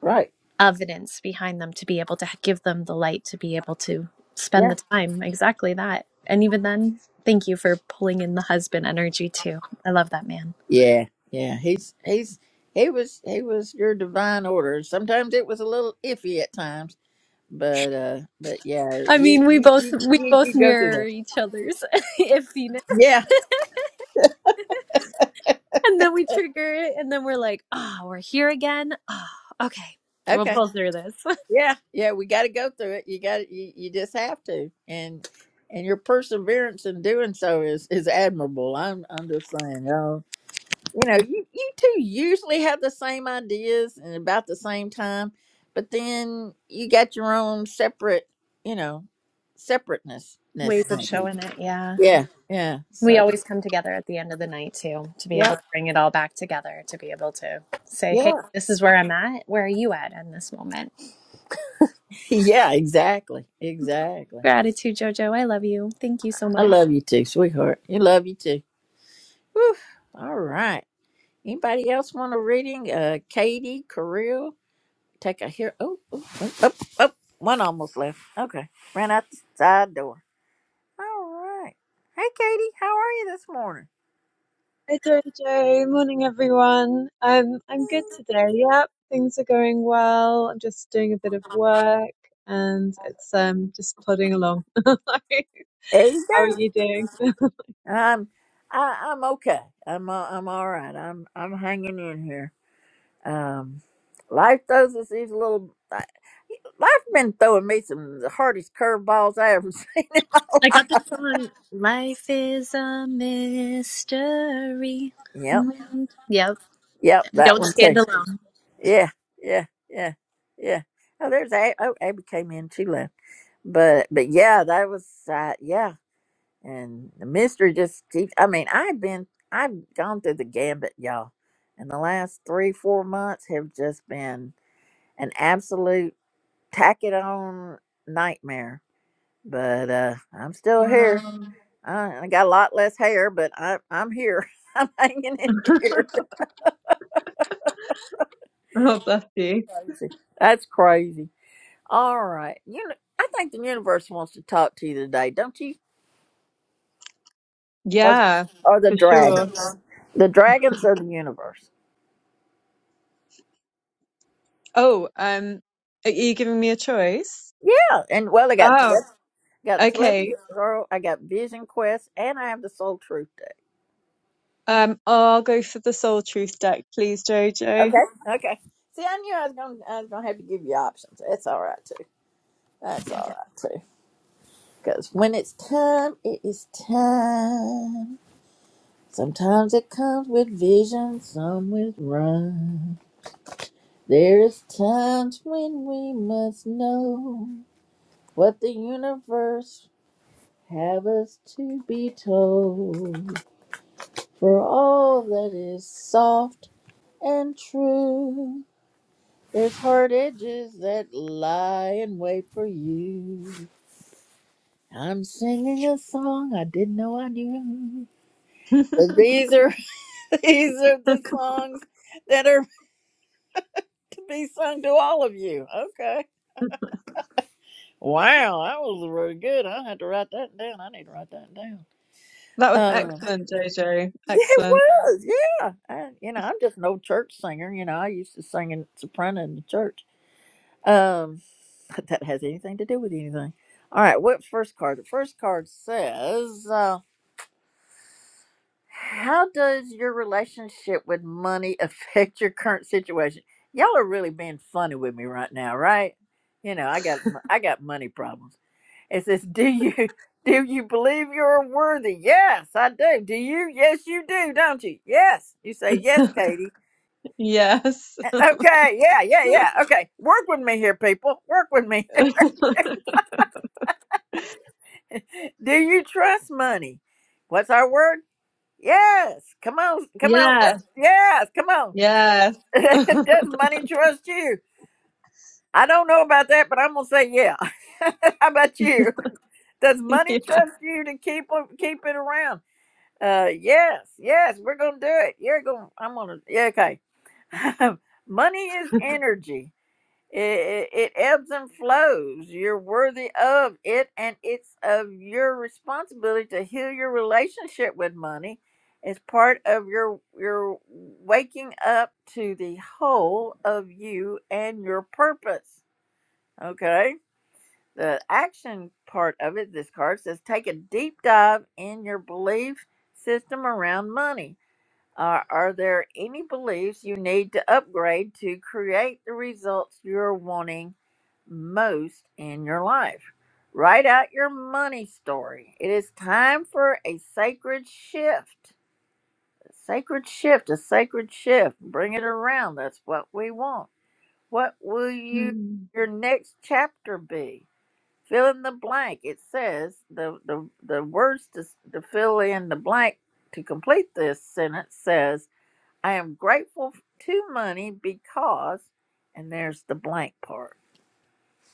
B: Right.
M: evidence behind them to be able to give them the light to be able to spend
B: Yeah.
M: the time exactly that and even then thank you for pulling in the husband energy too i love that man
B: Yeah. Yeah. He's he's he was he was your divine order. Sometimes it was a little iffy at times, but uh but yeah,
M: I
B: you
M: mean, we
B: you
M: both
B: you
M: we
B: you, you
M: both
B: go through
M: mirror
B: that.
M: each other's *laughs* iffiness,
B: Yeah.
M: and then we trigger it, and then we're like, "Ah, we're here again. Ah, okay, we'll
B: Okay.
M: pull through this." *laughs*
B: Yeah, yeah, we got to go through it. You got you, you just have to, and and your perseverance in doing so is is admirable. I'm I'm just saying, y'all. You know, you you two usually have the same ideas and about the same time, but then you got your own separate, you know, separateness.
M: Ways of showing it, yeah.
B: Yeah, yeah.
M: We
B: So
M: always come together at the end of the night too, to be able
B: yeah,
M: to bring it all back together, to be able to say, hey,
B: yeah,
M: this is where I'm at. Where are you at in this moment?
B: *laughs* yeah. Exactly, exactly.
M: Gratitude, JoJo. I love you. Thank you so
B: I
M: much.
B: love you too, sweetheart. You love you too. Whew. All right. Anybody else want a reading? Uh, Katie, Kirill, take a here. Oh, oh, oh, oh, oh, one almost left. Okay, ran out the side door. All right. Hey, Katie, how are you this morning?
N: Hi Jojo, morning everyone. Um, I'm good today. Yep, things are going well. I'm just doing a bit of work and it's um just plodding along. *laughs* How
B: There you
N: are you
B: go.
N: doing?
B: I'm, I, I'm okay. I'm, uh, I'm all right. I'm, I'm hanging in here. Um, life throws us these little. I, life been throwing me some of the hardest curveballs I ever *laughs* seen in my
M: I got
B: life.
M: this song. Life is a mystery.
B: Yep,
M: Yep,
B: yep,
M: we
B: that
M: don't
B: one too.
M: stand alone.
B: Yeah, yeah, yeah, yeah. Oh, there's a oh Abby came in. She left, but but yeah, that was uh, yeah. And the mystery just keeps. I mean, I've been I've gone through the gambit, y'all, and the last three four months have just been an absolute tack it on nightmare. But uh I'm still
N: Wow.
B: here. I, I got a lot less hair, but I, I'm here. *laughs* I'm hanging in here.
N: Oh, bless you.
B: Crazy. That's crazy. All right. You know, I think the universe wants to talk to you today, don't you? Or the,
N: Yeah,
B: or the
N: for
B: dragon.
N: sure.
B: The dragons are the universe.
N: Oh, um, are you giving me a choice?
B: Yeah. And well, I got
N: Oh,
B: telep- got telepathy
N: okay.
B: girl. I got vision quest, and I have the soul truth day.
N: Um, I'll go for the Soul Truth deck, please, Jojo.
B: Okay. Okay. See, I knew I was gonna I was gonna have to give you options. That's all right too. That's
N: Yeah.
B: all right too. Because when it's time, it is time. Sometimes it comes with vision, some with rhyme. There's times when we must know what the universe have us to be told. For all that is soft and true, there's hard edges that lie in wait for you. I'm singing a song I didn't know I knew.
N: *laughs*
B: But these are *laughs* these are the songs that are *laughs* to be sung to all of you. Okay. Wow, that was really good. I had to write that down. I need to write that down.
N: That was
B: Um,
N: excellent, Jojo.
B: *laughs* it
N: Excellent.
B: was. Yeah, I, you know, I'm just an old church singer. You know, I used to sing in soprano in the church. Um, *laughs* if that has anything to do with anything. All right, what first card? The first card says, uh, "How does your relationship with money *laughs* affect your current situation?" Y'all are really being funny with me right now, right? You know, I got I got money problems. It says, "Do you do you believe you're worthy?" Yes, I do. Do you? Yes, you do, don't you? Yes, you say yes, Katie. *laughs*
N: Yes.
B: Okay, yeah, yeah, yeah. Okay, work with me here, people. Work with me.
N: *laughs*
B: *laughs* do you trust money? What's our word? Yes. Come on, come on.
N: Yeah.
B: work- Yes, come on.
N: yes.
B: *laughs*
N: *laughs*
B: Does money trust you? I don't know about that, but I'm gonna say yeah. *laughs* How about you? Does money
N: Yeah.
B: trust you to keep keep it around? Uh, yes, yes, we're gonna do it. You're gonna, I'm gonna, yeah, okay. *laughs* Money is energy. It, it, it ebbs and flows. You're worthy of it, and it's of your responsibility to heal your relationship with money. It's part of your your waking up to the whole of you and your purpose. Okay. The action part of it, this card says, take a deep dive in your belief system around money uh, are there any beliefs you need to upgrade to create the results you're wanting most in your life? Write out your money story. It is time for a sacred shift. A sacred shift, a sacred shift. Bring it around. That's what we want. What will you
N: Mm.
B: your next chapter be? Fill in the blank. It says the the, the words to, to fill in the blank to complete this sentence says I am grateful to money because, and there's the blank part,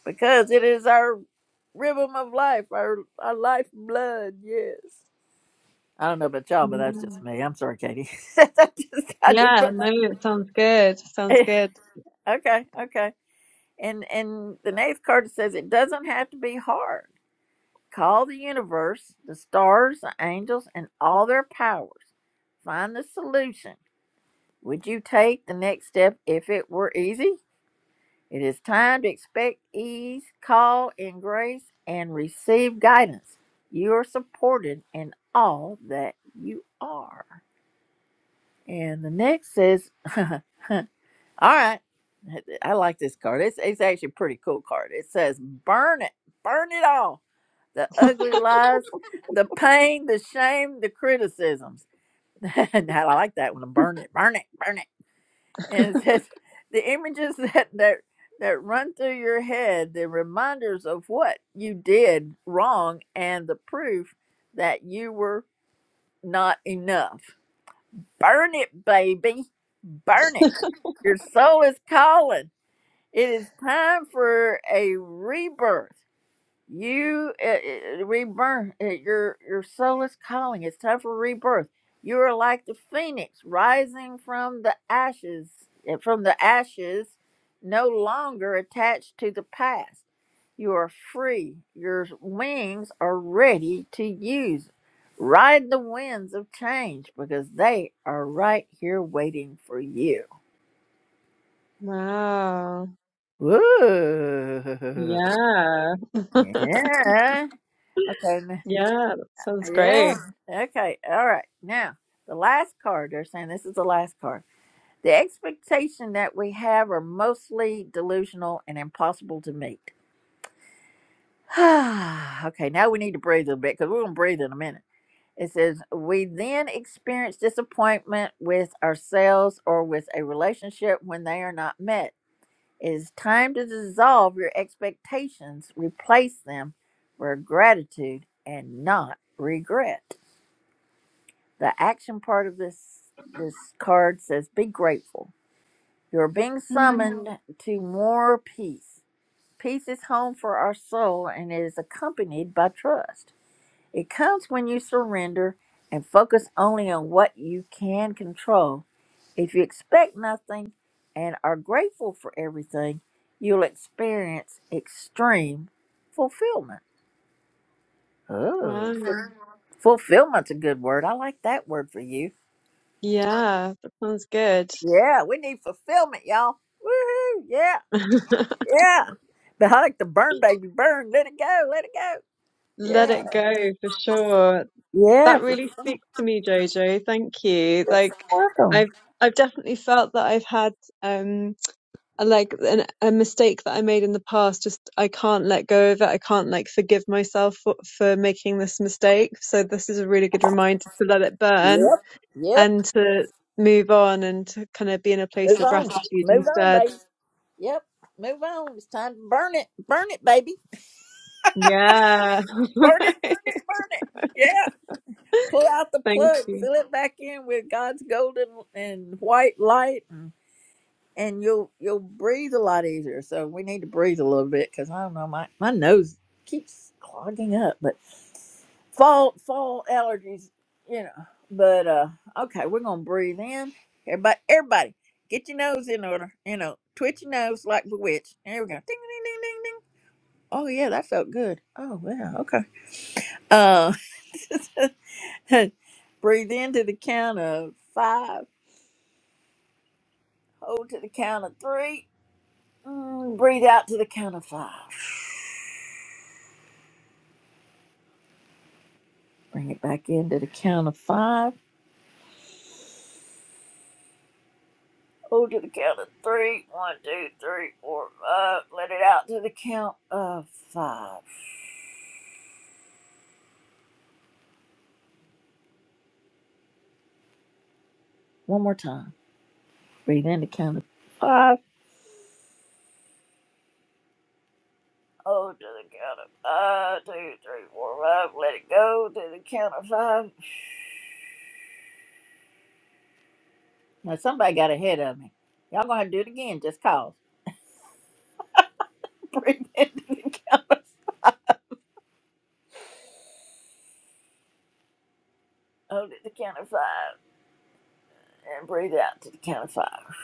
B: because it is our rhythm of life, our, our life blood. Yes. I don't know about y'all, but that's
N: Yeah.
B: just me. I'm sorry, Katie. *laughs* I just, I just put
N: Yeah, no, it sounds good. Sounds
B: my,
N: good.
B: *laughs* okay, okay. And and the ninth card says it doesn't have to be hard. Call the universe, the stars, the angels, and all their powers. Find the solution. Would you take the next step if it were easy? It is time to expect ease, call in grace, and receive guidance. You are supported in all that you are. And the next says, *laughs* All right. I like this card. It's, it's actually a pretty cool card. It says, Burn it, burn it all. The ugly lies, *laughs* the pain, the shame, the criticisms. *laughs* and I like that one. Burn it, burn it, burn it and *laughs* it
N: *laughs*
B: says the images that that that run through your head the reminders of what you did wrong and the proof that you were not enough burn it baby burn it your soul is calling it is time for a rebirth you uh, uh, rebirth. Uh, your your soul is calling. It's time for rebirth. You are like the phoenix rising from the ashes. uh, From the ashes, no longer attached to the past. You are free. Your wings are ready to use. Ride the winds of change because they are right here waiting for you.
N: Wow.
B: Ooh,
N: Yeah.
B: *laughs*
N: *laughs*
B: yeah. Okay.
N: Yeah, that sounds
B: Yeah.
N: great.
B: Okay. All right. Now, the last card, they're saying this is the last card. The expectation that we have are mostly delusional and impossible to meet. *sighs* okay. Now we need to breathe a bit because we're going to breathe in a minute. It says, we then experience disappointment with ourselves or with a relationship when they are not met. It is time to dissolve your expectations, replace them for gratitude and not regret. The action part of this this card says be grateful. You're being
N: Mm.
B: summoned to more peace. Peace is home for our soul and it is accompanied by trust. It comes when you surrender and focus only on what you can control. If you expect nothing and are grateful for everything, you'll experience extreme fulfillment.
N: Wow.
B: Oh, ful- fulfillment's a good word. I like that word for you.
N: Yeah, that sounds good.
B: Yeah, we need fulfillment, y'all. Woohoo! Yeah,
N: *laughs*
B: yeah. But I like the burn, baby, burn. Let it go, let it go.
N: Let it
B: Yeah,
N: go for sure.
B: yeah.
N: That
B: For
N: really speaks to me, Jojo. Thank you.
B: sure.
N: Like
B: Work on.
N: I've I've definitely felt that I've had um like an, a mistake that I made in the past. Just I can't let go of it. I can't like forgive myself for, for making this mistake. So this is a really good reminder to let it burn
B: Yep, yep.
N: and to move on and to kind of be in a place
B: Move
N: of
B: on,
N: gratitude
B: move on,
N: instead.
B: baby. Yep, move on. It's time to burn it, burn it, baby.
N: Yeah.
B: Burn
N: *laughs*
B: it, burn it, burn it. Yeah. Pull out the
N: Thank
B: plug,
N: you.
B: fill it back in with God's golden and white light. and you'll you'll breathe a lot easier. So we need to breathe a little bit because I don't know my my nose keeps clogging up. But fall fall allergies, you know. But uh, okay, we're gonna breathe in. Everybody, everybody, get your nose in order. You know, twitch your nose like the witch. There we go. Ding ding ding ding ding. Oh yeah, that felt good. Oh yeah, okay. Uh, *laughs* breathe into the count of five. Hold to the count of three Mm, breathe out to the count of five. Bring it back in to the count of five. Hold to the count of three. One, two, three, four, five. Let it out to the count of five. One more time. Breathe in to count of five. Hold to the count of five. Two, three, four, five. Let it go to the count of five. Now somebody got ahead of me. Y'all gonna have to do it again just cause. *laughs* Breathe in to the count of hold to the count of five and breathe out to the count of five.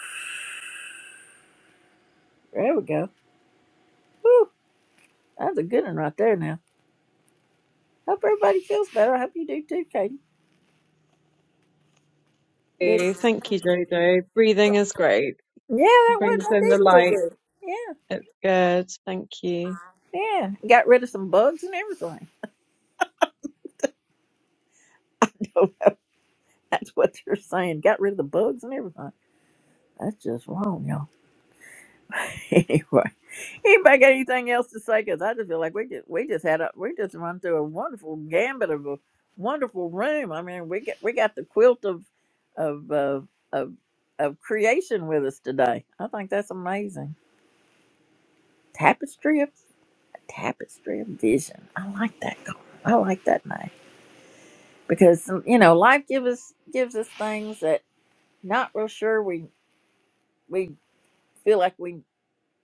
B: There we go. Whew, that's a good one right there now. Hope everybody feels better. I hope you do too, Katie. It-
N: Thank you, Jojo. Breathing is great.
B: yeah, that was
N: Brings
B: that
N: in the
B: did feel
N: light.
B: good. Yeah,
N: It's good. Thank you.
B: yeah. Got rid of some bugs and everything. *laughs* That's what they're saying. Got rid of the bugs and everything. That's just wrong, y'all. *laughs* Anyway, anybody got anything else to say? Because I just feel like we just we just had a we just run through a wonderful gambit of a wonderful room. I mean, we got we got the quilt of of uh, of of creation with us today. I think that's amazing. tapestry of tapestry of vision. I like that card. I like that name because um, you know life gives us gives us things that not real sure we we feel like we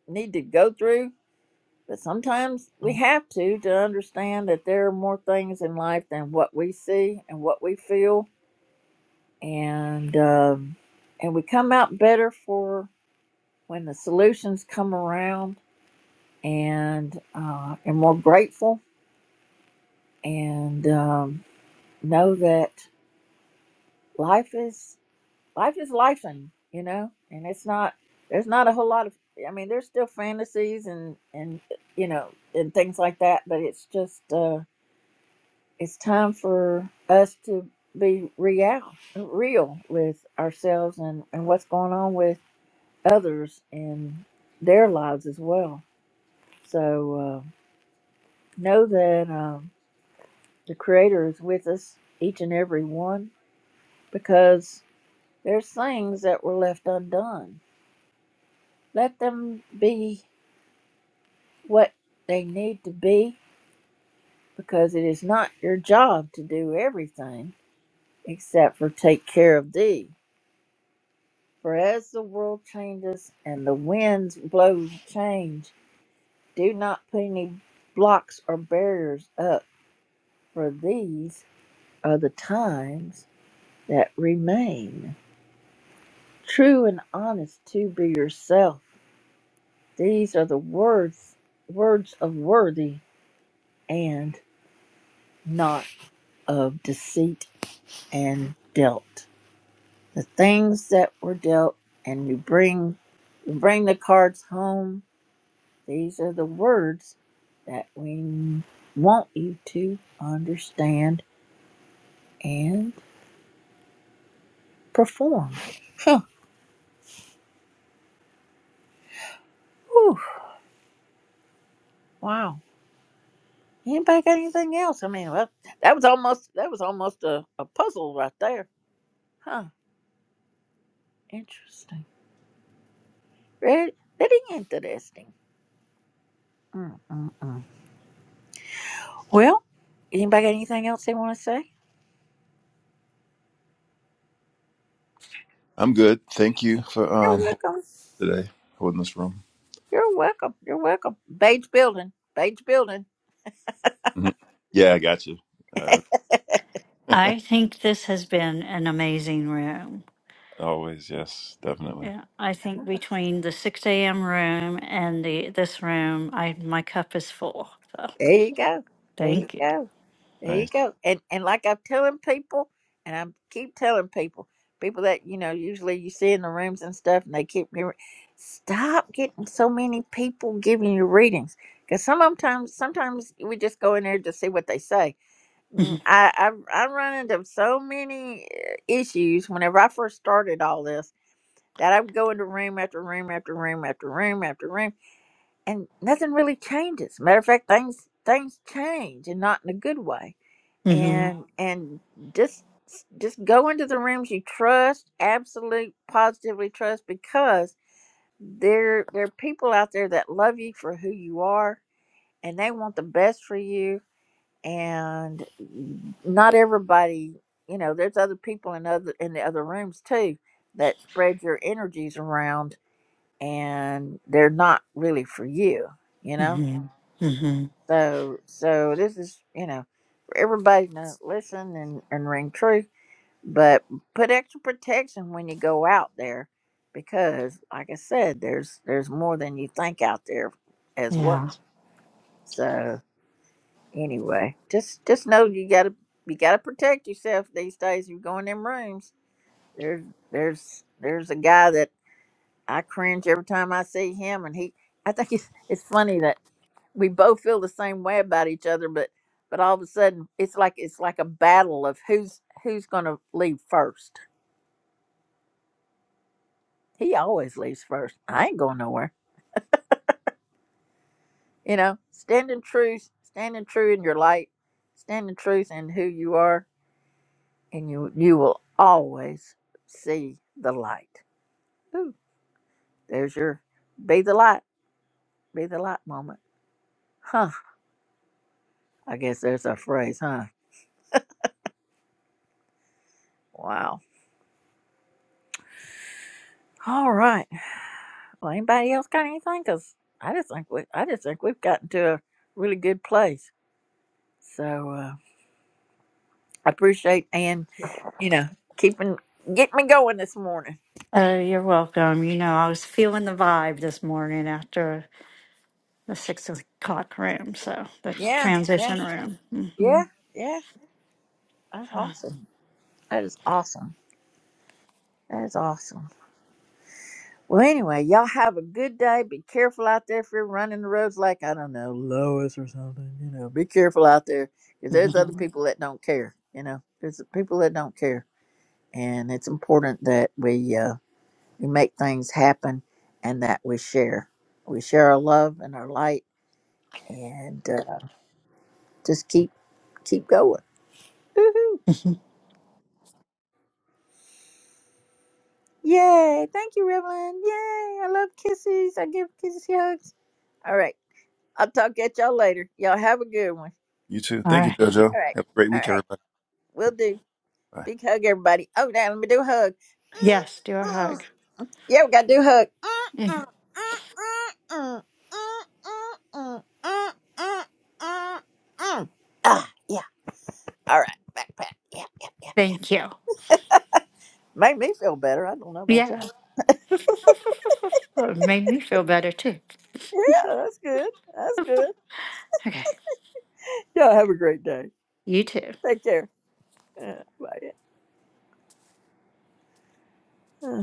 B: need to go through, but sometimes we have to to understand that there are more things in life than what we see and what we feel, and um, and we come out better for when the solutions come around and uh, and more grateful and. Um, know that life is life is life and you know and it's not there's not a whole lot of i mean there's still fantasies and and you know and things like that but it's just uh it's time for us to be real real with ourselves and and what's going on with others and their lives as well so uh know that um the creator is with us each and every one because There's things that were left undone. Let them be what they need to be because it is not your job to do everything except for take care of thee. For as the world changes and the winds blow change, do not put any blocks or barriers up, for these are the times that remain. True and honest to be yourself. These are the words words of worthy and not of deceit and dealt. The things that were dealt, and you bring you bring the cards home. These are the words that we want you to understand and perform. Whew, wow. Anybody got anything else? I mean, well, that was almost that was almost a, a puzzle right there. Huh. Interesting. Very, very interesting. Mm-mm-mm. Well, anybody got anything else they want to say?
I: I'm good. Thank you for
B: You're
I: um
B: welcome.
I: today holding this room.
B: You're welcome. You're welcome. Bates Building. Bates Building.
I: hmm Yeah, I got you. Uh,
A: I think this has been an amazing room.
I: always, yes, definitely.
A: Yeah, I think between the six a.m. room and the this room, I my cup is full. So
B: There you go. There you
A: thank
B: go. There you
I: Nice.
B: go. And and like I'm telling people, and I keep telling people, people that you know usually you see in the rooms and stuff, and they keep hearing, stop getting so many people giving you readings because sometimes sometimes we just go in there to see what they say. Mm, I I, I run into so many uh, issues whenever I first started all this that I would go into room after room after room after room after room, and nothing really changes. Matter of fact, things things change, and not in a good way.
A: you.
B: And and just just go into the rooms you trust, absolute positively trust, because there there are people out there that love you for who you are, and they want the best for you. And not everybody, you know, there's other people in other in the other rooms too that spread your energies around and they're not really for you, you know.
A: hmm hmm
B: So so this is you know for everybody to listen and and ring true, but put extra protection when you go out there because like I said, there's there's more than you think out there as well.
A: Yeah.
B: So anyway, just just know you gotta you gotta protect yourself these days. You go in them rooms. There's there's there's a guy that I cringe every time I see him, and he I think it's it's funny that. we both feel the same way about each other but but all of a sudden it's like it's like a battle of who's who's gonna leave first he always leaves first i ain't going nowhere you know standing truth standing true in your light standing truth in who you are and you you will always see the light Ooh, there's your be the light be the light moment huh i guess there's our phrase huh wow All right. Well, anybody else got anything? Cause I just think we, I just think we've gotten to a really good place. So uh, I appreciate Ann, you know, keeping getting me going this morning.
A: Oh, you're welcome. You know, I was feeling the vibe this morning after the six o'clock room, so the
B: Yeah, yeah,
A: transition room. hmm
B: yeah, yeah. That's awesome. That is awesome. That is awesome. Well, anyway, y'all have a good day. Be careful out there if you're running the roads like I don't know Lois or something. You know, be careful out there because there's other
A: Mhm.
B: people that don't care. You know, there's people that don't care. and it's important that we uh, we make things happen and that we share we share our love and our light and uh, just keep keep going Woohoo.
A: Mhm.
B: yay thank you Revlon yay I love kisses I give kisses hugs all right I'll talk at y'all later y'all have a good one
I: You too.
A: All
I: Thank you,
A: right.
I: JoJo.
B: all right
I: Have a great
B: all
I: week,
B: right
I: everybody.
B: we'll do
I: Bye.
B: big hug everybody oh now let me do a
A: Yes, do a
B: hug
A: hug.
B: Yeah, we gotta do hook.
A: Mhm.
B: Ah, yeah. All right. Backpack. Yeah, yeah, yeah, yeah.
A: Thank you.
B: Made me feel better. I don't know about y'all.
A: Yeah. *laughs* Well, it made me feel better too.
B: Yeah, that's good. That's good.
A: Okay.
B: Y'all have a great day.
A: You too.
B: Take care. Yeah, bye. Uh.